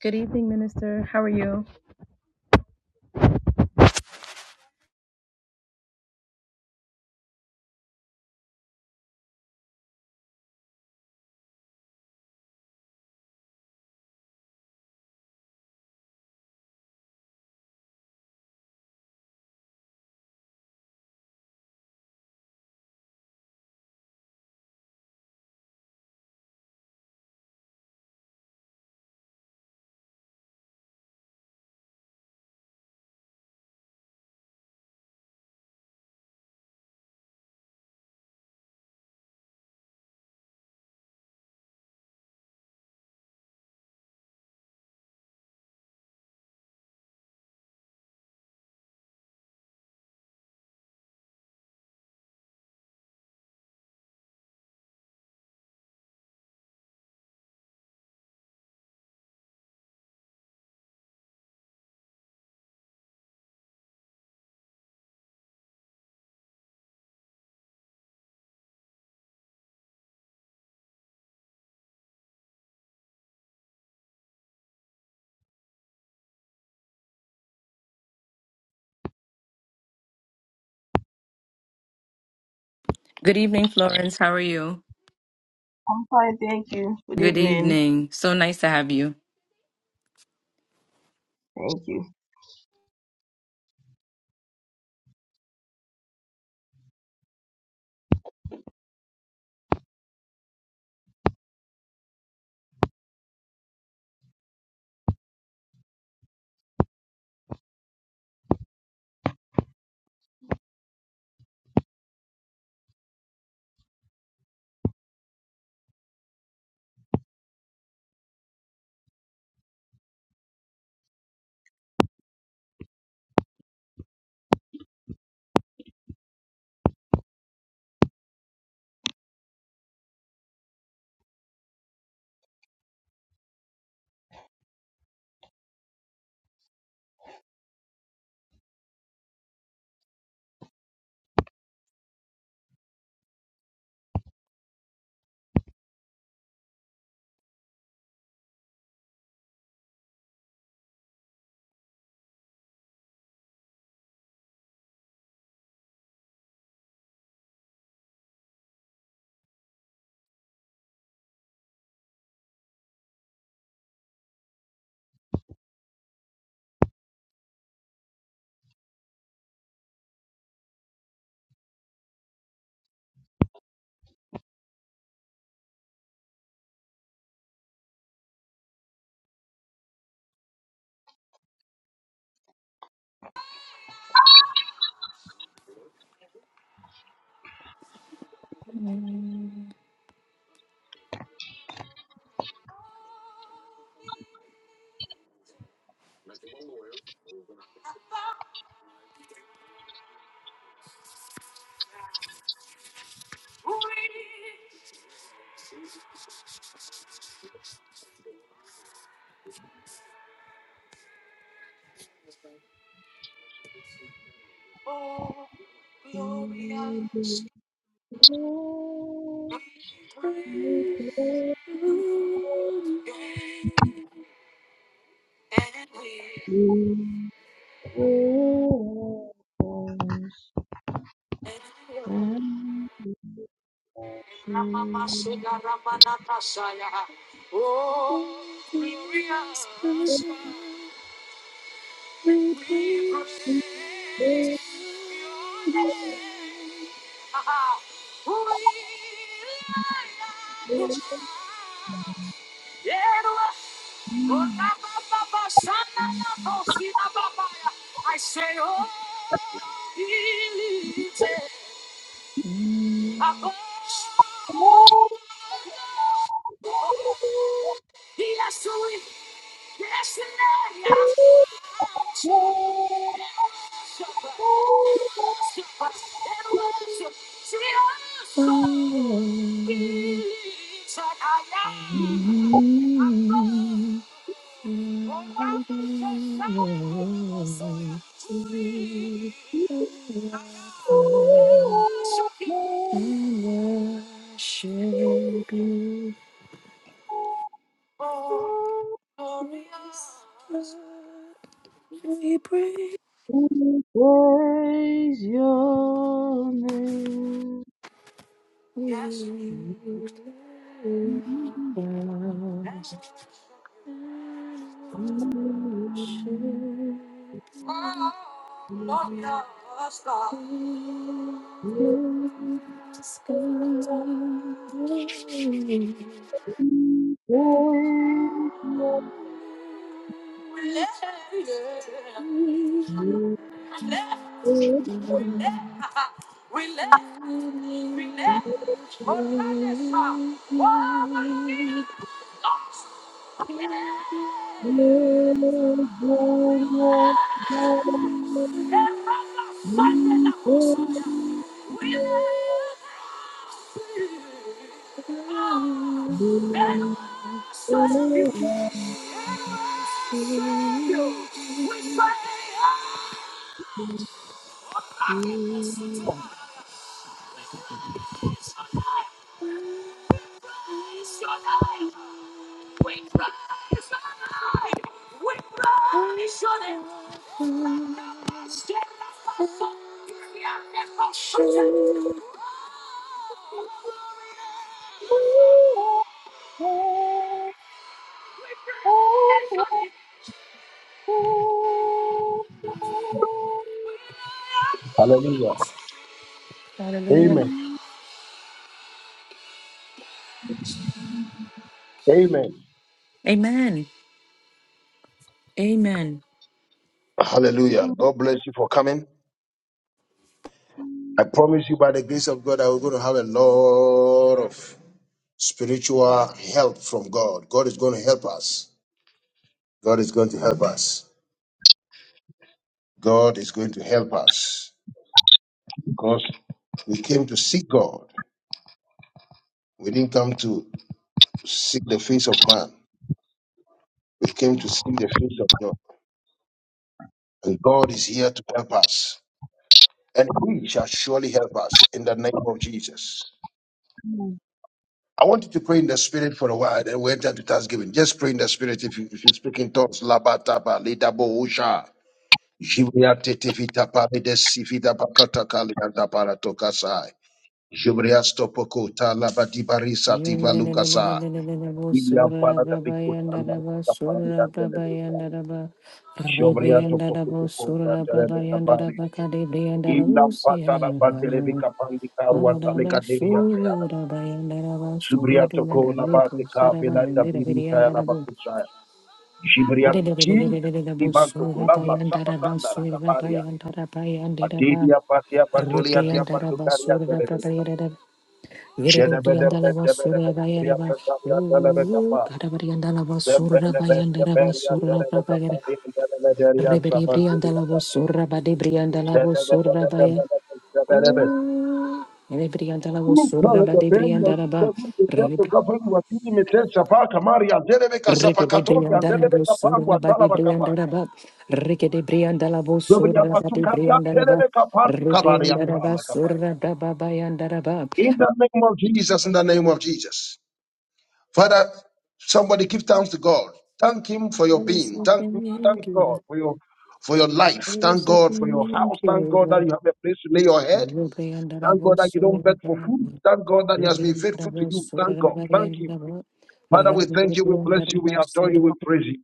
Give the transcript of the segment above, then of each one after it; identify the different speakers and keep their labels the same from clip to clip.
Speaker 1: Good evening, Minister. How are you? Good evening, Florence. How are you?
Speaker 2: I'm fine, thank you. Good
Speaker 1: Good
Speaker 2: evening.
Speaker 1: evening. So nice to have you.
Speaker 2: Thank you. Praise your name. Thank you. Amen.
Speaker 3: Hallelujah.
Speaker 1: Hallelujah.
Speaker 3: Amen.
Speaker 2: Amen.
Speaker 3: Amen.
Speaker 1: Amen. Amen.
Speaker 3: Hallelujah. God bless you for coming. I promise you by the grace of God, I will going to have a lot of spiritual help from God. God is going to help us. God is going to help us. God is going to help us. Because we came to seek God. We didn't come to seek the face of man. We came to seek the face of God. And God is here to help us. And He shall surely help us in the name of Jesus.
Speaker 2: Amen.
Speaker 3: I want you to pray in the spirit for a while, then we enter to Thanksgiving. Just pray in the spirit if you if you speak in tongues. Labataba, Lidabo Usha, Jibria Tetivita Paride Sivida Bakata Kalianda Paratokasai, Jibria Stopokota, Labadibarisa Tivalukasa, Iliam Parada Bikuta, Lamata Parida Televisa, Jobria Topokota, Televisa Bari, Ilam Patala Baterevika Pandika, Ruanta Lekaderia Jibria toko na bate ka bela tabiri ka la bakusha. Jibria Jesus iban toko na basapa tanda la kabaria. Atiria patia patolia tia patukaria terebesa. Jene bede bede bede bede jibria tataria telebe kapa. Tembele bede beria
Speaker 1: Asura
Speaker 3: telebe kapa.
Speaker 1: Brabayara.
Speaker 3: Jene bede beria
Speaker 1: Reberi Brianda
Speaker 3: sabaturia
Speaker 1: la
Speaker 3: kapa.
Speaker 1: Vosura Bade Brianda la
Speaker 3: Jene bede
Speaker 1: Vosura
Speaker 3: bede
Speaker 1: Baya.
Speaker 3: bede bede
Speaker 1: Rebrianda la Vosura
Speaker 3: Mtala da
Speaker 1: Bade
Speaker 3: benya
Speaker 1: Brianda
Speaker 3: kita
Speaker 1: Raba.
Speaker 3: kuti yato
Speaker 1: Regede
Speaker 3: watini metesa paka mari andelebe kasapa
Speaker 1: Brianda
Speaker 3: katoki
Speaker 1: la
Speaker 3: andelebe kapangu
Speaker 1: Vosura Bade
Speaker 3: atala bakapa.
Speaker 1: Brianda Raba. Regede Brianda la
Speaker 3: Zobri
Speaker 1: Vosura Bade
Speaker 3: apatukari
Speaker 1: Brianda Raba.
Speaker 3: andelebe kapangu kabari
Speaker 1: Rebrianda Raba
Speaker 3: atala kapa.
Speaker 1: Sura Braba Bayanda Raba.
Speaker 3: In the name of Jesus, in the name of Jesus. Father, somebody give thanks to God. Thank him for your
Speaker 1: Oh,
Speaker 3: being.
Speaker 1: so
Speaker 3: Thank,
Speaker 1: thank
Speaker 3: thank
Speaker 1: you.
Speaker 3: God for your for your life.
Speaker 1: Thank
Speaker 3: Thank God for your house. Thank God that
Speaker 1: you.
Speaker 3: you have a place to lay your head. Thank God that you don't beg for food. Thank God that He has been faithful to you. Thank God. Thank Him. Father, we thank you, we bless you, we adore you, we praise you.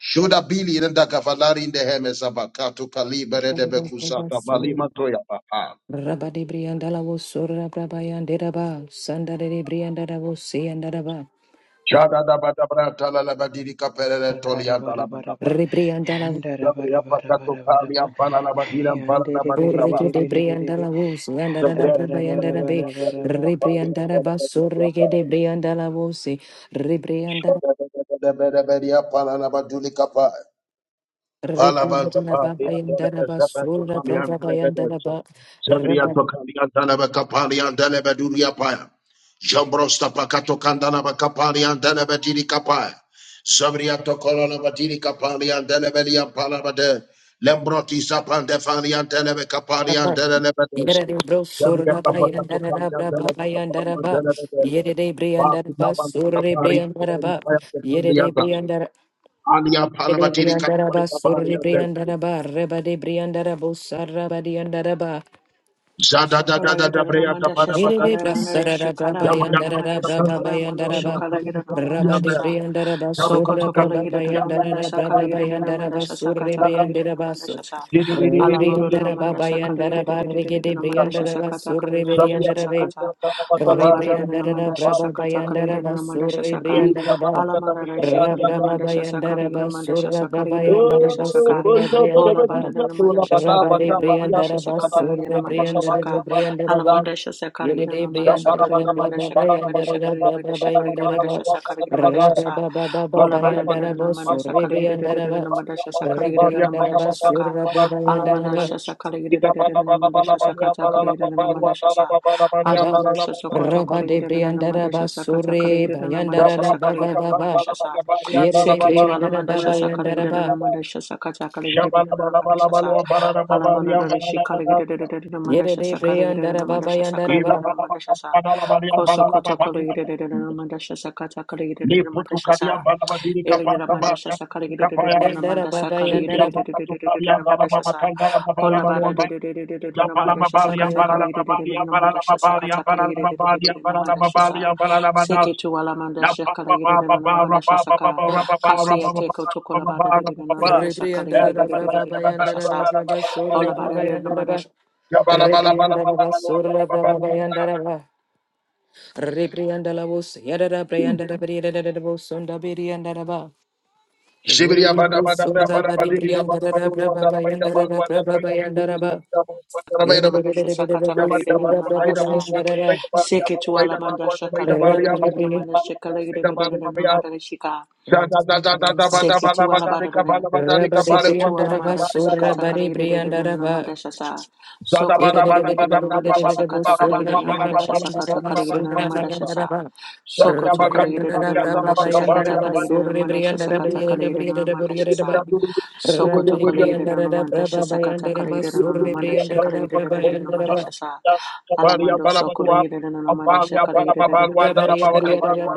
Speaker 3: Shoda bili renda kavalari in the hemes abakato kalibere de bekusata balima toya papa.
Speaker 1: Rabadi Briandala was Sura Brabayan Deraba, Sandare Briandala was Siandaraba,
Speaker 3: Shada da bada brata la la badiri kapere tolianta la
Speaker 4: Akarabarabara
Speaker 3: bakapa.
Speaker 1: Rebriandala
Speaker 3: Sabri apakato kali
Speaker 4: yandarabarabarabara
Speaker 3: ampana la badira ampana la badura
Speaker 1: Urrike
Speaker 3: baha.
Speaker 1: de
Speaker 4: yandereberebereberebe
Speaker 1: Briandala was
Speaker 3: Sabri
Speaker 1: Yandana Brabayandana
Speaker 3: apikato
Speaker 1: Bay,
Speaker 3: la
Speaker 4: yandabarabarabarabara
Speaker 3: badiri kapari
Speaker 1: Rebriandara
Speaker 3: ampana la badiri
Speaker 1: Basurrike
Speaker 3: kapari.
Speaker 1: de Briandala was
Speaker 3: Shoda da da da da bere bere ampana la baduri kapari. Palabas the
Speaker 1: Rebriandara
Speaker 3: party and
Speaker 1: Babayandara
Speaker 3: the seven to
Speaker 1: Basura
Speaker 3: come
Speaker 1: Brabayandara Ba
Speaker 3: Jagriya Tokalian Dalaba Kapalian Dalaba Duria Paya. Jambrosta Pakato Kandana Bakapalian Dalaba Diri Kapaya. Sabria Tokolana Badiri Kapalian Dalabelian Palabade. Lembroti Sapan Defalian Dalaba Kapalian
Speaker 1: Rabba
Speaker 3: Dalabades.
Speaker 1: Yerede bro
Speaker 3: Jagriya
Speaker 1: surna
Speaker 3: Kapakato
Speaker 1: bayandara
Speaker 3: Kalian
Speaker 1: rabra
Speaker 3: Dalaba
Speaker 1: babayandara
Speaker 3: Kapalian
Speaker 1: ba.
Speaker 3: Dalabade.
Speaker 1: Yerede
Speaker 3: Baku
Speaker 1: briandara ba
Speaker 3: Nabandu
Speaker 1: surre
Speaker 3: Kapari
Speaker 1: briandara
Speaker 3: Dari
Speaker 1: ba.
Speaker 3: Paya
Speaker 1: Yerede
Speaker 3: Kapaliata.
Speaker 1: briandara
Speaker 3: Alia
Speaker 1: Yere
Speaker 3: Palabadiri
Speaker 1: briandara
Speaker 3: Kapori
Speaker 1: ba surre
Speaker 3: Kapaliate.
Speaker 1: briandara ba. Reba de briandara bo sarra ba diandara ba.
Speaker 3: Zada da da
Speaker 5: Sakala
Speaker 3: da da
Speaker 5: gira
Speaker 3: Breata
Speaker 5: ramanda shasa
Speaker 3: Padabata.
Speaker 1: Mirede
Speaker 5: kala ramanda
Speaker 1: brasarara
Speaker 5: shikala
Speaker 1: braba
Speaker 5: ramanda
Speaker 3: Yabba
Speaker 5: ramanda
Speaker 1: yandarara braba
Speaker 5: shikala ramanda
Speaker 1: bayandaraba.
Speaker 5: shokala gira ramanda
Speaker 1: Braba de
Speaker 5: shasa
Speaker 1: briandaraba surra
Speaker 5: sokoto kala
Speaker 1: braba
Speaker 5: gira ramanda
Speaker 1: bayandarara
Speaker 5: sakala
Speaker 1: braba
Speaker 5: gira ramanda
Speaker 1: bayandaraba
Speaker 5: shasa
Speaker 1: surre
Speaker 5: kata kala gira
Speaker 1: briandaraba
Speaker 5: ramanda
Speaker 1: sur.
Speaker 5: shasa alaboro
Speaker 1: Ribriandaraba
Speaker 5: ramanda sakala gira
Speaker 1: bayandaraba rigede
Speaker 5: ramanda shasa
Speaker 1: briandaraba
Speaker 5: kata kala
Speaker 1: surre
Speaker 5: gira ramanda shasa
Speaker 1: briandarabe.
Speaker 5: kata olabara
Speaker 1: Rebriandara
Speaker 5: ramanda shasa
Speaker 1: braba
Speaker 5: kata kala
Speaker 1: bayandara
Speaker 5: gira ramanda
Speaker 1: basur
Speaker 5: shasa ka
Speaker 1: rebriandara ba.
Speaker 5: alamanda shikala gira
Speaker 1: Rababa
Speaker 5: ramanda shasa kala
Speaker 1: bayandara
Speaker 5: gira ramanda
Speaker 1: basura
Speaker 5: shasa kala
Speaker 1: braba
Speaker 5: gira ramanda
Speaker 1: yandara
Speaker 5: shasa ka.
Speaker 1: basura rebriandara
Speaker 5: Ola bada
Speaker 1: ba.
Speaker 5: da namanda shasaka
Speaker 1: Rabba de
Speaker 5: legere da namanda
Speaker 1: briandara
Speaker 5: shasaka
Speaker 1: basur
Speaker 5: jagere na namanda
Speaker 1: rebriandara
Speaker 5: shasaka
Speaker 1: rebriandara ba.
Speaker 5: alamanda shasaka
Speaker 1: Yuri
Speaker 5: legere na
Speaker 1: de
Speaker 5: namanda shasaka
Speaker 1: briandara
Speaker 5: legere na namanda
Speaker 1: braba
Speaker 5: shasaka
Speaker 1: bayandara braba bayandara
Speaker 5: namanda
Speaker 1: ba.
Speaker 5: shasaka namanda
Speaker 1: Rababa
Speaker 5: shasaka
Speaker 1: baba
Speaker 5: legere na namanda shasaka legere na namanda shasaka
Speaker 3: Ya
Speaker 1: Baba
Speaker 5: Ola
Speaker 3: para
Speaker 5: bada da
Speaker 3: para
Speaker 5: da
Speaker 1: bayandara
Speaker 5: da
Speaker 3: para
Speaker 5: namanda
Speaker 3: para
Speaker 1: basur
Speaker 5: shasaka legere da da
Speaker 1: rebriandara
Speaker 5: da da
Speaker 1: ba.
Speaker 5: namanda
Speaker 3: ya para
Speaker 5: shasaka
Speaker 3: para
Speaker 5: legere
Speaker 3: para
Speaker 5: da
Speaker 3: ya
Speaker 1: Rebriandara
Speaker 5: namanda
Speaker 3: para
Speaker 5: shasaka
Speaker 1: basura braba
Speaker 3: para
Speaker 5: alamanda
Speaker 1: yandara
Speaker 5: shasaka legere da
Speaker 3: ida
Speaker 5: da da
Speaker 3: para
Speaker 5: da
Speaker 3: para
Speaker 5: namanda
Speaker 3: para para
Speaker 5: shasaka
Speaker 3: ya
Speaker 5: taka
Speaker 3: para para
Speaker 5: legere da
Speaker 3: para
Speaker 5: namanda
Speaker 3: wa para
Speaker 5: shasaka
Speaker 3: para para para ya
Speaker 1: Yaba.
Speaker 3: para
Speaker 5: alamanda
Speaker 3: para
Speaker 5: shasaka taka
Speaker 1: Raba de
Speaker 5: legere da
Speaker 1: Briandara
Speaker 5: namanda shasaka taka
Speaker 1: Basure,
Speaker 5: legere da namanda
Speaker 3: para ya
Speaker 1: Bayandara
Speaker 3: para para
Speaker 5: shasaka
Speaker 1: Baba
Speaker 5: legere na namanda
Speaker 3: para
Speaker 1: Baba.
Speaker 3: para
Speaker 5: shasaka
Speaker 3: para para ya
Speaker 1: Yere
Speaker 3: para
Speaker 1: de
Speaker 3: para
Speaker 5: Seketu
Speaker 3: para
Speaker 1: Briandara
Speaker 5: alamanda
Speaker 1: Baba
Speaker 5: shasa
Speaker 1: Yandara
Speaker 5: kaligidana
Speaker 1: Ba.
Speaker 5: manda shasa kata
Speaker 3: Shabala
Speaker 5: kaligidana
Speaker 3: bala
Speaker 5: manda
Speaker 3: bala
Speaker 5: shasa
Speaker 3: bala bala bala bala ya
Speaker 5: alamanda
Speaker 3: bala
Speaker 5: rishi
Speaker 3: bala bala
Speaker 5: kaligidana manda
Speaker 1: Yere de
Speaker 5: shasa
Speaker 1: Briandara
Speaker 5: kaligidana manda
Speaker 1: Baba
Speaker 5: shasa
Speaker 1: Yandara
Speaker 3: ila
Speaker 1: Ba.
Speaker 5: kaligidana
Speaker 3: bala
Speaker 5: manda
Speaker 3: bala
Speaker 5: shasa
Speaker 3: bala bala ya bala
Speaker 5: koso koto
Speaker 3: bala
Speaker 5: kaligidana
Speaker 3: bala
Speaker 5: manda shasa kata
Speaker 3: ni
Speaker 5: kaligidana manda
Speaker 3: putu kadia
Speaker 5: shasa
Speaker 3: bala bala diri kapa kapa ya
Speaker 5: Mandashasa
Speaker 3: diri kapa ya
Speaker 1: Yandara Baba
Speaker 3: sudi
Speaker 1: Yandara Ba-
Speaker 3: apa tu kadia bala bala
Speaker 5: Mandashasa
Speaker 3: kanda bala
Speaker 5: Ola
Speaker 3: bala
Speaker 5: Bada
Speaker 3: you. Jabari
Speaker 5: Mandashasa
Speaker 1: Baba
Speaker 5: Kata
Speaker 1: Yandara
Speaker 5: Mandashasa Kata Mandashasa Seke to Alamanda Shakala Mandashasaka
Speaker 1: Ba.
Speaker 5: Kasia Teko Tokola Bada Mandasa
Speaker 1: Rebriandara Baba Bayandara
Speaker 5: Mandashasa
Speaker 1: Baba Sura
Speaker 5: Ola
Speaker 1: Baba Yandara Ba. Rebriandara Basura Baba Yandara Ba. Rebriandala Bus, Yadara Briandara Briandara Bosunda Briandara Ba. Rabba de Briandaraba,
Speaker 5: Shasa Shika.
Speaker 3: Shabda
Speaker 5: Seke tu ala ba da da Seke tu ala manda shasa
Speaker 1: Sura
Speaker 5: kata kala
Speaker 1: Bari
Speaker 5: yida da da manda
Speaker 1: Briandaraba,
Speaker 5: shasa.
Speaker 1: Rabba
Speaker 5: Soko to kala yida da da manda shasa kata kala yida da da manda shasa kata kala yida da da manda shasa. Soko to kala yida da da manda shasa kata kala yida da da manda shasa kata kala yida da da manda shasa. Soko to kala yida da da manda shasa kata kala yida da manda shasa kala yida da da Alamando soko la yida da manda shasa kala yida da da manda shasa kala yida da da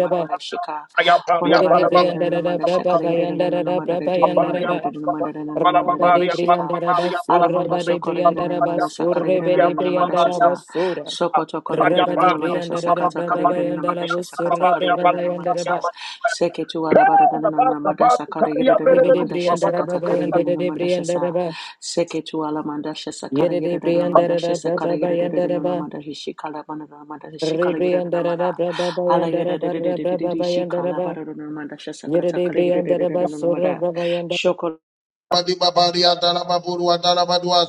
Speaker 5: Ola
Speaker 1: Murede
Speaker 5: bara da da da na
Speaker 1: Briandara
Speaker 5: manda shaka
Speaker 1: Braba
Speaker 5: da da da da
Speaker 1: Bayandara
Speaker 5: na manda da
Speaker 1: Braba
Speaker 5: da da na manda da da
Speaker 1: Yandaraba
Speaker 5: da na manda da da da manda da da
Speaker 1: Rabade
Speaker 5: shaka.
Speaker 1: Briandaraba
Speaker 5: Ala manda
Speaker 1: Surabade
Speaker 5: soko da da na
Speaker 1: Briandaraba
Speaker 5: manda saka da da na
Speaker 1: Surabede
Speaker 5: na manda
Speaker 1: Briandaraba
Speaker 5: shasa.
Speaker 1: Sura
Speaker 5: Soko to ko da da na
Speaker 1: Rabade
Speaker 5: manda shasa
Speaker 1: Briandara
Speaker 5: kata ka da
Speaker 1: Braba
Speaker 5: da na manda
Speaker 1: Bayandaraba
Speaker 5: shasa kata
Speaker 1: Sura
Speaker 5: ka da da
Speaker 1: Braba
Speaker 5: na manda sa.
Speaker 1: Bayandaraba
Speaker 5: Seke tu ala bara da da na manda saka da da da na
Speaker 1: Rebede
Speaker 5: manda shasa
Speaker 1: Briandaraba
Speaker 5: kata ka da da na
Speaker 1: Bayandere
Speaker 5: manda shasa.
Speaker 1: Briandaraba
Speaker 5: Seke tu ala manda shasa ka da
Speaker 1: Yerede
Speaker 5: da na manda shasa ka da da
Speaker 1: Briandara
Speaker 5: na
Speaker 1: Ba
Speaker 5: manda shika la manda na manda shika la
Speaker 1: Yere
Speaker 5: da da na
Speaker 1: Briandara Braba Bayandaraba Rebriandara
Speaker 5: manda.
Speaker 1: Braba Bayandaraba Braba
Speaker 5: Alayadadadadadadadadi,
Speaker 1: Bayandaraba
Speaker 5: shikalabadadadadamanda,
Speaker 1: Yerede Briandaraba Sura
Speaker 5: shasakatakalagadadadadadadamada,
Speaker 1: Braba
Speaker 5: shoko-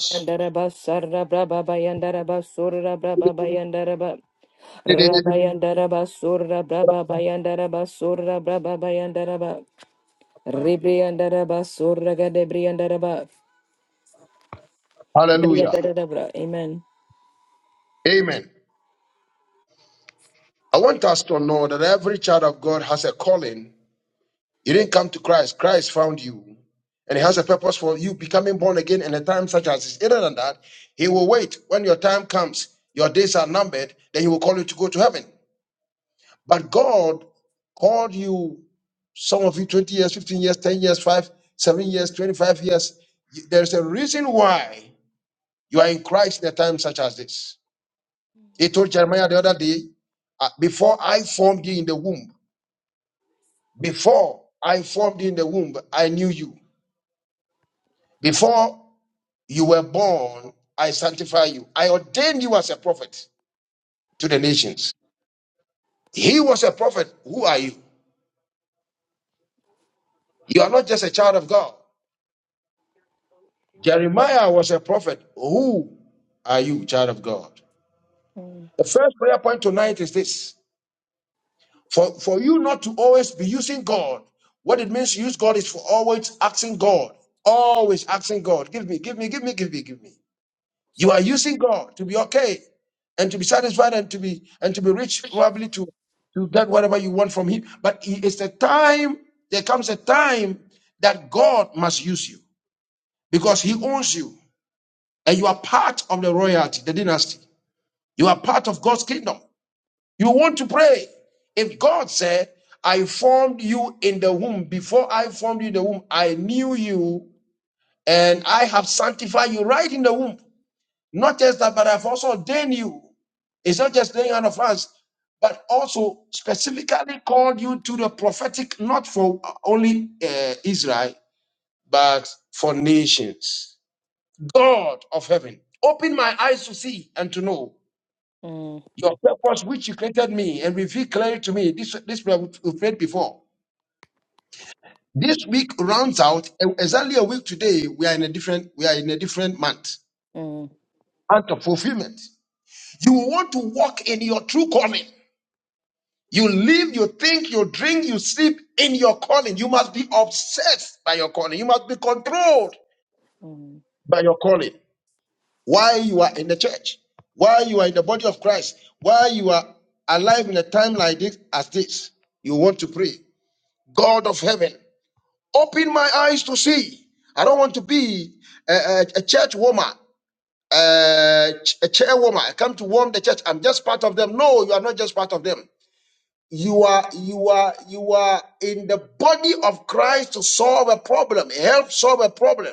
Speaker 1: Yandaraba sarra braba bayandaraba surra braba bayandaraba Rabayandaraba surra braba bayandaraba surra braba bayandaraba Ribriyandaraba surra gadebriyandaraba
Speaker 3: Hallelujah.
Speaker 1: Briyandarabra Amen.
Speaker 3: Amen. I want us to know that every child of God has a calling You didn't come to Christ. Christ found you. And he has a purpose for you becoming born again in a time such as this. Other than that, he will wait. When your time comes, your days are numbered, then he will call you to go to heaven. But God called you, some of you 20 years, 15 years, 10 years, 5, 7 years, 25 years. There's a reason why you are in Christ in a time such as this. He told Jeremiah the other day, uh, before I formed you in the womb, before I formed you in the womb, I knew you. Before You were born, I sanctify you. I ordained you as a prophet to the nations. He was a prophet. Who are you? You are not just a child of God. Jeremiah was a prophet. Who are you, child of God? The first prayer point tonight is this for, for you not to always be using God. What it means to use God is for always asking God. Always asking God. Give me, give me, give me, give me, give me. You are using God to be okay and to be satisfied and to be and to be rich, probably to to get whatever you want from Him. But it- it's a time. There comes a time that God must use you because He owns you, and you are part of the royalty, the dynasty. You are part of God's kingdom. You want to pray. If God said, "I formed you in the womb before I formed you in the womb, I knew you, and I have sanctified you right in the womb." Not just that, but I've also ordained you. It's not just laying hand of hands, but also specifically called you to the prophetic, not for only uh, Israel, but for nations. God of heaven, open my eyes to see and to know
Speaker 1: Mm,
Speaker 3: your purpose which you created me and reveal clearly to me. This, this prayer we've prayed before. This week rounds out and exactly a week today. We are in a different, we are in a different month,
Speaker 1: mm,
Speaker 3: month of fulfillment. You want to walk in your true calling. You live, you think, you drink, you sleep in your calling. You must be obsessed by your calling. You must be controlled
Speaker 1: mm.
Speaker 3: by your calling. Why you are in the church? Why you are in the body of Christ? Why you are alive in a time like this as this? You want to pray. God of heaven, open my eyes to see. I don't want to be a, a, a church warmer, a, ch- a chair warmer. I come to warm the church. I'm just part of them. No, you are not just part of them. you are you are you are in the body of Christ to solve a problem, help solve a problem.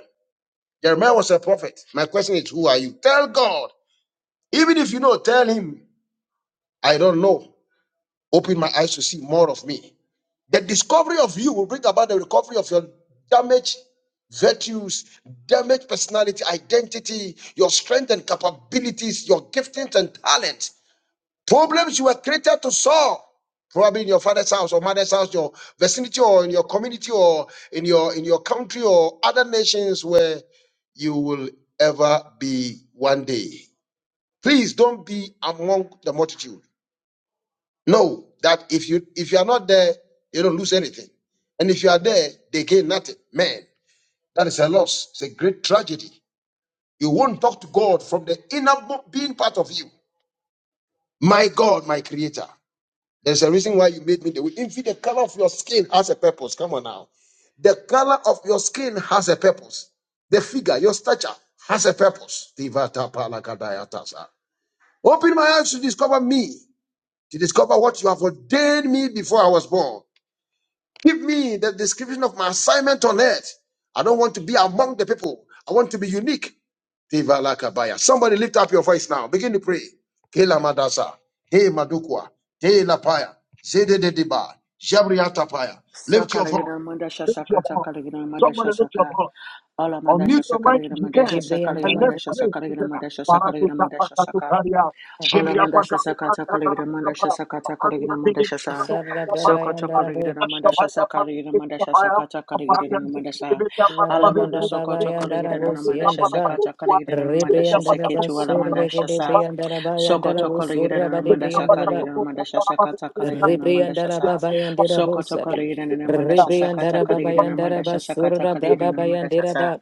Speaker 3: Jeremiah was a prophet. My question is, who are you? Tell God. Even if you know, tell him, I don't know. Open my eyes to see more of me. The discovery of you will bring about the recovery of your damaged virtues, damaged personality, identity, your strength and capabilities, your giftings and talents. Problems you were created to solve, probably in your father's house or mother's house, your vicinity or in your community or in your in your country or other nations where you will ever be one day. Please don't be among the multitude. Know that if you if you are not there, you don't lose anything. And if you are there, they gain nothing. Man, that is a loss. It's a great tragedy. You won't talk to God from the inner being part of you. My God, my creator. There's a reason why you made me the way. Even the color of your skin has a purpose. Come on now. The color of your skin has a purpose. The figure, your stature has a purpose. Tivata palakadayatasa. Open my eyes to discover me, to discover what you have ordained me before I was born. Give me the description of my assignment on earth. I don't want to be among the people. I want to be unique. Tivalakabaya. Somebody lift up your voice now. Begin to pray. Kela madasa. He madukwa. He lapaya. Zede dediba. Shabriatapaya. Lift your voice.
Speaker 5: sakalagadamanda,
Speaker 3: Lift your voice.
Speaker 5: shasakatakalagadamanda,
Speaker 3: Somebody Lift your
Speaker 5: shasaka.
Speaker 3: voice.
Speaker 5: Olamanda,
Speaker 3: Unmute your mic if you
Speaker 5: shasakalagadamanda,
Speaker 3: can. And
Speaker 5: shasakalagadamanda,
Speaker 3: let's
Speaker 1: Ribriyandaraba
Speaker 3: pray together.
Speaker 5: shasakalagadamanda,
Speaker 3: Para tu
Speaker 5: shasakalagadamanda,
Speaker 3: tapa tu
Speaker 5: shasaka.
Speaker 3: karia. Jebria
Speaker 5: Olamanda,
Speaker 3: paka tu kata kata
Speaker 5: shasakatakalagadamanda,
Speaker 3: kata. Apani na
Speaker 5: shasakatakalagadamanda,
Speaker 3: tingin ka
Speaker 5: shasa.
Speaker 3: tu
Speaker 1: sarra
Speaker 3: karia para
Speaker 1: braba
Speaker 3: tu kata.
Speaker 1: yandaraba
Speaker 3: Ashta
Speaker 5: Sokotokalagadamanda,
Speaker 3: paya para tu
Speaker 5: shasakalagadamanda,
Speaker 3: kata paya. Apani na tingin
Speaker 5: shasakatakalagadamanda,
Speaker 3: ka
Speaker 5: sa.
Speaker 3: tu kata para para tu
Speaker 1: Rababa
Speaker 5: Alamanda,
Speaker 3: kata.
Speaker 1: baba bayandarabo
Speaker 5: sokotokalagadamanda,
Speaker 3: Jebria paka
Speaker 1: siyandaba
Speaker 3: tu kata.
Speaker 5: shasakatakalagadamanda,
Speaker 3: Jebria paka
Speaker 1: Ribriyandaraba
Speaker 5: shasaketu,
Speaker 3: tu kata para
Speaker 5: alamanda,
Speaker 1: surra
Speaker 3: para tu
Speaker 5: shasa.
Speaker 3: kata.
Speaker 1: gadebriyandaraba
Speaker 5: Soko
Speaker 1: yandarabo
Speaker 5: toko lira
Speaker 1: surra
Speaker 5: na manda
Speaker 3: Jebria
Speaker 5: saka
Speaker 3: paka
Speaker 1: badebriyandaraba
Speaker 5: lira na
Speaker 3: tu
Speaker 5: manda
Speaker 3: kata para
Speaker 5: shasa
Speaker 3: para
Speaker 5: kata
Speaker 3: tu
Speaker 5: kala
Speaker 3: kata.
Speaker 5: lira na manda
Speaker 1: Rebriandara
Speaker 5: shasa.
Speaker 1: Babayandera
Speaker 5: Soko toko
Speaker 1: Bosari.
Speaker 5: lira na manda shasa kata
Speaker 1: Rebriandara
Speaker 5: kala lira na
Speaker 1: Babayandara
Speaker 5: manda shasa kata
Speaker 1: Basura
Speaker 5: kala lira na manda
Speaker 1: Brababayandera
Speaker 5: shasa.
Speaker 1: Ba.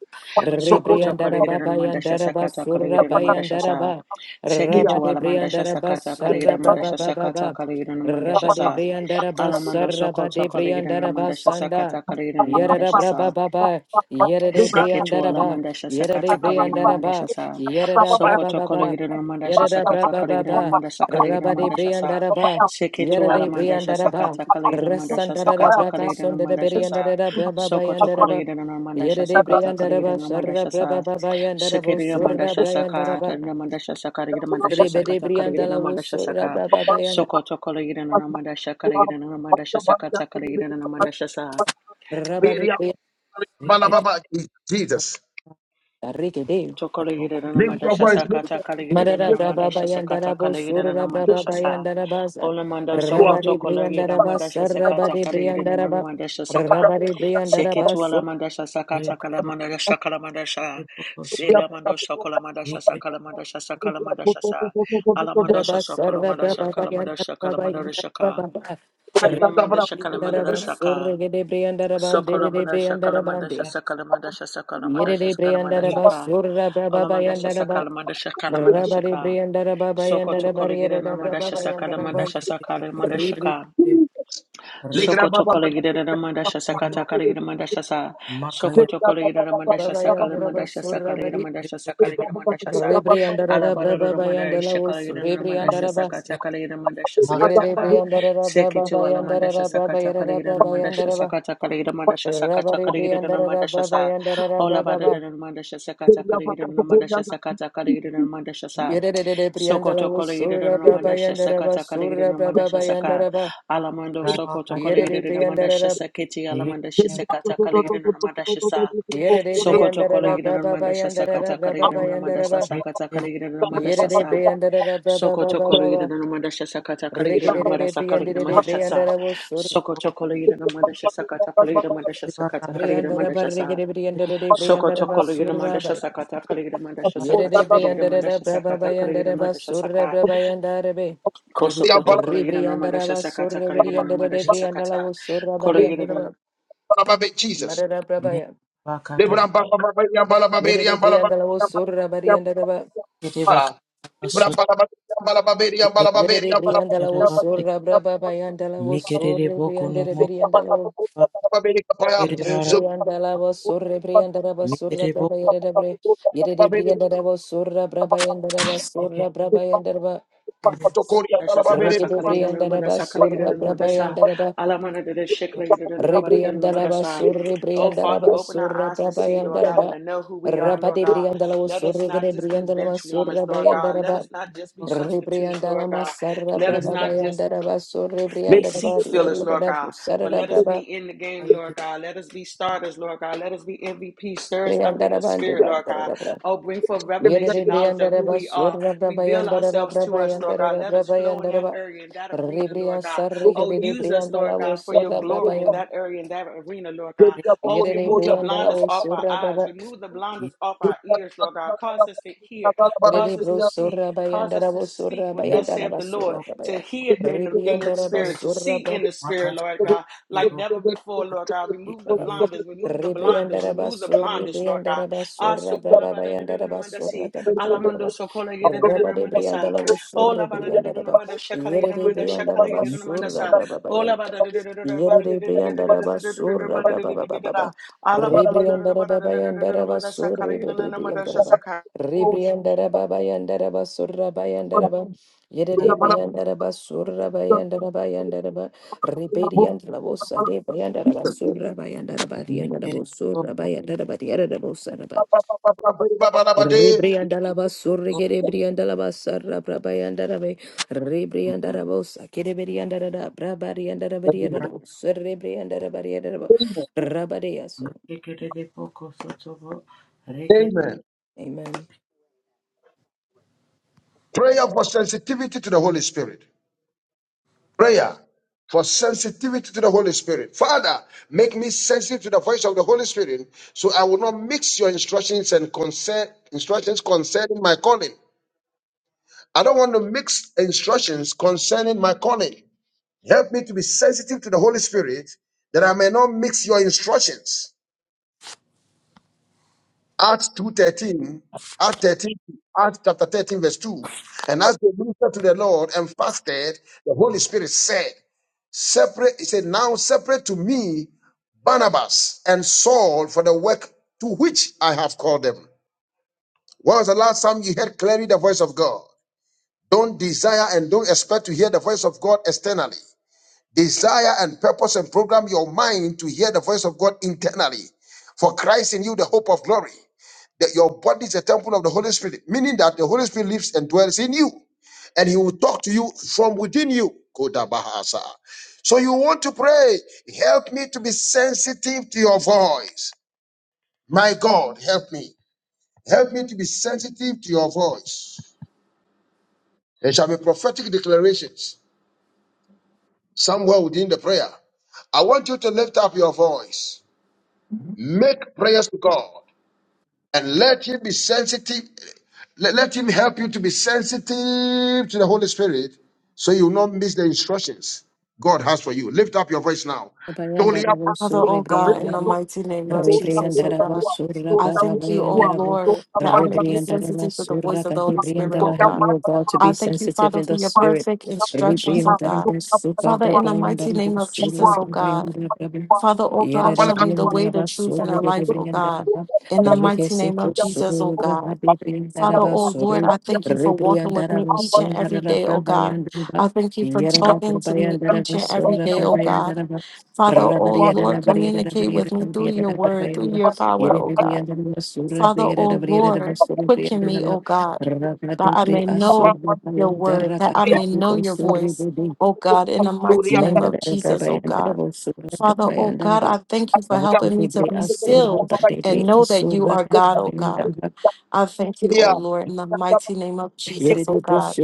Speaker 3: Toko
Speaker 5: Soko toko
Speaker 1: Rebriandara
Speaker 5: lira na manda
Speaker 1: Babayandara
Speaker 5: shasa kata kala
Speaker 1: Basura
Speaker 5: lira na manda
Speaker 1: Bayandara
Speaker 5: shasa.
Speaker 1: Ba.
Speaker 5: Seke
Speaker 1: Rabba
Speaker 5: tu
Speaker 1: de
Speaker 5: ala manda
Speaker 1: Briandara
Speaker 5: shasa kata kala lira
Speaker 1: Basara
Speaker 5: manda
Speaker 1: Braba
Speaker 5: shasa
Speaker 1: Baba
Speaker 5: kata
Speaker 1: Ba.
Speaker 5: kala lira na manda
Speaker 1: Rabba de
Speaker 5: shasa.
Speaker 1: Briandara
Speaker 5: Alamando
Speaker 1: Basara
Speaker 5: soko
Speaker 1: Ba de
Speaker 5: toko lira na
Speaker 1: Briandara
Speaker 5: manda shasa
Speaker 1: Basanda.
Speaker 5: kata kala lira na manda
Speaker 1: Yerada Braba
Speaker 5: shasa.
Speaker 1: Baba. Yerade
Speaker 5: Seketu
Speaker 1: Briandara
Speaker 5: ala
Speaker 1: Ba.
Speaker 5: mandasha
Speaker 1: Yerade
Speaker 5: sakata karigina
Speaker 1: Briandara Ba.
Speaker 5: mandasha sa
Speaker 1: Yerada Braba
Speaker 5: sokoto
Speaker 1: Baba.
Speaker 5: kolegina mandasha
Speaker 1: Yarada
Speaker 5: sakata
Speaker 1: Baba
Speaker 5: karigina
Speaker 1: Baba
Speaker 5: mandasha karigina
Speaker 1: Rabadi
Speaker 5: mandasha sa
Speaker 1: Briandaraba
Speaker 5: seketu ala
Speaker 1: Yarade
Speaker 5: mandasha
Speaker 1: Briandaraba
Speaker 5: sakata karigina mandasha
Speaker 1: Rasandarada
Speaker 5: sakata karigina
Speaker 1: Brakasun de
Speaker 5: mandasha sa
Speaker 1: Beriandarada Braba
Speaker 5: sokoto
Speaker 1: Bayandaraba
Speaker 5: kolegina mandasha
Speaker 1: Yarade
Speaker 5: sakata
Speaker 1: Briandaraba
Speaker 5: karigina
Speaker 1: Sarra
Speaker 5: mandasha sa
Speaker 1: Braba Baba Yandarabu
Speaker 5: seketu
Speaker 6: Makaya
Speaker 1: Surra
Speaker 5: mandasha sakata
Speaker 1: Briandaraba
Speaker 5: mandasha sakarigina mandasha
Speaker 1: Rebede
Speaker 5: sakata karigina
Speaker 1: Briandalabu
Speaker 5: mandasha
Speaker 1: Surra
Speaker 5: saka
Speaker 1: Braba Bayanda
Speaker 5: sokoto kolegina mandasha karigina
Speaker 3: paka
Speaker 5: mandasha
Speaker 3: para tu
Speaker 5: sakata
Speaker 3: kata.
Speaker 5: karigina mandasha sa
Speaker 1: Rabadi
Speaker 3: Beria bala baba. Jesus.
Speaker 1: Rikide
Speaker 3: Lift your voice.
Speaker 5: Tokoligiranamandashasa
Speaker 3: Lift
Speaker 5: kata
Speaker 1: Madara Braba
Speaker 5: kaligiranamandashasa kata
Speaker 1: Bayandarabu Surra Braba
Speaker 5: kaligiranamandashasa.
Speaker 1: Bayandarabaza
Speaker 5: Olamanda soko
Speaker 3: your
Speaker 1: Rabadi Briandaraba
Speaker 5: tokoligiramandashasa
Speaker 1: Sarra
Speaker 5: kata
Speaker 1: Badi Briandaraba
Speaker 5: kaligiranamandashasa ka.
Speaker 1: Rabadi Briandaraba
Speaker 5: Seketualamandashasa manda kalamandashasa kalamandasha. Selamando sokolamandashasa kalamandashasa manda
Speaker 1: Yere
Speaker 5: Alamandasha sokolamandasha kalamandasha kalamandasha ka. Keligiramandasha
Speaker 3: voice.
Speaker 5: manda shasaka manda shasaka manda shaka. kelinga manda shasaka manda shaka Sokolomandasha Kalamandasha Sakalamandasha Sakalamandasha Sakalamandasha Ka Olamandasha Sakalamandasha Kalamandasha Ka Sokoto Kolegira Namandasha Sakalamandasha Sakalamandasha Ka
Speaker 3: Jesus.
Speaker 5: Soko tokole gidere na mandasha saka takale gidere mandasha sa. Soko tokole gidere na mandasha saka le mandasha saka le gidere mandasha saka le gidere mandasha sa. Alabara ro manda ishaka le gidere na mandasha saka takale gidere mandasha saka taka. Seke tu ala mandasha saka takale gidere na mandasha saka takale gidere mandasha saka
Speaker 1: Rabari
Speaker 5: takale gidere na
Speaker 1: Briandara
Speaker 5: mandasha
Speaker 1: Baba
Speaker 5: sa.
Speaker 1: Yandara
Speaker 5: Ola bara
Speaker 1: Baba
Speaker 5: ro mandasha saka takale gidere na mandasha saka takale gidere na mandasha sa.
Speaker 1: Yere
Speaker 5: Soko
Speaker 1: Briandala was
Speaker 5: tokole gidere
Speaker 1: Sura
Speaker 5: na
Speaker 1: Baba
Speaker 5: mandasha
Speaker 1: Yandara
Speaker 5: saka
Speaker 1: was
Speaker 5: takale gidere
Speaker 1: Sura
Speaker 5: na
Speaker 1: Baba
Speaker 5: mandasha saka.
Speaker 1: Yandaraba
Speaker 5: Alamando Sokoto
Speaker 1: Yere
Speaker 5: Kolegida Namanda
Speaker 1: Briandara
Speaker 5: Shasa Keti Alamanda Shisekata Kolegida Namanda Shasa
Speaker 1: Yere
Speaker 5: Sokoto
Speaker 1: Briandara
Speaker 5: Kolegida
Speaker 1: Baba
Speaker 5: Namanda Shasakata
Speaker 1: Yandara
Speaker 5: Kolegida
Speaker 1: Baba
Speaker 5: Namanda
Speaker 1: Yandaraba
Speaker 5: Sasakata Kolegida Namanda
Speaker 1: Yere
Speaker 5: Sasa
Speaker 1: Briandara Baba
Speaker 5: Sokoto
Speaker 1: Baba
Speaker 5: Kolegida
Speaker 1: Baba
Speaker 5: Namanda Shasakata Kolegida
Speaker 1: Rigidity
Speaker 5: Namanda Sakalegida
Speaker 1: Briandere
Speaker 5: Namanda Shasa
Speaker 1: Briandara was Sura
Speaker 5: Sokoto Kolegida Namanda Shasakata Kolegida Namanda Shasakata Kolegida
Speaker 1: Briandara
Speaker 5: Namanda Shasa
Speaker 1: Barrigidi Briandere Briandara
Speaker 5: Sokoto
Speaker 1: was
Speaker 5: Kolegida Namanda
Speaker 1: Sura Baya
Speaker 5: Shasakata Kolegida Namanda
Speaker 1: Yere
Speaker 5: Shasakata Kolegida
Speaker 1: Briandara
Speaker 5: Namanda
Speaker 1: Baba
Speaker 5: Shasakata Kolegida
Speaker 1: Yandara
Speaker 5: Namanda
Speaker 1: Basura
Speaker 5: Shasaka
Speaker 1: Baba Yandarabe
Speaker 5: Kosokoto kolegira no madasha
Speaker 1: Ribriandaraba
Speaker 5: sakata
Speaker 1: Surra
Speaker 5: kolegira no
Speaker 1: Briandara
Speaker 5: madasha sakata
Speaker 1: Briandala Surra
Speaker 5: kolegira no
Speaker 1: Bariandaraba Madara Prabaya
Speaker 6: Bakata
Speaker 1: Yede Briandala Surra Bariandaraba Yede Briandala Surra Braba Bayandala
Speaker 6: Mikerere
Speaker 1: Surra
Speaker 6: boko no
Speaker 1: Briandere
Speaker 6: mo
Speaker 1: Briandala
Speaker 6: ba kere bara
Speaker 1: Ribriandala Surra Briandaraba
Speaker 6: mikere
Speaker 1: Surra Braba
Speaker 6: boko
Speaker 1: Yede Yede Briandara Surra Braba Yandaraba
Speaker 6: seke
Speaker 1: Surra Braba Yandaraba
Speaker 6: kere
Speaker 5: madasha sakata
Speaker 1: Rigede
Speaker 5: kolegira no
Speaker 1: Briandaraba
Speaker 5: madasha
Speaker 1: Surra
Speaker 5: kolegira no
Speaker 1: Braba
Speaker 5: madasha
Speaker 1: Yandaraba
Speaker 5: alamana de shek
Speaker 6: boko
Speaker 5: kolegira no madasha no
Speaker 1: Rebriandalaba
Speaker 5: madasha
Speaker 1: surre
Speaker 5: Oh Father,
Speaker 1: briandalaba
Speaker 5: open
Speaker 1: surra
Speaker 5: our eyes to see, Lord God, and to
Speaker 1: brabayandaraba.
Speaker 5: know who we are,
Speaker 6: kada
Speaker 5: Lord
Speaker 1: Rabade
Speaker 5: God.
Speaker 1: briandalaba
Speaker 5: Let us
Speaker 1: surre
Speaker 5: not
Speaker 1: gede
Speaker 5: just be
Speaker 1: briandalaba
Speaker 5: bench warmers,
Speaker 1: surra
Speaker 5: Lord God. Let
Speaker 1: bayandaraba.
Speaker 5: us not just be
Speaker 6: boka
Speaker 5: substitutes, Lord
Speaker 1: Rebriandalama
Speaker 5: God.
Speaker 1: sarra
Speaker 5: Let us not
Speaker 6: mikere
Speaker 5: just
Speaker 1: brabayandaraba surre
Speaker 5: be seat
Speaker 1: briandalaba
Speaker 5: fillers, Lord
Speaker 1: riorindada
Speaker 5: God. But
Speaker 1: busarada
Speaker 6: beke
Speaker 5: let us
Speaker 1: braba
Speaker 5: be in the game,
Speaker 6: bayi
Speaker 5: Lord
Speaker 6: kere
Speaker 5: God. Let us be
Speaker 6: no
Speaker 5: starters, Lord God. Let us be MVP. Stir us up in the
Speaker 1: briandaraba
Speaker 5: spirit,
Speaker 1: andeba
Speaker 5: Lord God.
Speaker 1: brabayandaraba.
Speaker 5: Oh, bring forth
Speaker 1: Yere
Speaker 5: revelation knowledge of who
Speaker 1: briandaraba
Speaker 5: we are.
Speaker 1: surra
Speaker 5: Reveal
Speaker 1: brabayandaraba
Speaker 5: ourselves to us, Lord God.
Speaker 1: brabayandaraba
Speaker 5: Let us flow in that
Speaker 1: brabayandaraba.
Speaker 5: area, in that arena, Lord
Speaker 1: Rebriand
Speaker 5: God.
Speaker 1: sarre
Speaker 5: Oh,
Speaker 1: gede
Speaker 5: use us, Lord
Speaker 1: briandalaba
Speaker 5: God, for your
Speaker 1: surra
Speaker 5: glory in
Speaker 1: brabayan.
Speaker 5: that area, in that arena, Lord God.
Speaker 6: re
Speaker 5: Oh,
Speaker 1: Yere
Speaker 5: remove the blinders
Speaker 1: briandalaba
Speaker 5: off our
Speaker 1: surra
Speaker 5: eyes.
Speaker 1: braba.
Speaker 5: Remove the
Speaker 6: ye
Speaker 5: blinders off our ears, Lord God. Cause us to hear. Cause us
Speaker 1: Rebro
Speaker 5: to
Speaker 6: no
Speaker 5: see.
Speaker 1: surra
Speaker 5: Cause us
Speaker 1: bayandara
Speaker 5: to
Speaker 1: bo
Speaker 5: speak
Speaker 1: surra
Speaker 5: what
Speaker 6: mikere
Speaker 5: thus
Speaker 1: bayandara
Speaker 5: saith the Lord
Speaker 1: basura
Speaker 6: boko
Speaker 5: to
Speaker 1: babaya.
Speaker 5: hear in the, in the
Speaker 1: Rebriandara
Speaker 6: mikere
Speaker 5: spirit, to
Speaker 1: basura
Speaker 5: see in the spirit,
Speaker 6: makata
Speaker 5: Lord
Speaker 6: bayi
Speaker 5: God,
Speaker 6: kere
Speaker 5: like
Speaker 6: boko
Speaker 5: never before,
Speaker 6: kata
Speaker 5: Lord God. Remove the
Speaker 1: brababa.
Speaker 6: mikere
Speaker 5: blinders, remove the blinders,
Speaker 1: Rebriandara
Speaker 5: remove the
Speaker 1: basur
Speaker 5: blinders, Lord God.
Speaker 1: rebriandara
Speaker 5: Ah,
Speaker 1: basura
Speaker 5: so
Speaker 1: braba bayandara basura
Speaker 5: si.
Speaker 1: rebriandara.
Speaker 5: so
Speaker 1: Reba rebriandara basur rebriandara ba. Yere rebriandara basura braba bayandara. Yere rebriandara basura braba baba baba.
Speaker 6: mikere
Speaker 1: Rebriandara babayandara basur rebriandara Ribriandara Babayandara Basura Bayandaraba
Speaker 6: kana
Speaker 1: Yeribriandara Basura Bayandara Bayandaraba Ribediandra Bosa de Bayandara Basura Bayandara Badiandara
Speaker 6: mikere
Speaker 1: Bosura
Speaker 6: boko
Speaker 1: Bayandara Badiara Bosaraba Ribriandala Basura Gerebriandala Basara Brabayandara
Speaker 6: no
Speaker 1: Ribriandara Bosa Kerebriandara Brabariandara Badiara
Speaker 6: mara
Speaker 1: Bosura Ribriandara Badiara Rabadiaso
Speaker 6: mikere boko soto bo
Speaker 3: Amen.
Speaker 1: Amen
Speaker 3: Prayer for sensitivity to the Holy Spirit. Prayer for sensitivity to the Holy Spirit. Father, make me sensitive to the voice of the Holy Spirit so I will not mix your instructions and concern, instructions concerning my calling. I don't want to mix instructions concerning my calling. Help me to be sensitive to the Holy Spirit that I may not mix your instructions. Acts 2.13, Acts 13, Acts chapter 13, verse 2. And as they ministered to the Lord and fasted, the Holy Spirit said, Separate, he said, Now separate to me Barnabas and Saul for the work to which I have called them. When was the last time you heard clearly the voice of God? Don't desire and don't expect to hear the voice of God externally. Desire and purpose and program your mind to hear the voice of God internally. For Christ in you, the hope of glory. That your body is a temple of the Holy Spirit, meaning that the Holy Spirit lives and dwells in you, and He will talk to you from within you. Kodabahasa. So you want to pray, help me to be sensitive to your voice. My God, help me. Help me to be sensitive to your voice. There shall be prophetic declarations somewhere within the prayer. I want you to lift up your voice. Make prayers to God and let Him be sensitive. Let, let Him help you to be sensitive to the Holy Spirit so you will not miss the instructions God has for you. Lift up your voice now. Dolia
Speaker 1: Bayandara
Speaker 7: Father,
Speaker 1: Bosura
Speaker 7: oh God, in the mighty name of
Speaker 3: Dolia
Speaker 7: Jesus, oh
Speaker 3: Dolia
Speaker 1: Rebriandara
Speaker 7: God,
Speaker 3: Dolia Dolia
Speaker 1: basura
Speaker 7: I
Speaker 1: brava
Speaker 7: thank you, oh
Speaker 1: bayandara bu.
Speaker 7: Lord, that I may be
Speaker 1: Rebriandara
Speaker 7: sensitive to the
Speaker 1: basura
Speaker 7: voice of the
Speaker 1: kadi
Speaker 7: Holy Spirit, oh
Speaker 1: briandala. Help
Speaker 7: God.
Speaker 1: me, O God, to be
Speaker 7: I thank you,
Speaker 1: sensitive
Speaker 7: Father,
Speaker 1: in
Speaker 7: for
Speaker 1: the
Speaker 7: your
Speaker 1: spirit.
Speaker 7: perfect instructions, oh
Speaker 1: Rebriandara
Speaker 7: God.
Speaker 1: basuka
Speaker 7: Father,
Speaker 1: da
Speaker 7: in the mighty
Speaker 1: briandara
Speaker 7: name of
Speaker 1: basura
Speaker 7: Jesus, oh God.
Speaker 1: bayandara brava.
Speaker 7: Father, oh
Speaker 1: Yere
Speaker 7: God, show me the way,
Speaker 1: rebriandara
Speaker 7: the truth, and
Speaker 1: basura
Speaker 7: the
Speaker 1: yere
Speaker 7: life, oh God.
Speaker 1: briandara ba.
Speaker 7: In the
Speaker 1: Rike
Speaker 7: mighty name
Speaker 1: sekyo
Speaker 7: of Jesus, oh
Speaker 1: sura
Speaker 7: God.
Speaker 1: bade briandara
Speaker 7: Father, oh
Speaker 1: basura.
Speaker 7: Lord,
Speaker 3: Dolia
Speaker 7: I thank
Speaker 3: Dolia
Speaker 7: you for walking with
Speaker 1: Rebriandara
Speaker 7: me each and every
Speaker 1: basura
Speaker 7: day, oh
Speaker 1: brava
Speaker 7: God.
Speaker 1: yandara ba.
Speaker 7: I thank you for
Speaker 1: Yere
Speaker 3: Dolia
Speaker 7: talking
Speaker 1: brava
Speaker 7: to me
Speaker 1: yandara
Speaker 7: each and every
Speaker 3: Thank
Speaker 7: day, oh God.
Speaker 1: basura
Speaker 7: Father,
Speaker 1: Yere de
Speaker 7: oh Lord,
Speaker 1: brianda la
Speaker 7: communicate with me through your word, through your power, oh God. Father, O Lord, quicken me, O God, that I may know your word, that I may know your voice, O God, in the mighty name of Jesus, O God.
Speaker 1: voz, sorra,
Speaker 7: Father,
Speaker 1: brava,
Speaker 7: O
Speaker 1: yanda
Speaker 7: God, I thank you for helping me to be still and know that you are God, O God. I thank you, O Lord, in the mighty name of Jesus, O God.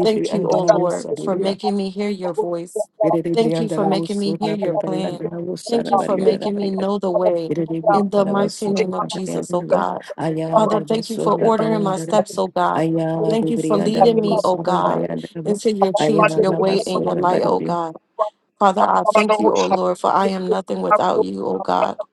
Speaker 7: Thank you, O Lord, for making me hear your voice. Thank you for making me hear your plan.
Speaker 1: la voz,
Speaker 7: Thank
Speaker 1: sara,
Speaker 7: you for
Speaker 1: variada,
Speaker 7: making me
Speaker 1: variada,
Speaker 7: know the way.
Speaker 1: Iridi
Speaker 7: In the mighty
Speaker 1: Arabasura
Speaker 7: name of Jesus, O
Speaker 1: Bayandara,
Speaker 7: God.
Speaker 1: Aya de
Speaker 7: Father, thank you for
Speaker 1: Basura
Speaker 7: ordering my
Speaker 1: Bayandara,
Speaker 7: steps, O God.
Speaker 1: Aya
Speaker 7: Thank
Speaker 1: de
Speaker 7: you for leading
Speaker 1: Brianda
Speaker 7: me, O
Speaker 1: sura
Speaker 7: God,
Speaker 1: Bayandara,
Speaker 7: into your
Speaker 1: Aya
Speaker 7: truth, your way, and your
Speaker 1: Navasura
Speaker 7: light,
Speaker 3: you.
Speaker 7: O
Speaker 1: Baribi,
Speaker 7: God. Father,
Speaker 3: Thank
Speaker 7: I thank you, O Lord, for I am nothing without you, O God.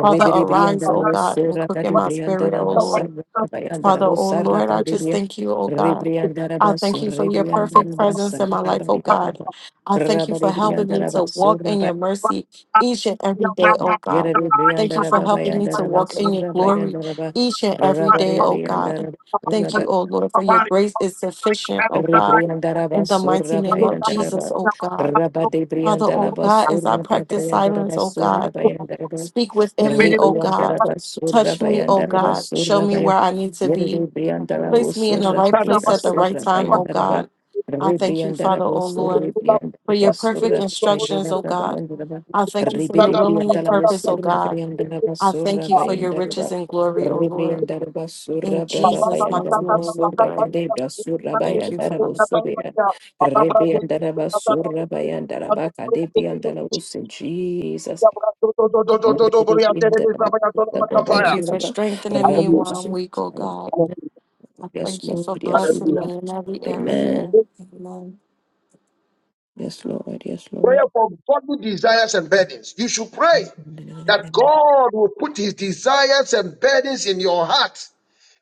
Speaker 7: Father, arise, O
Speaker 1: Briandara
Speaker 7: God, and
Speaker 1: sura
Speaker 7: quicken
Speaker 1: Tadi
Speaker 7: my spirit,
Speaker 1: Briandana
Speaker 7: O
Speaker 1: Masara
Speaker 7: Lord.
Speaker 1: Bayandara,
Speaker 7: Father, O
Speaker 1: Usara
Speaker 7: Lord, I just
Speaker 1: Tadibia,
Speaker 7: thank you, O God.
Speaker 1: Ribriandara
Speaker 7: I thank
Speaker 1: Basur,
Speaker 7: you for your perfect
Speaker 1: Ribriandara
Speaker 7: presence in
Speaker 1: Basara
Speaker 7: my life, oh God.
Speaker 1: Bayandara,
Speaker 7: I thank you for
Speaker 1: Rabari
Speaker 7: helping me
Speaker 1: Briandaraba
Speaker 7: to walk
Speaker 1: Surra
Speaker 7: in your mercy each and every day, oh God. Thank you for helping me to walk in your glory
Speaker 1: Briandaraba
Speaker 7: each and every day,
Speaker 1: Rabari
Speaker 7: oh God.
Speaker 1: Briandaraba
Speaker 7: Thank you, oh Lord, for your grace is sufficient, oh God.
Speaker 1: Ribriandaraba
Speaker 7: In the mighty
Speaker 1: surra
Speaker 7: name of Jesus,
Speaker 1: bayandaraba.
Speaker 7: oh God.
Speaker 1: Rabba de
Speaker 7: Father, oh
Speaker 1: briandalaba
Speaker 7: God, as I
Speaker 1: surra
Speaker 7: practice silence,
Speaker 1: bayandaraba
Speaker 7: oh
Speaker 1: sura
Speaker 7: God,
Speaker 1: bayandaraba.
Speaker 7: speak within me, oh God.
Speaker 1: Ribriandaraba sura
Speaker 7: Touch me, oh
Speaker 1: bayandaraba
Speaker 7: God. Show
Speaker 1: surra
Speaker 7: me where
Speaker 1: bayan.
Speaker 7: I need to be.
Speaker 1: Yerde briandalabo
Speaker 7: Place me in the
Speaker 1: sura
Speaker 7: right place
Speaker 1: kdita
Speaker 7: at the right
Speaker 1: surra
Speaker 7: time, oh
Speaker 1: bayandaraba.
Speaker 7: God. I thank you, Father,
Speaker 1: Ribriandarabo
Speaker 7: oh
Speaker 1: surra
Speaker 7: Lord, for
Speaker 1: ribriandaraba
Speaker 7: your perfect
Speaker 1: surra
Speaker 7: instructions, oh
Speaker 1: bayandaraba
Speaker 7: God.
Speaker 1: bayandaraba.
Speaker 7: I thank you for your
Speaker 1: Ribede
Speaker 7: will and your
Speaker 1: briandalabo
Speaker 7: purpose, oh
Speaker 1: surra
Speaker 7: God.
Speaker 1: bayandaraba
Speaker 7: I
Speaker 1: surra
Speaker 7: thank you for your
Speaker 1: bayandaraba.
Speaker 7: riches and
Speaker 3: you.
Speaker 7: glory, oh Lord.
Speaker 1: Ribriandara
Speaker 7: In
Speaker 1: basura braba
Speaker 3: Hallelujah.
Speaker 7: Jesus'
Speaker 1: bayandara
Speaker 7: mighty name, I
Speaker 1: basura
Speaker 7: pray.
Speaker 1: gade basura
Speaker 7: Thank you,
Speaker 1: bayandara
Speaker 7: Father.
Speaker 1: basura ribriandara basura bayandara baka de briandara usin Jesus mandara de
Speaker 7: I
Speaker 1: braba
Speaker 7: thank you
Speaker 1: yandara
Speaker 7: for strengthening me while I'm
Speaker 1: raposu
Speaker 7: weak, oh God. I
Speaker 1: Yes
Speaker 7: thank you for
Speaker 1: Lord Yes
Speaker 7: blessing
Speaker 1: Lord
Speaker 3: Hallelujah.
Speaker 7: me in
Speaker 1: Yes
Speaker 7: every
Speaker 1: Lord
Speaker 7: area.
Speaker 1: Amen
Speaker 7: Amen.
Speaker 1: Yes Lord Yes
Speaker 3: Prayer
Speaker 1: Lord
Speaker 3: for godly desires and burdens. You should pray that God will put his desires and burdens in your heart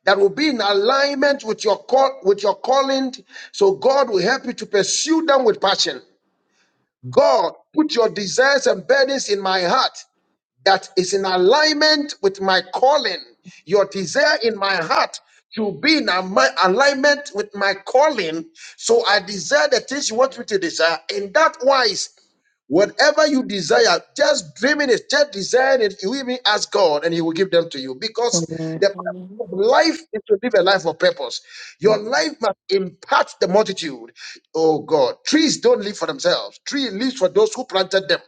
Speaker 3: that will be in alignment with your call, with your calling. So God will help you to pursue them with passion. God, put your desires and burdens in my heart that is in alignment with my calling, your desire in my heart to be in ami- alignment with my calling. So I desire the things you want me to desire. In that wise, whatever you desire, just dreaming it, just desire it. You even ask God and He will give them to you because
Speaker 1: Amen
Speaker 3: the purpose
Speaker 7: Amen.
Speaker 3: of life is to live a life of purpose. Your life must impact the multitude. Oh God, trees don't live for themselves. Tree lives for those who planted them.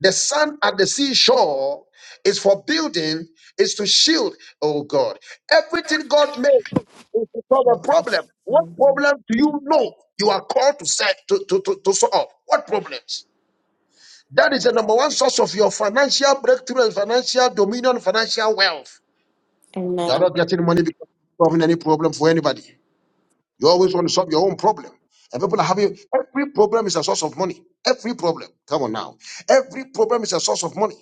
Speaker 3: The sand at the seashore is for building, is to shield, oh God. Everything God made is to solve a problem. What problem do you know you are called to set to, to, to, to solve? What problems? That is the number one source of your financial breakthrough and financial dominion, financial wealth. You are
Speaker 7: Amen.
Speaker 3: not getting money because you're solving any problem for anybody. You always want to solve your own problem. And people are having every problem is a source of money. Every problem. Come on now. Every problem is a source of money.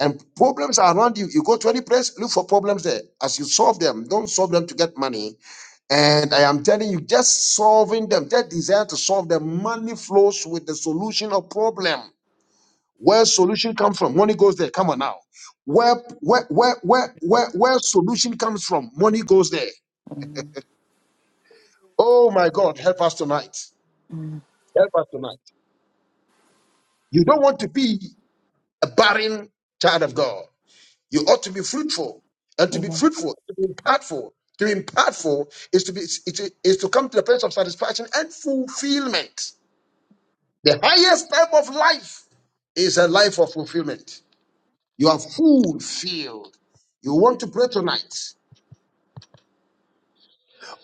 Speaker 3: And problems are around you. You go to any place, look for problems there. As you solve them, don't solve them to get money. And I am telling you, just solving them, that desire to solve them, money flows with the solution of problem. Where solution comes from, money goes there. Come on now. Where where where where where, where solution comes from, money goes there. Oh my God, help us tonight. Help us tonight. You don't want to be a barren child of God. You ought to be fruitful. And to be
Speaker 1: Amen.
Speaker 3: fruitful, to be impactful, to be impactful is to be is, is is to come to the place of satisfaction and fulfillment. The highest type of life is a life of fulfillment. You are fulfilled. You want to pray tonight.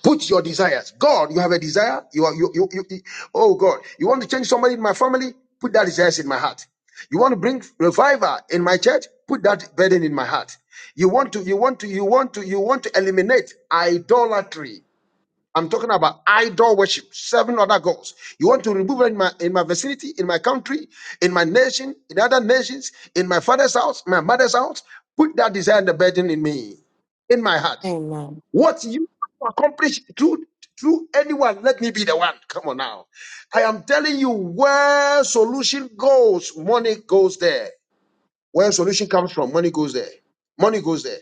Speaker 3: Put your desires. God, you have a desire. You are you you, you you- oh God, you want to change somebody in my family? Put that desires in my heart. You want to bring revival in my church? Put that burden in my heart. You want to you want to you want to you want to eliminate idolatry. I'm talking about idol worship, seven other gods. You want to remove it in my in my vicinity, in my country, in my nation, in other nations, in my father's house, my mother's house. Put that desire and the burden in me, in my heart.
Speaker 7: Amen.
Speaker 3: What you want to accomplish through through anyone, let me be the one. Come on now. I am telling you where solution goes, money goes there. Where solution comes from, money goes there. Money goes there.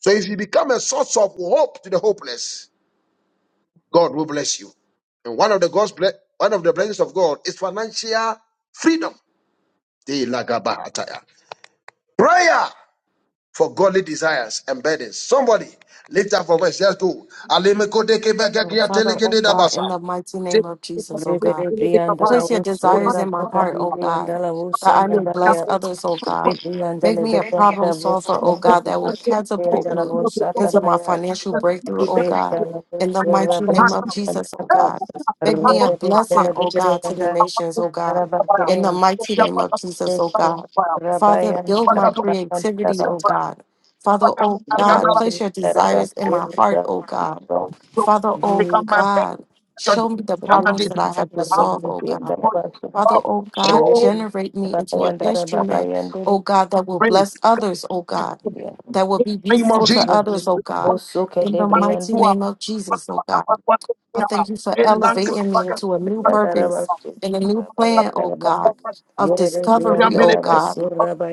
Speaker 3: So if you become a source of hope to the hopeless, God will bless you. And one of the God's ble- one of the blessings of God is financial freedom. De la ataya. Prayer for godly desires and burdens. Somebody lift up for voice. Let's go.
Speaker 7: Oh, Father, oh God, in the mighty
Speaker 3: Jai
Speaker 7: name of
Speaker 3: Krishna
Speaker 7: Jesus, oh
Speaker 3: Prabhu,
Speaker 7: God.
Speaker 1: Rebede
Speaker 3: Jai Krishna
Speaker 1: Brianda la
Speaker 7: Place
Speaker 3: Prabhu.
Speaker 7: your
Speaker 3: For
Speaker 1: Usura
Speaker 7: desires
Speaker 3: not
Speaker 1: la
Speaker 7: in my
Speaker 3: for not
Speaker 7: heart,
Speaker 3: for
Speaker 1: Pacadi
Speaker 7: O
Speaker 3: not.
Speaker 7: God,
Speaker 1: Brianda la
Speaker 7: that I
Speaker 1: Usanda
Speaker 7: may bless
Speaker 1: Baria
Speaker 7: others, O God.
Speaker 1: Rebrianda la
Speaker 7: Make me a problem
Speaker 1: Brianda la
Speaker 7: solver, O
Speaker 1: Usura
Speaker 7: God, that will catapult
Speaker 1: Brianda la
Speaker 7: me
Speaker 1: Usanda
Speaker 7: into my
Speaker 1: Baya
Speaker 7: financial breakthrough, O God.
Speaker 1: Rebeta la
Speaker 7: In the
Speaker 1: Usura
Speaker 7: mighty name of
Speaker 1: Brianda
Speaker 7: Jesus, O
Speaker 1: la
Speaker 7: God. Make me a
Speaker 1: Rebede
Speaker 7: blessing,
Speaker 1: la
Speaker 7: O God, to the
Speaker 1: Brianda
Speaker 7: nations, O God.
Speaker 1: la
Speaker 7: In the
Speaker 1: Bacade
Speaker 7: mighty name of Jesus, O God.
Speaker 1: Usura
Speaker 7: Father,
Speaker 1: Baya
Speaker 7: build
Speaker 1: Rebede
Speaker 7: my creativity, O God. Father, O God, place your
Speaker 1: Brianda la
Speaker 7: desires in my heart, O God.
Speaker 1: Usura
Speaker 7: Father, O
Speaker 3: Become my back,
Speaker 7: God. Show me the
Speaker 3: come my
Speaker 7: problems
Speaker 3: Jesus.
Speaker 7: that I have to solve, oh God. Father, oh God,
Speaker 3: Show
Speaker 7: generate me into an instrument, oh God, that will
Speaker 3: praise.
Speaker 7: bless others, oh God, that will be
Speaker 3: Name of
Speaker 7: beautiful to others, oh God.
Speaker 3: Jesus.
Speaker 1: Bosuke
Speaker 7: In
Speaker 1: de
Speaker 7: the
Speaker 1: Brian
Speaker 7: mighty name of Jesus, oh God. I thank you for
Speaker 1: Jesus.
Speaker 7: elevating me into a new purpose
Speaker 1: Yadarabasu,
Speaker 7: and a new plan, oh
Speaker 1: rabayandaraba.
Speaker 7: God, of discovery, oh
Speaker 1: Yererebriandarabasu,
Speaker 7: God,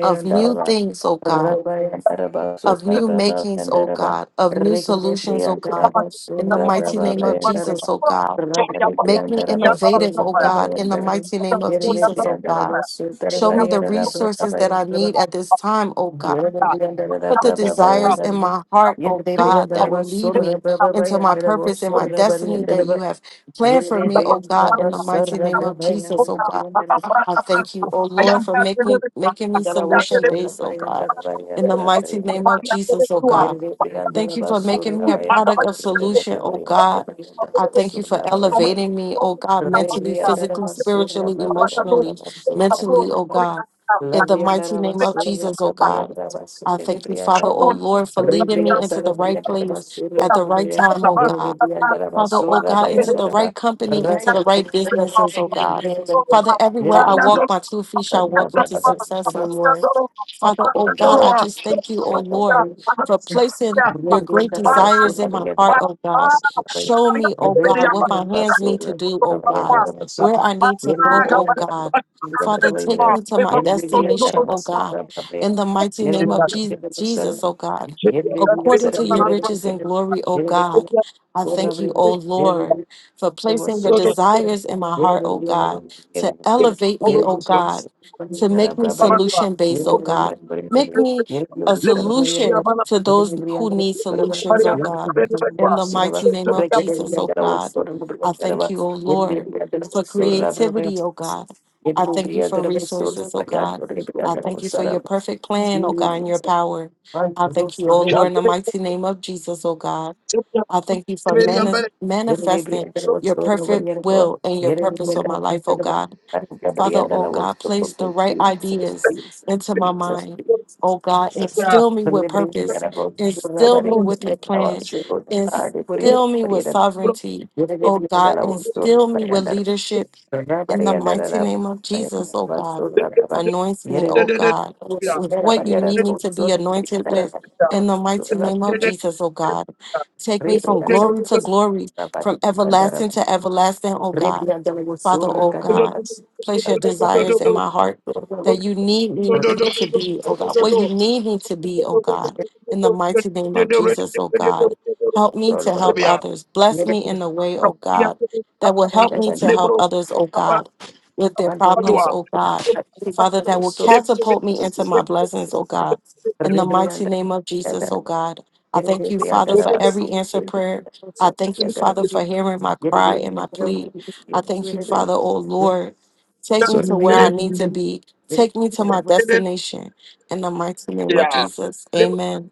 Speaker 7: of new things, oh God,
Speaker 1: Rabayandarabasu,
Speaker 7: of new makings, oh
Speaker 1: rabayandaraba.
Speaker 7: God, of new solutions, oh God.
Speaker 1: Regerebriandarabasu,
Speaker 7: In the mighty name of Jesus,
Speaker 1: rabayandaraba.
Speaker 7: oh God. Make me
Speaker 1: Rabarebriandarabasu,
Speaker 7: innovative, oh God, in the
Speaker 1: rabayandaraba.
Speaker 7: mighty name of Jesus, oh God.
Speaker 1: Yererebriandarabasu,
Speaker 7: Show me the resources that I
Speaker 1: rabayandaraba.
Speaker 7: need at this time, oh God.
Speaker 1: Yerede bir yandara da
Speaker 7: Put the
Speaker 1: bra bra bra
Speaker 7: desires
Speaker 1: yandara
Speaker 7: in
Speaker 1: da.
Speaker 7: my heart, oh
Speaker 1: Yerede bir
Speaker 7: God, that
Speaker 1: yandara
Speaker 7: will
Speaker 1: bas
Speaker 7: lead me
Speaker 1: sonra bra bra bra
Speaker 7: into my
Speaker 1: yandara bas
Speaker 7: purpose and
Speaker 3: Yang
Speaker 7: my
Speaker 1: sonra bra
Speaker 7: destiny that
Speaker 1: yandara bas.
Speaker 7: you have planned for
Speaker 3: I am
Speaker 1: Yerede
Speaker 7: me,
Speaker 1: bir
Speaker 3: back
Speaker 7: oh
Speaker 3: to
Speaker 7: God,
Speaker 1: yandara
Speaker 7: in
Speaker 1: bas
Speaker 7: the
Speaker 3: the
Speaker 7: mighty
Speaker 1: sonra
Speaker 7: name
Speaker 1: bra
Speaker 7: of
Speaker 1: bra
Speaker 7: Jesus, oh God.
Speaker 1: yandara bas.
Speaker 7: I thank you, oh Lord, for make me, making me
Speaker 1: Surabaya,
Speaker 7: solution based, oh God. In the mighty name of Jesus, oh God. Thank you for making me a product of solution, oh God. I thank you for elevating me, oh God, mentally, physically, spiritually,
Speaker 1: Surabaya,
Speaker 3: back
Speaker 7: emotionally, mentally, oh God. In the mighty name of Jesus, oh God. I thank you, Father, oh Lord, for leading me into the right place at the right time, oh God.
Speaker 3: to
Speaker 7: Father, oh God,
Speaker 3: the
Speaker 7: into the right company, into
Speaker 3: Let's Thank
Speaker 7: the right businesses, oh God. Father, everywhere I
Speaker 1: Surabaya,
Speaker 7: walk, my two feet shall
Speaker 1: Thank
Speaker 7: walk into success, oh Lord. Father, oh God, I just thank you, oh Lord, for placing your great desires in my heart, oh God. Show me, oh God, what my hands need to do, oh God, where I need to go, oh God. Father, take me to my destination, oh God, in the mighty name of Je- Jesus, oh God, according to your riches and glory, oh God. I thank you, O
Speaker 1: you.
Speaker 7: Lord, for
Speaker 1: There was
Speaker 7: placing
Speaker 1: so
Speaker 7: your
Speaker 1: much pain.
Speaker 7: desires in my
Speaker 1: Yere
Speaker 7: heart,
Speaker 1: de
Speaker 7: O
Speaker 1: bir yana bak,
Speaker 7: God,
Speaker 1: yere
Speaker 7: to
Speaker 1: de bir yana.
Speaker 7: elevate me,
Speaker 1: Yere
Speaker 7: O
Speaker 1: bir böyle
Speaker 7: God,
Speaker 1: sarı
Speaker 7: to
Speaker 1: bir
Speaker 7: make
Speaker 1: yana
Speaker 7: me
Speaker 1: bak, bak yere.
Speaker 7: solution based,
Speaker 1: Yere
Speaker 7: O
Speaker 1: de bir
Speaker 7: God.
Speaker 1: yana bak, yere de bir
Speaker 7: Make
Speaker 1: yana.
Speaker 7: me
Speaker 1: Yere bir
Speaker 7: a
Speaker 1: böyle sarı bir yana
Speaker 7: solution
Speaker 1: bak.
Speaker 7: to
Speaker 1: Yere
Speaker 7: those
Speaker 1: de bir
Speaker 7: who
Speaker 1: yana bak,
Speaker 7: need
Speaker 1: sarı bir yana.
Speaker 7: solutions, O
Speaker 1: Yere de bir yana
Speaker 7: God.
Speaker 1: bak, bir
Speaker 3: you.
Speaker 7: In the
Speaker 1: yana bak.
Speaker 7: mighty name of
Speaker 1: Yere de bir
Speaker 7: Jesus,
Speaker 1: yana
Speaker 7: O
Speaker 1: bak,
Speaker 7: God,
Speaker 1: sarı bir yana bak. Yere de bir
Speaker 7: I
Speaker 1: yana
Speaker 7: thank
Speaker 1: bak,
Speaker 7: you, O
Speaker 1: sarı bir yana bak. Yere de bir yana bak, sarı bir yana bak. Yere de
Speaker 7: Lord,
Speaker 1: bir yana
Speaker 7: for creativity, O God. I thank you for resources, O God. I thank you for your perfect plan, O God, and your power. I
Speaker 1: bak,
Speaker 7: thank you,
Speaker 1: sarı
Speaker 7: O
Speaker 1: bir yana bak.
Speaker 7: Lord, in the mighty name of Jesus, O God. I thank you for
Speaker 1: Rebriandara
Speaker 7: manis- manifesting your perfect will and your purpose for my life, oh God. Father, oh God, place the right ideas into my mind. Oh God, instill me with purpose. Instill me with your plan. Instill me with sovereignty. Oh God, instill me with leadership in the mighty name of Jesus, oh God. Anoint me, oh God, with what you need me to be anointed with in the mighty name of Jesus, oh God. Take me from glory to glory, from everlasting to everlasting,
Speaker 1: Sorry,
Speaker 7: oh God. Father, oh God, place your desires in my heart that you need me to be, oh God, what you need me to be, oh God, in the mighty name of Jesus, oh God. Help me to help others. Bless me in a way, oh God, that will help me to help others, oh God, with their problems, oh God. Father, that will catapult me into my blessings, oh God, in the mighty name of Jesus, oh God. I thank you, Father, for every answer prayer. I thank you, Father, for hearing my cry and my plea. I thank you, Father, oh Lord. Take me to where I need to be. Take me to my destination. In the mighty name of Jesus. Amen.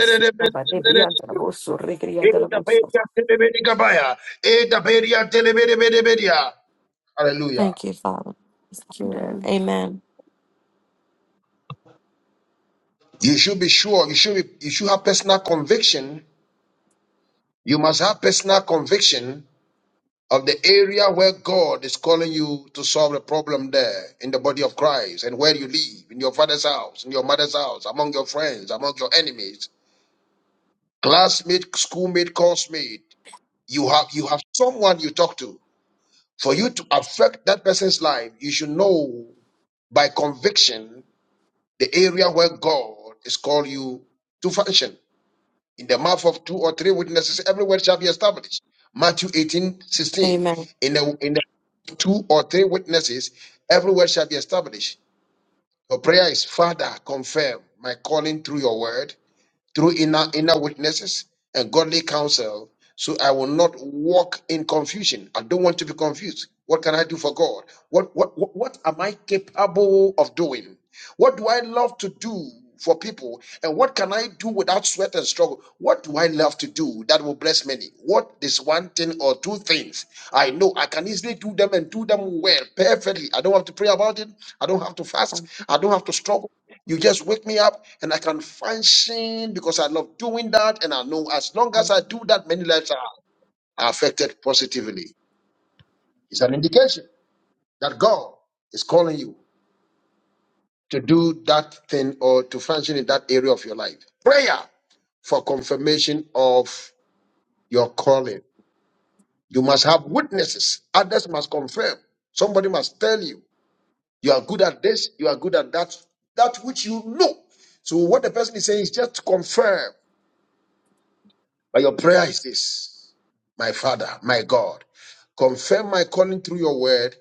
Speaker 3: Yeah. Eda beria telebedi gabaya. Eda beria telebedi bedi bedia. Hallelujah.
Speaker 7: Thank you, Father. Thank you, Lord. Amen.
Speaker 3: You should be sure. You should be, you should have personal conviction. You must have personal conviction of the area where God is calling you to solve a problem there in the body of Christ and where you live in your father's house, in your mother's house, among your friends, among your enemies, classmate, schoolmate, coursemate. You have you have someone you talk to. For you to affect that person's life, you should know by conviction the area where God is called you to function. In the mouth of two or three witnesses, every word shall be established. Matthew 18 sixteen.
Speaker 7: Amen.
Speaker 3: In the, in the two or three witnesses, every word shall be established. Your prayer is, Father, confirm my calling through your word, through inner, inner witnesses and godly counsel, so I will not walk in confusion. I don't want to be confused. What can I do for God? What, what, what, what am I capable of doing? What do I love to do for people? And what can I do without sweat and struggle? What do I love to do that will bless many? What is one thing or two things I know I can easily do them and do them well, perfectly? I don't have to pray about it. I don't have to fast. I don't have to struggle. You just wake me up and I can function because I love doing that. And I know as long as I do that, many lives are are affected positively. It's an indication that God is calling you to do that thing or to function in that area of your life. Prayer for confirmation of your calling. You must have witnesses. Others must confirm. Somebody must tell you you are good at this, you are good at that, that which you know. So what the person is saying is just to confirm. But your prayer is this My Father, my God, confirm my calling through your word,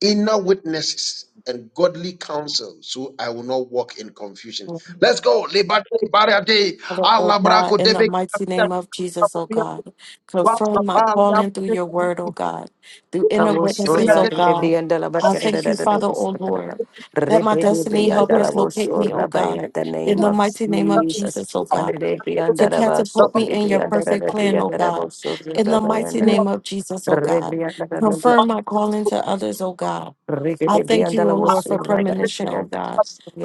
Speaker 3: inner witnesses, and godly counsel, so I will not walk in confusion.
Speaker 7: Father,
Speaker 3: Let's go. Liberate, liberate. day.
Speaker 7: oh
Speaker 3: Allah
Speaker 7: God,
Speaker 3: brako
Speaker 7: in
Speaker 3: deve-
Speaker 7: the mighty name of Jesus, oh God, confirm my calling through your word, oh God, through inner witnesses,
Speaker 1: Ramosorra
Speaker 7: oh
Speaker 1: de
Speaker 7: God.
Speaker 1: Brianda la
Speaker 7: I
Speaker 1: Barca da da
Speaker 7: thank
Speaker 1: da
Speaker 7: you,
Speaker 1: da
Speaker 7: Father,
Speaker 1: da
Speaker 7: oh
Speaker 1: Sotara.
Speaker 7: Lord. Let my
Speaker 1: Rebe de
Speaker 7: destiny
Speaker 1: Brianda la
Speaker 7: helpers locate me,
Speaker 1: Vosorra
Speaker 7: oh God,
Speaker 1: by the
Speaker 7: in
Speaker 1: name
Speaker 7: the
Speaker 1: of
Speaker 7: mighty name of
Speaker 1: Jesus.
Speaker 7: Jesus, oh
Speaker 1: Mane
Speaker 7: God.
Speaker 1: de
Speaker 7: to
Speaker 1: Brianda la Basso,
Speaker 7: catapult me
Speaker 1: de
Speaker 7: in your
Speaker 1: Brianda la
Speaker 7: perfect
Speaker 1: de
Speaker 7: plan, oh
Speaker 1: Brianda la
Speaker 7: God.
Speaker 1: Vosorra
Speaker 7: In the mighty
Speaker 1: Brabayanda.
Speaker 7: name of Jesus, oh God.
Speaker 1: Rebrianda la Bra.
Speaker 7: Confirm my calling to others, oh God.
Speaker 1: Rege
Speaker 7: I
Speaker 1: de
Speaker 7: thank
Speaker 1: Brianda
Speaker 7: you, oh Lord, for premonition, oh God.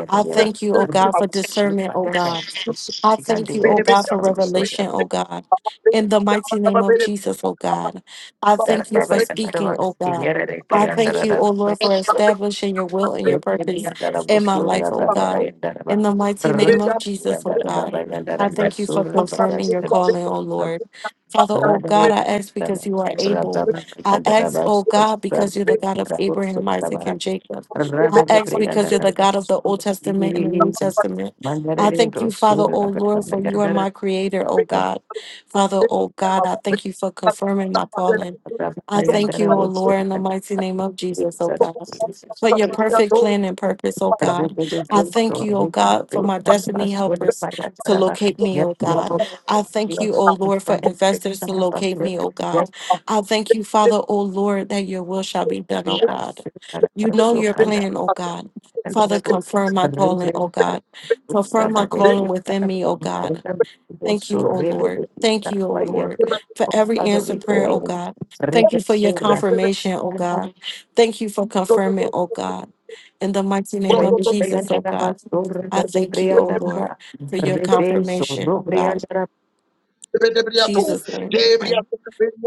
Speaker 7: I thank you, oh God, for discernment, oh God. I thank you, oh
Speaker 1: very
Speaker 7: God,
Speaker 3: Debriato,
Speaker 7: for
Speaker 1: Vosorra.
Speaker 7: revelation, oh God. In the mighty name of Jesus, oh God. I thank you for speaking, oh God. I thank you, oh Lord, for establishing your will
Speaker 1: Mandare
Speaker 7: and your purpose in my life, oh God. In the mighty name of Jesus, oh God. I thank you for confirming your calling, oh Lord. Father, oh God, I ask because you are able. I ask, oh God, because you're the God of Abraham, Isaac, and Jacob. I ask because you're the God of the Old Testament and the New Testament. I thank you, Father, oh Lord, for you are my creator, oh God. Father, oh God, I thank you for confirming my calling. I thank you, oh Lord, in the mighty name of Jesus, oh God, for your perfect plan and purpose, oh
Speaker 1: Father,
Speaker 7: God. I thank you, oh God, for my destiny helpers to locate me, oh God. I thank you, oh Lord, for investors to locate me, oh God. I thank you, Father, oh Lord, that your will shall be done, oh God. You know your plan, oh God. Father, confirm my calling, oh God. Confirm my calling within me, oh God. Thank you, oh Lord. Thank you, oh Lord, for every
Speaker 1: we
Speaker 7: answered prayer, oh
Speaker 1: pray.
Speaker 7: God. Thank
Speaker 1: Rebe
Speaker 7: you for your
Speaker 1: sura kanda,
Speaker 7: confirmation, oh God. Thank you for confirming, oh God. In the mighty name
Speaker 1: rebe
Speaker 7: of
Speaker 1: sura
Speaker 7: Jesus,
Speaker 1: kanda,
Speaker 7: oh
Speaker 1: rebe
Speaker 7: God.
Speaker 1: sura
Speaker 7: I thank you, O
Speaker 1: kanda,
Speaker 7: Lord, for your
Speaker 1: rebe
Speaker 7: confirmation, O God.
Speaker 1: sura
Speaker 7: Jesus' name, amen.
Speaker 3: Debriato,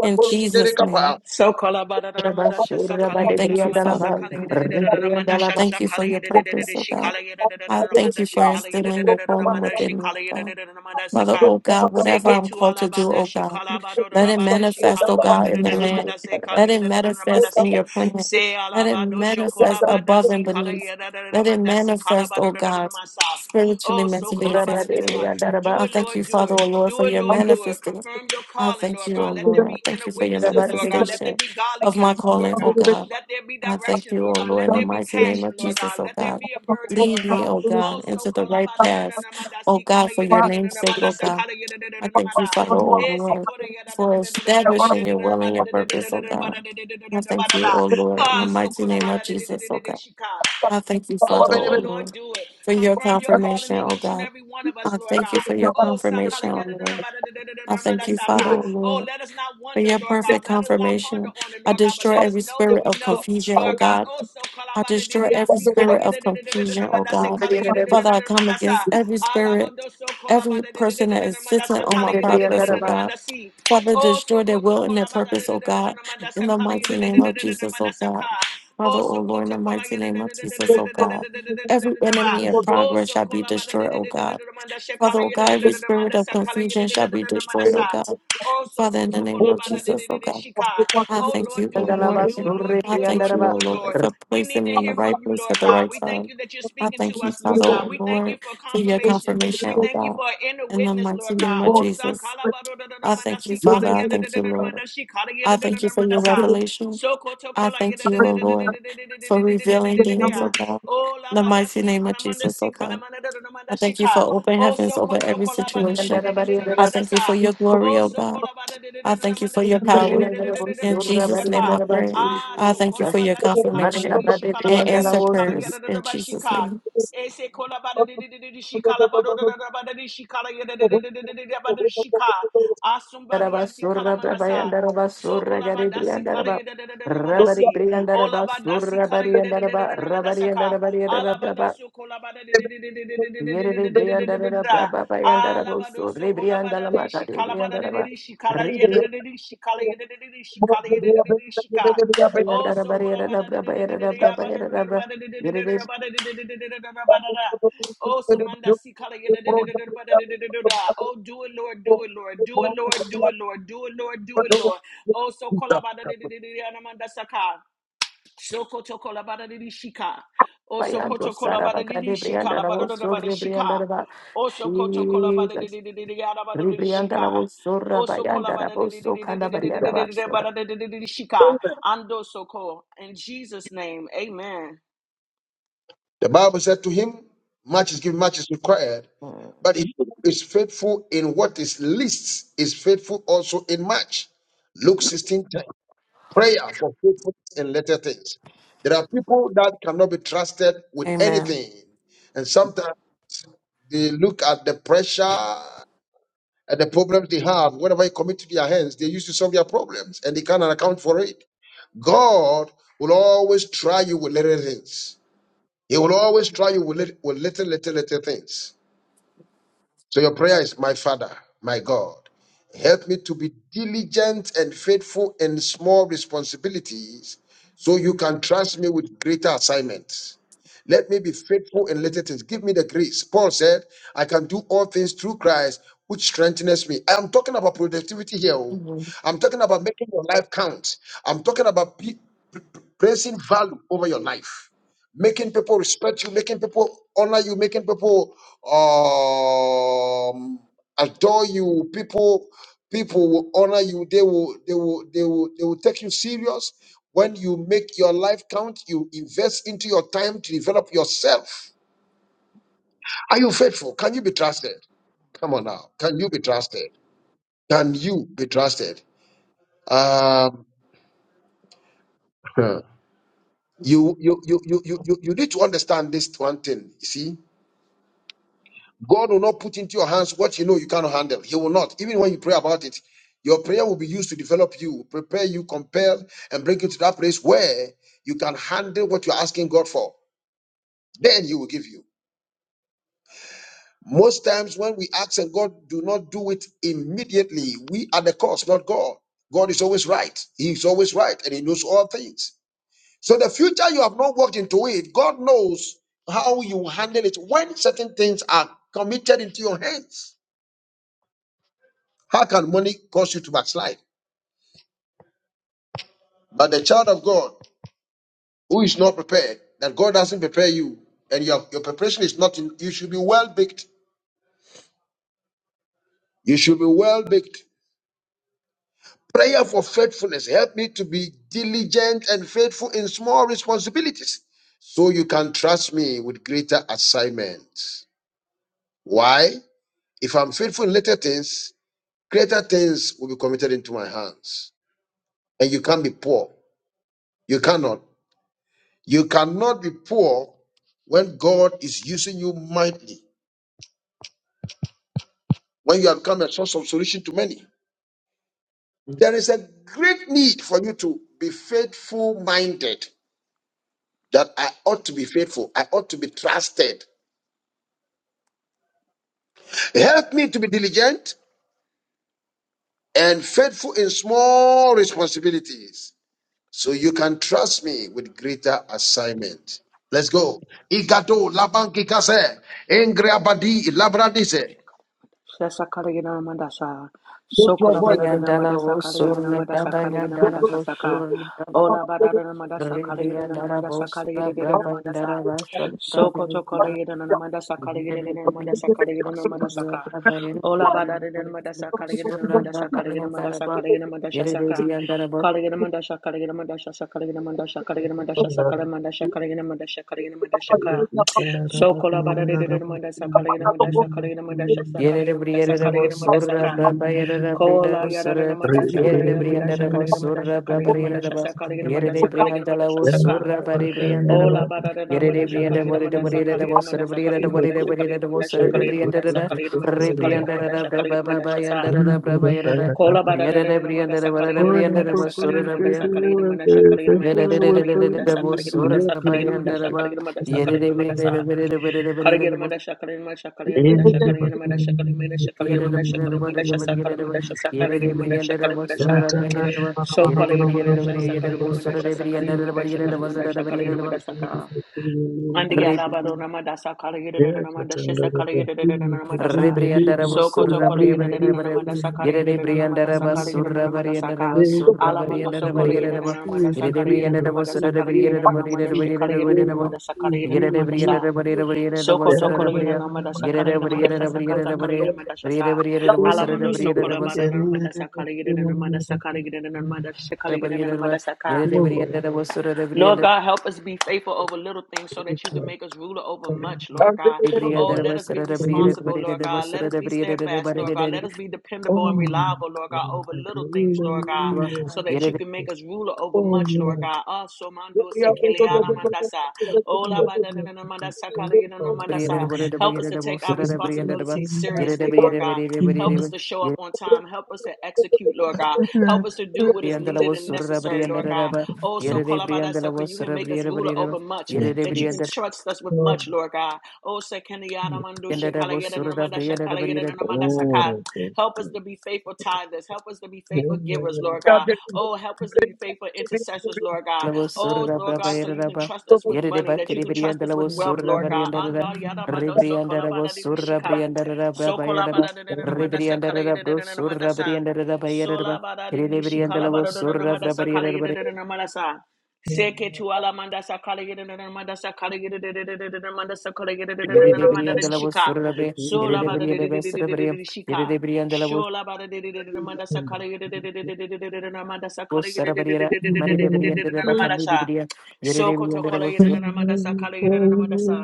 Speaker 7: In Jesus' name,
Speaker 3: Debriato,
Speaker 5: So kala bada da ramanda shasa kala
Speaker 7: I
Speaker 1: Rabari
Speaker 5: yida da
Speaker 7: thank you,
Speaker 5: ramanda
Speaker 7: Father,
Speaker 5: sa
Speaker 1: Briandaraba,
Speaker 7: O
Speaker 5: kala
Speaker 7: Lord.
Speaker 5: yida da da da da
Speaker 1: Surabari
Speaker 5: ramanda
Speaker 7: I
Speaker 5: shasa
Speaker 7: thank you
Speaker 5: kala
Speaker 7: for your
Speaker 5: yida da da da da
Speaker 7: purpose, O
Speaker 5: shi
Speaker 7: God.
Speaker 5: kala yida da da da
Speaker 7: I
Speaker 5: da
Speaker 7: thank
Speaker 5: ramanda
Speaker 7: you
Speaker 5: shi
Speaker 7: for
Speaker 5: kala yida da
Speaker 7: instilling
Speaker 5: da
Speaker 7: your
Speaker 5: da da
Speaker 7: calling
Speaker 5: ramanda shi
Speaker 7: within me,
Speaker 5: kala
Speaker 7: O
Speaker 5: yida da
Speaker 7: God.
Speaker 5: da da ramanda
Speaker 7: Father,
Speaker 5: seka
Speaker 7: O God, whatever
Speaker 5: seke
Speaker 7: I'm
Speaker 5: tu
Speaker 7: called
Speaker 5: ala
Speaker 7: to do,
Speaker 5: bada
Speaker 7: O
Speaker 5: shi
Speaker 7: God,
Speaker 5: kala bada da
Speaker 7: let
Speaker 5: da
Speaker 7: it
Speaker 5: bada shi
Speaker 7: manifest,
Speaker 5: kala
Speaker 7: O
Speaker 5: bada
Speaker 7: God,
Speaker 5: da da
Speaker 7: in
Speaker 5: da
Speaker 7: the
Speaker 5: da
Speaker 7: land.
Speaker 5: ramanda se kala
Speaker 7: Let
Speaker 5: yida
Speaker 7: it
Speaker 5: da da da ramanda
Speaker 7: manifest in
Speaker 5: si
Speaker 7: your plan.
Speaker 5: se
Speaker 7: Let
Speaker 5: ala
Speaker 7: it
Speaker 5: bada sho kala
Speaker 7: manifest
Speaker 5: bada
Speaker 7: above
Speaker 5: si
Speaker 7: and
Speaker 5: kala
Speaker 7: beneath.
Speaker 5: yida da da da
Speaker 7: Let it
Speaker 5: ramanda si kala
Speaker 7: manifest,
Speaker 5: bada
Speaker 7: O
Speaker 5: da da da da
Speaker 7: God,
Speaker 5: masa
Speaker 7: spiritually,
Speaker 5: oh so
Speaker 7: mentally, and
Speaker 5: kala bada da da
Speaker 7: physically.
Speaker 5: da.
Speaker 1: and
Speaker 5: Do
Speaker 7: I
Speaker 1: Daraba,
Speaker 5: it,
Speaker 7: thank you,
Speaker 5: Lord, do
Speaker 7: Father,
Speaker 5: it.
Speaker 7: O Lord,
Speaker 5: Do
Speaker 7: for
Speaker 5: it,
Speaker 7: your
Speaker 5: Lord, do it.
Speaker 7: manifesting.
Speaker 5: Confirm your
Speaker 7: I
Speaker 5: calling,
Speaker 7: thank
Speaker 5: Lord
Speaker 7: you, O
Speaker 5: God. Let there
Speaker 7: Lord. I
Speaker 5: be
Speaker 7: thank
Speaker 5: inner
Speaker 7: you for your
Speaker 5: witnesses, Lord
Speaker 1: Rabari
Speaker 5: God. Let there
Speaker 7: manifestation
Speaker 5: be godly
Speaker 7: of my
Speaker 5: counsel, Lord
Speaker 7: calling, O
Speaker 5: God.
Speaker 7: God.
Speaker 5: Let there be
Speaker 7: I thank
Speaker 5: direction,
Speaker 7: you,
Speaker 5: Lord
Speaker 7: O
Speaker 5: God.
Speaker 7: Lord, in
Speaker 5: Let
Speaker 7: the
Speaker 5: there be
Speaker 7: mighty name
Speaker 5: passion,
Speaker 7: of
Speaker 5: Lord
Speaker 7: Jesus,
Speaker 5: God.
Speaker 7: O
Speaker 5: Let there
Speaker 7: God.
Speaker 5: be a burden, Lord
Speaker 7: Lead me,
Speaker 5: God.
Speaker 7: O God,
Speaker 5: Oh, so
Speaker 7: into the right
Speaker 5: kolabada dina
Speaker 7: path,
Speaker 5: na manda
Speaker 7: O
Speaker 5: si kala
Speaker 7: God, for
Speaker 5: yada
Speaker 7: your
Speaker 5: dina
Speaker 7: name's
Speaker 5: na
Speaker 7: sake,
Speaker 5: manda
Speaker 7: O
Speaker 5: sa
Speaker 7: God.
Speaker 5: kala yada dina
Speaker 7: I
Speaker 5: na
Speaker 7: thank
Speaker 5: manda.
Speaker 7: you, Father, O
Speaker 5: Ese
Speaker 7: Lord,
Speaker 5: koda yada dina
Speaker 7: for
Speaker 5: dina dina dina
Speaker 7: establishing
Speaker 5: dina
Speaker 7: your
Speaker 5: dina
Speaker 7: will and
Speaker 5: bada
Speaker 7: your
Speaker 5: dina dina
Speaker 7: purpose, O
Speaker 5: dina bada
Speaker 7: God.
Speaker 5: dina dina
Speaker 7: I
Speaker 5: dina
Speaker 7: thank
Speaker 5: bada
Speaker 7: you,
Speaker 5: da.
Speaker 7: O Lord, in
Speaker 5: Ah,
Speaker 7: the
Speaker 5: so
Speaker 7: mighty name
Speaker 5: kolabada
Speaker 7: of
Speaker 5: dina dina
Speaker 7: Jesus, O
Speaker 5: dina
Speaker 7: God.
Speaker 5: shika.
Speaker 7: I thank you,
Speaker 5: Oh,
Speaker 7: Father,
Speaker 5: do it,
Speaker 7: O
Speaker 5: Lord,
Speaker 7: Lord,
Speaker 5: do it.
Speaker 7: for your
Speaker 5: Confirm your calling
Speaker 7: confirmation,
Speaker 5: in
Speaker 7: O
Speaker 5: each and
Speaker 7: God.
Speaker 5: every one of us,
Speaker 7: I
Speaker 5: Lord God.
Speaker 7: thank you for your
Speaker 5: Oh,
Speaker 7: confirmation,
Speaker 5: sakala
Speaker 7: O
Speaker 5: yada da da da,
Speaker 7: Lord.
Speaker 5: ba da da da da da
Speaker 7: I
Speaker 5: da ma da
Speaker 7: thank you,
Speaker 5: saka.
Speaker 7: Father, O
Speaker 5: oh,
Speaker 7: Lord,
Speaker 5: let us not
Speaker 7: for
Speaker 5: wonder,
Speaker 7: your
Speaker 5: Lord God.
Speaker 7: perfect
Speaker 5: Let us not ponder
Speaker 7: confirmation.
Speaker 5: on it,
Speaker 7: I
Speaker 5: Lord God, but
Speaker 7: destroy
Speaker 5: let us
Speaker 7: every
Speaker 5: know that
Speaker 7: spirit
Speaker 5: we
Speaker 7: of
Speaker 5: know,
Speaker 7: confusion, O
Speaker 5: Lord God.
Speaker 7: God.
Speaker 5: Oh, so kala
Speaker 7: I
Speaker 5: ba da di
Speaker 7: destroy
Speaker 5: di ah,
Speaker 7: every
Speaker 5: si kala
Speaker 7: spirit
Speaker 3: Thank
Speaker 7: of
Speaker 5: yada da da da da da da da,
Speaker 7: confusion,
Speaker 5: ma
Speaker 7: O
Speaker 5: da se
Speaker 7: God.
Speaker 5: kala
Speaker 3: you.
Speaker 5: yada da da
Speaker 7: Father,
Speaker 5: da da
Speaker 7: I
Speaker 5: da ma
Speaker 7: come
Speaker 5: da sa.
Speaker 7: against every
Speaker 5: Ala ba
Speaker 7: spirit,
Speaker 5: do so kala ba
Speaker 7: every
Speaker 5: da di di di
Speaker 7: person
Speaker 5: di
Speaker 7: that
Speaker 5: di
Speaker 7: is
Speaker 5: da ma da
Speaker 7: sitting
Speaker 5: sa
Speaker 7: on
Speaker 5: kala
Speaker 7: my
Speaker 5: yeah, da da da da
Speaker 7: progress,
Speaker 5: da
Speaker 7: O
Speaker 5: da ma
Speaker 7: God.
Speaker 5: da si.
Speaker 7: Father,
Speaker 5: Oh, so
Speaker 7: destroy their
Speaker 5: koto
Speaker 7: will and
Speaker 5: kola
Speaker 7: their
Speaker 5: ba da da
Speaker 7: purpose, O
Speaker 5: da da da da
Speaker 7: God,
Speaker 5: da ma da sa
Speaker 7: in the
Speaker 5: kala ya da
Speaker 7: mighty
Speaker 5: da da
Speaker 7: name
Speaker 5: da
Speaker 7: of
Speaker 5: da da da ma
Speaker 7: Jesus,
Speaker 5: da
Speaker 7: O
Speaker 5: sa ka.
Speaker 7: God. Father,
Speaker 5: Oh,
Speaker 7: O
Speaker 5: so
Speaker 7: Lord, in
Speaker 5: koto
Speaker 7: the
Speaker 5: kola
Speaker 7: mighty
Speaker 5: ya da da
Speaker 7: name
Speaker 5: da
Speaker 7: of
Speaker 5: da da
Speaker 7: Jesus,
Speaker 5: da
Speaker 7: O
Speaker 5: da da da
Speaker 7: God.
Speaker 5: da da da da da da
Speaker 7: Every
Speaker 5: da da ba.
Speaker 7: enemy of
Speaker 5: Oh,
Speaker 7: progress
Speaker 5: so
Speaker 7: shall be
Speaker 5: kola ba da da
Speaker 7: destroyed,
Speaker 5: da
Speaker 7: O
Speaker 5: da da da
Speaker 7: God.
Speaker 5: da da ma da sa
Speaker 7: Father,
Speaker 5: kala
Speaker 7: oh
Speaker 5: ya da
Speaker 7: God,
Speaker 5: da da
Speaker 7: every
Speaker 5: da da ma
Speaker 7: spirit
Speaker 5: da
Speaker 7: of
Speaker 5: sa kala ya da
Speaker 7: confusion
Speaker 5: da da
Speaker 7: shall
Speaker 5: da
Speaker 7: be
Speaker 5: da da ma da
Speaker 7: destroyed, oh
Speaker 5: sa.
Speaker 7: God.
Speaker 5: Oh, so
Speaker 7: Father, in the
Speaker 5: koto
Speaker 7: name
Speaker 5: kola
Speaker 7: of
Speaker 5: ba da da da
Speaker 7: Jesus, oh
Speaker 5: da da
Speaker 7: God,
Speaker 5: shika.
Speaker 7: I
Speaker 5: Oh
Speaker 7: thank
Speaker 5: Lord,
Speaker 7: you,
Speaker 5: do it,
Speaker 7: oh
Speaker 5: Lord,
Speaker 7: Lord.
Speaker 5: do it, Lord,
Speaker 7: I
Speaker 5: do it,
Speaker 7: thank
Speaker 5: Lord,
Speaker 7: you,
Speaker 5: do
Speaker 7: oh
Speaker 5: it,
Speaker 7: Lord,
Speaker 5: Lord.
Speaker 7: for
Speaker 5: We need
Speaker 7: placing
Speaker 5: to
Speaker 7: me in the
Speaker 5: hear
Speaker 7: right
Speaker 5: from you,
Speaker 7: place
Speaker 5: Lord
Speaker 7: at the
Speaker 5: Lord God.
Speaker 7: right
Speaker 5: We thank
Speaker 7: time.
Speaker 5: you that you're
Speaker 7: I
Speaker 5: speaking to
Speaker 7: thank you,
Speaker 5: us, Lord
Speaker 7: Father,
Speaker 5: God.
Speaker 7: oh
Speaker 5: We thank you
Speaker 7: Lord,
Speaker 5: for
Speaker 7: for your
Speaker 5: confirmation.
Speaker 7: confirmation,
Speaker 5: We
Speaker 7: oh
Speaker 5: thank you
Speaker 7: God.
Speaker 5: for inner
Speaker 7: In the
Speaker 5: witness,
Speaker 7: mighty
Speaker 5: Lord God.
Speaker 7: name of
Speaker 5: Oh, sa
Speaker 7: Jesus,
Speaker 5: kala ba do do do do
Speaker 7: I
Speaker 5: manda
Speaker 7: thank you,
Speaker 5: si kala
Speaker 7: Father. I
Speaker 5: ya do do
Speaker 7: thank
Speaker 5: do do
Speaker 7: you,
Speaker 5: do
Speaker 7: Lord.
Speaker 5: manda shi kala ya do
Speaker 7: I
Speaker 5: do do
Speaker 7: thank you
Speaker 5: do
Speaker 7: for
Speaker 5: manda
Speaker 7: your
Speaker 5: sa.
Speaker 7: revelation.
Speaker 5: So koto
Speaker 7: I
Speaker 5: kola ya
Speaker 7: thank
Speaker 5: do
Speaker 7: you,
Speaker 5: do
Speaker 7: oh
Speaker 5: do do do do
Speaker 7: Lord,
Speaker 5: do do
Speaker 7: for
Speaker 5: do do do
Speaker 7: revealing
Speaker 5: do do do do do
Speaker 7: things, oh God.
Speaker 5: Oh,
Speaker 7: In
Speaker 5: la
Speaker 7: the
Speaker 5: ba
Speaker 3: Thank
Speaker 5: da
Speaker 7: mighty
Speaker 5: si
Speaker 7: name of
Speaker 5: kala manda
Speaker 7: Jesus,
Speaker 5: si
Speaker 7: oh
Speaker 5: kala
Speaker 7: God.
Speaker 5: manda do do do
Speaker 7: I
Speaker 5: manda shi
Speaker 7: thank you for
Speaker 5: ka.
Speaker 7: open
Speaker 5: Oh,
Speaker 7: heavens
Speaker 5: so
Speaker 7: over
Speaker 5: koto
Speaker 7: every
Speaker 5: kola ba da do
Speaker 1: and
Speaker 5: do do
Speaker 7: situation.
Speaker 5: do do do do
Speaker 7: I
Speaker 5: manda
Speaker 7: thank you for
Speaker 5: sa.
Speaker 7: your glory,
Speaker 5: Oh,
Speaker 7: oh
Speaker 5: so
Speaker 7: God.
Speaker 5: kola ba da do do do do
Speaker 7: I
Speaker 5: do do
Speaker 7: thank you
Speaker 5: manda
Speaker 7: for
Speaker 5: sa
Speaker 7: your
Speaker 5: kala ya
Speaker 7: power.
Speaker 5: do do do do do do do do
Speaker 7: In
Speaker 5: manda sa
Speaker 7: Jesus'
Speaker 5: ka.
Speaker 7: name I pray.
Speaker 5: Ah,
Speaker 7: I
Speaker 5: so
Speaker 7: thank you for your
Speaker 5: kolabadashi
Speaker 7: confirmation
Speaker 5: kalabadadishi
Speaker 7: and answer
Speaker 5: kalabadadishi
Speaker 7: prayers in Jesus'
Speaker 5: kalagadadabashika.
Speaker 7: name.
Speaker 5: Ese kolabadadishi kalabadadabadadishi kalagadadabadadishika. Ah, somebody yesi kalamandasa. So kolabadasi kalayadadadamadasi. Olabadasi kala de de de de de de
Speaker 1: Darabari and
Speaker 5: namandasaka.
Speaker 1: Daraba,
Speaker 5: Alabadasu kolabada de de de de de de de de de
Speaker 1: Yerere
Speaker 5: de de de de de
Speaker 1: briandara
Speaker 5: de de
Speaker 1: da
Speaker 5: da.
Speaker 1: braba bayandara boso
Speaker 5: Alabadosu
Speaker 1: rebrianda
Speaker 5: kolabada
Speaker 1: la
Speaker 5: de
Speaker 1: mata
Speaker 5: shi
Speaker 1: de
Speaker 5: kalabada
Speaker 1: brianda
Speaker 5: de
Speaker 1: da
Speaker 5: de
Speaker 1: ba
Speaker 5: de shi kala ye de
Speaker 1: rebrianda
Speaker 5: de de de shi kala ye de de de de shi kala ye de de de de shi ka. Oh
Speaker 1: da
Speaker 5: so
Speaker 1: bariera da
Speaker 5: kolabada de de
Speaker 1: braba
Speaker 5: de de
Speaker 1: yera
Speaker 5: de
Speaker 1: da
Speaker 5: de
Speaker 1: braba
Speaker 5: abada de
Speaker 1: yera da ba
Speaker 5: de de
Speaker 1: yerere
Speaker 5: abada de de de de de abada de de de de de de de abada da. Oh so mandasi kala ye de de de de de abada de de de de da.
Speaker 3: you.
Speaker 5: Oh do it Lord, do it Lord, do it Lord, do it Lord, do it Lord, do it Lord. Oh so kolabada de de de
Speaker 3: The
Speaker 5: de de namandasaka. So koto kola bara dini shika, oso
Speaker 1: bayando
Speaker 5: koto kola
Speaker 1: saraba
Speaker 5: bara dini
Speaker 1: kade
Speaker 5: shika, la bara dada bara shika, oso koto kola bara
Speaker 1: Jesus
Speaker 5: dini dini dini dini dada
Speaker 1: rebrianda la
Speaker 5: shika,
Speaker 1: boso
Speaker 5: oso kola
Speaker 1: rabayanda da
Speaker 5: bara dini
Speaker 1: boso
Speaker 5: dini dini
Speaker 1: kanda
Speaker 5: dini dini
Speaker 1: bariera ba
Speaker 5: dini dada
Speaker 1: so
Speaker 5: bara dada dada dini shika. Ando so ko in Jesus name, Amen.
Speaker 3: Bible said to him, Much is given, much is required. But if he who is faithful in what is least, is faithful also in much. Think that Prayer and they are not kept with
Speaker 7: Amen.
Speaker 3: anything. Sometimes they look at the pressure and the problems they have. Whenever it commit to their hands, they used to solve their problems and they cannot account for it. God will always try you with little things. He will always try you with little, with little, little, little things. So your Father, my God, help me to be diligent and faithful in small responsibilities so you can trust me with greater assignments. Let me be faithful in little things. Give me the grace. Paul said, I can do all things through Christ, which strengthens me. I am talking about productivity here. oh.
Speaker 7: Mhm.
Speaker 3: I'm talking about making your life count. I'm talking about pe- placing value over your life, making people respect you, making people honor you, making people um, adore you. People, people will honor you. They will, they will, they will, they will take you serious. When you make your life count, you invest into your time to develop yourself. Are you faithful? Can you be trusted? Come on now. Can you be trusted? Can you be trusted? Um, you, you, you, you, you, you you need to understand this one thing. You see, God will not put into your hands what you know you cannot handle. He will not. Even when you pray about it, your prayer will be used to develop you, prepare you, compel, and bring you to that place where you can handle what you're asking God for. Then He will give you. Most times when we ask and God do not do it immediately, we are the cause, not God. God is always right. He is always right and He knows all things. So the future you have not walked into it, God knows how you handle it when certain things are committed into your hands. How can money cause you to backslide? But the child of God who is not prepared, that God doesn't prepare you, and your, your preparation is not in, you should be well baked. You should be well baked. Prayer for faithfulness. Help me to be diligent and faithful in small responsibilities so you can trust me with greater assignments. Why? If I'm faithful in little things, greater things will be committed into my hands. And you can't be poor. You cannot. You cannot be poor when God is using you mightily, when you have become a source of solution to many. There is a great need for you to be faithful minded. That I ought to be faithful, I ought to be trusted. Help me to be diligent and faithful in small responsibilities so you can trust me with greater assignment. Let's go. Igado Igato labankikase, engriabadi labradise.
Speaker 5: Shasa Kaligina Mandasa,
Speaker 3: Put your
Speaker 5: Sokola
Speaker 3: voice.
Speaker 5: Badadina
Speaker 1: rebrianda la
Speaker 5: Mandasa
Speaker 1: boso
Speaker 5: Kaligina Mandasa Kaligina
Speaker 1: rabayanda da
Speaker 5: Mandasa
Speaker 1: boso
Speaker 5: Saka,
Speaker 1: rebrianda da boso rabayanda da
Speaker 5: Ola Badadina Mandasa Kaligina Mandasa Kaligina Mandasa,
Speaker 1: boso rabayanda
Speaker 5: Sokoto Kaligina Mandasa
Speaker 1: Yere de
Speaker 5: Kaligina Mandasa Kaligina Mandasa Ka, Ola Badadina Mandasa Kaligina Mandasa Kaligina Mandasa Kaligina Mandasa Saka,
Speaker 1: brianda
Speaker 5: Kaligina Mandasa Kaligina Mandasa Kaligina Mandasa Kaligina
Speaker 8: Thank
Speaker 5: Mandasa Kaligina Mandasa Kaligina Mandasa Kaligina Mandasa Ka, Shokola bara de de de mandasa kala yena mandasa kala yena mandasa kala yena mandasa kala yena mandasa ka kola yada de mandasa kala yena mandasa kala yena mandasa kala yena mandasa kala yena mandasa kala yena mandasa ka ola bara de de mandasa kala yena mandasa kala yena mandasa kala yena mandasa kala yena mandasa kala yena mandasa kala yena mandasa kala yena mandasa kala yena mandasa sa
Speaker 8: you.
Speaker 5: kola bara de de de
Speaker 1: de
Speaker 5: mandasa
Speaker 1: bara
Speaker 5: kala
Speaker 1: de
Speaker 5: yena
Speaker 1: brianda de
Speaker 8: Yes,
Speaker 5: mandasa kala
Speaker 1: basura
Speaker 5: yena
Speaker 1: de bria.
Speaker 5: mandasa kala yena mandasa kala yena
Speaker 1: Yere
Speaker 5: mandasa kala yena mandasa kala yena mandasa kala yena mandasa kala yena mandasa kala yena mandasa Kalagiramadasha, Kalagiramadasha, Kalagiramadasha, Kalagiramadasha, Kalagiramadasha, Kalagiramadasha, Kalagiramadasha, sa Kalagiramadasha, sa Kalagiramadasha, Kalagiramadasha. So Kalagiramadasha, sa Kalagiramadasha, sa Kalagiramadasha, Kalagiramadasha, Kalagiramadasha, ka. Andi alabado namadasa, Kalagiramadasha, sa
Speaker 1: Yere
Speaker 5: Kalagiramadasha. So koto Kalagiramadasa, Kalagiramadasa, Kalagiramadasa, ka. Alamando so Kalagiramadasa, Kalagiramadasa, Kalagiramadasha, Kalagiramadasa, Kalagiramadasa. Sokoto kolegina namadasha kolegina madasha sakata kolegina madasha alamando sokola badana Madasa Kaligina and Madasa Kaligina and madasha kolegina namadasha kolegina namadasha kolegina namadasha ka. Lord God, help us be faithful over little things so that you can
Speaker 8: Oh,
Speaker 5: make us ruler over much, Lord God. Oh, let us be responsible, Lord God. Let us be steadfast, Lord God. Let us be dependable and reliable, Lord God, over little things, Lord God, so that you can make us ruler over much, Lord
Speaker 8: yeah.
Speaker 5: God. oh so mando se keleara mandasa. Ola badana namadasha Help us to
Speaker 1: Rebriandala
Speaker 5: take
Speaker 1: was
Speaker 5: our
Speaker 1: surra
Speaker 5: responsibilities seriously, Lord God. Help
Speaker 8: Thank
Speaker 5: us to show up on time. Help us to execute, Lord God. Help us to do what is needed and necessary, Lord God. Oh, so Kolabadasa, you can make us ruler over much, that you can trust us with much, Lord God. Oh, Sekeniya Ramandusha Kalayeda Namandasha Kalayeda Namandasaka. Help us to be faithful tithers. Help us to be faithful givers, Lord God. Oh, help us to be faithful intercessors, Lord God. Oh, Lord God, so you can trust us with money, that you can trust us with wealth, Lord God. Anda yada bado so kolabada di shika. So kolabada di namanda sa kala yada
Speaker 1: Briandala
Speaker 5: namanda sa. Sola bada di di bada di namanda sa kala yada namanda sa. Seke tu ala manda sa kala yada namanda sa kala yada namanda sa kala yada
Speaker 1: Merebri
Speaker 5: namanda
Speaker 1: and
Speaker 5: di
Speaker 1: the Lavos
Speaker 5: shika.
Speaker 1: Surabre,
Speaker 5: Sola bada
Speaker 1: Erebri
Speaker 5: di
Speaker 1: and the Vesterabria,
Speaker 5: shika.
Speaker 1: Erebri and the Lavos
Speaker 5: Shola bara de de de de de manda sa kala de de de de de de de de de de de na manda sa kala de de de de de
Speaker 1: Sarabria,
Speaker 5: de de de de de
Speaker 1: Maridebri
Speaker 5: de
Speaker 1: and
Speaker 5: de
Speaker 1: the
Speaker 5: de na na manda
Speaker 1: Bacandu
Speaker 5: sa.
Speaker 1: Bria, Erebri
Speaker 5: Soko to
Speaker 1: and the
Speaker 5: de de
Speaker 1: Lavos
Speaker 5: na na manda sa de de na na manda sa.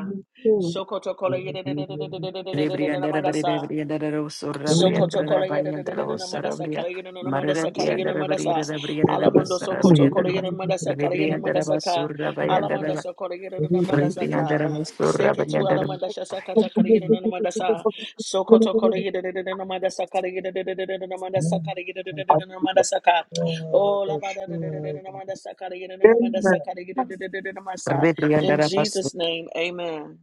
Speaker 5: Soko to kala de de de de de de de de de de
Speaker 1: Rebri
Speaker 5: de
Speaker 1: and the
Speaker 5: na manda sa.
Speaker 1: Rabri and the Lavos Surabria,
Speaker 5: Sokoto kolegere
Speaker 1: Rabai
Speaker 5: de
Speaker 1: and the
Speaker 5: de de de
Speaker 1: Lavos
Speaker 5: na madasa
Speaker 1: Sarabria,
Speaker 5: kolegere na na madasa
Speaker 1: Maridebri and
Speaker 5: kolegere
Speaker 1: the
Speaker 5: na
Speaker 1: Rabri,
Speaker 5: madasa
Speaker 1: the Rabri and the
Speaker 5: alamando
Speaker 1: Lavos Sarabria
Speaker 5: sokoto
Speaker 1: and the
Speaker 5: kolegere
Speaker 1: Lavos.
Speaker 5: na madasa kolegere
Speaker 1: Rebri
Speaker 5: na
Speaker 1: and the
Speaker 5: madasa
Speaker 1: Ravas
Speaker 5: ka
Speaker 1: Surabai and
Speaker 5: alamando
Speaker 1: the
Speaker 5: sokolegere na madasa
Speaker 1: Rebri and the
Speaker 5: ka
Speaker 1: Ravas
Speaker 5: seke
Speaker 1: Surabai
Speaker 5: tu
Speaker 1: and
Speaker 5: alamanda
Speaker 1: the
Speaker 5: shasa kata kolegere na na madasa sokoto kolegere de de de na madasa kolegere de de de de na madasa kolegere de de de de na madasa ka oh la bada de de de de na madasa kolegere na na madasa kolegere de de de de na masa in
Speaker 1: Rebri
Speaker 5: Jesus name amen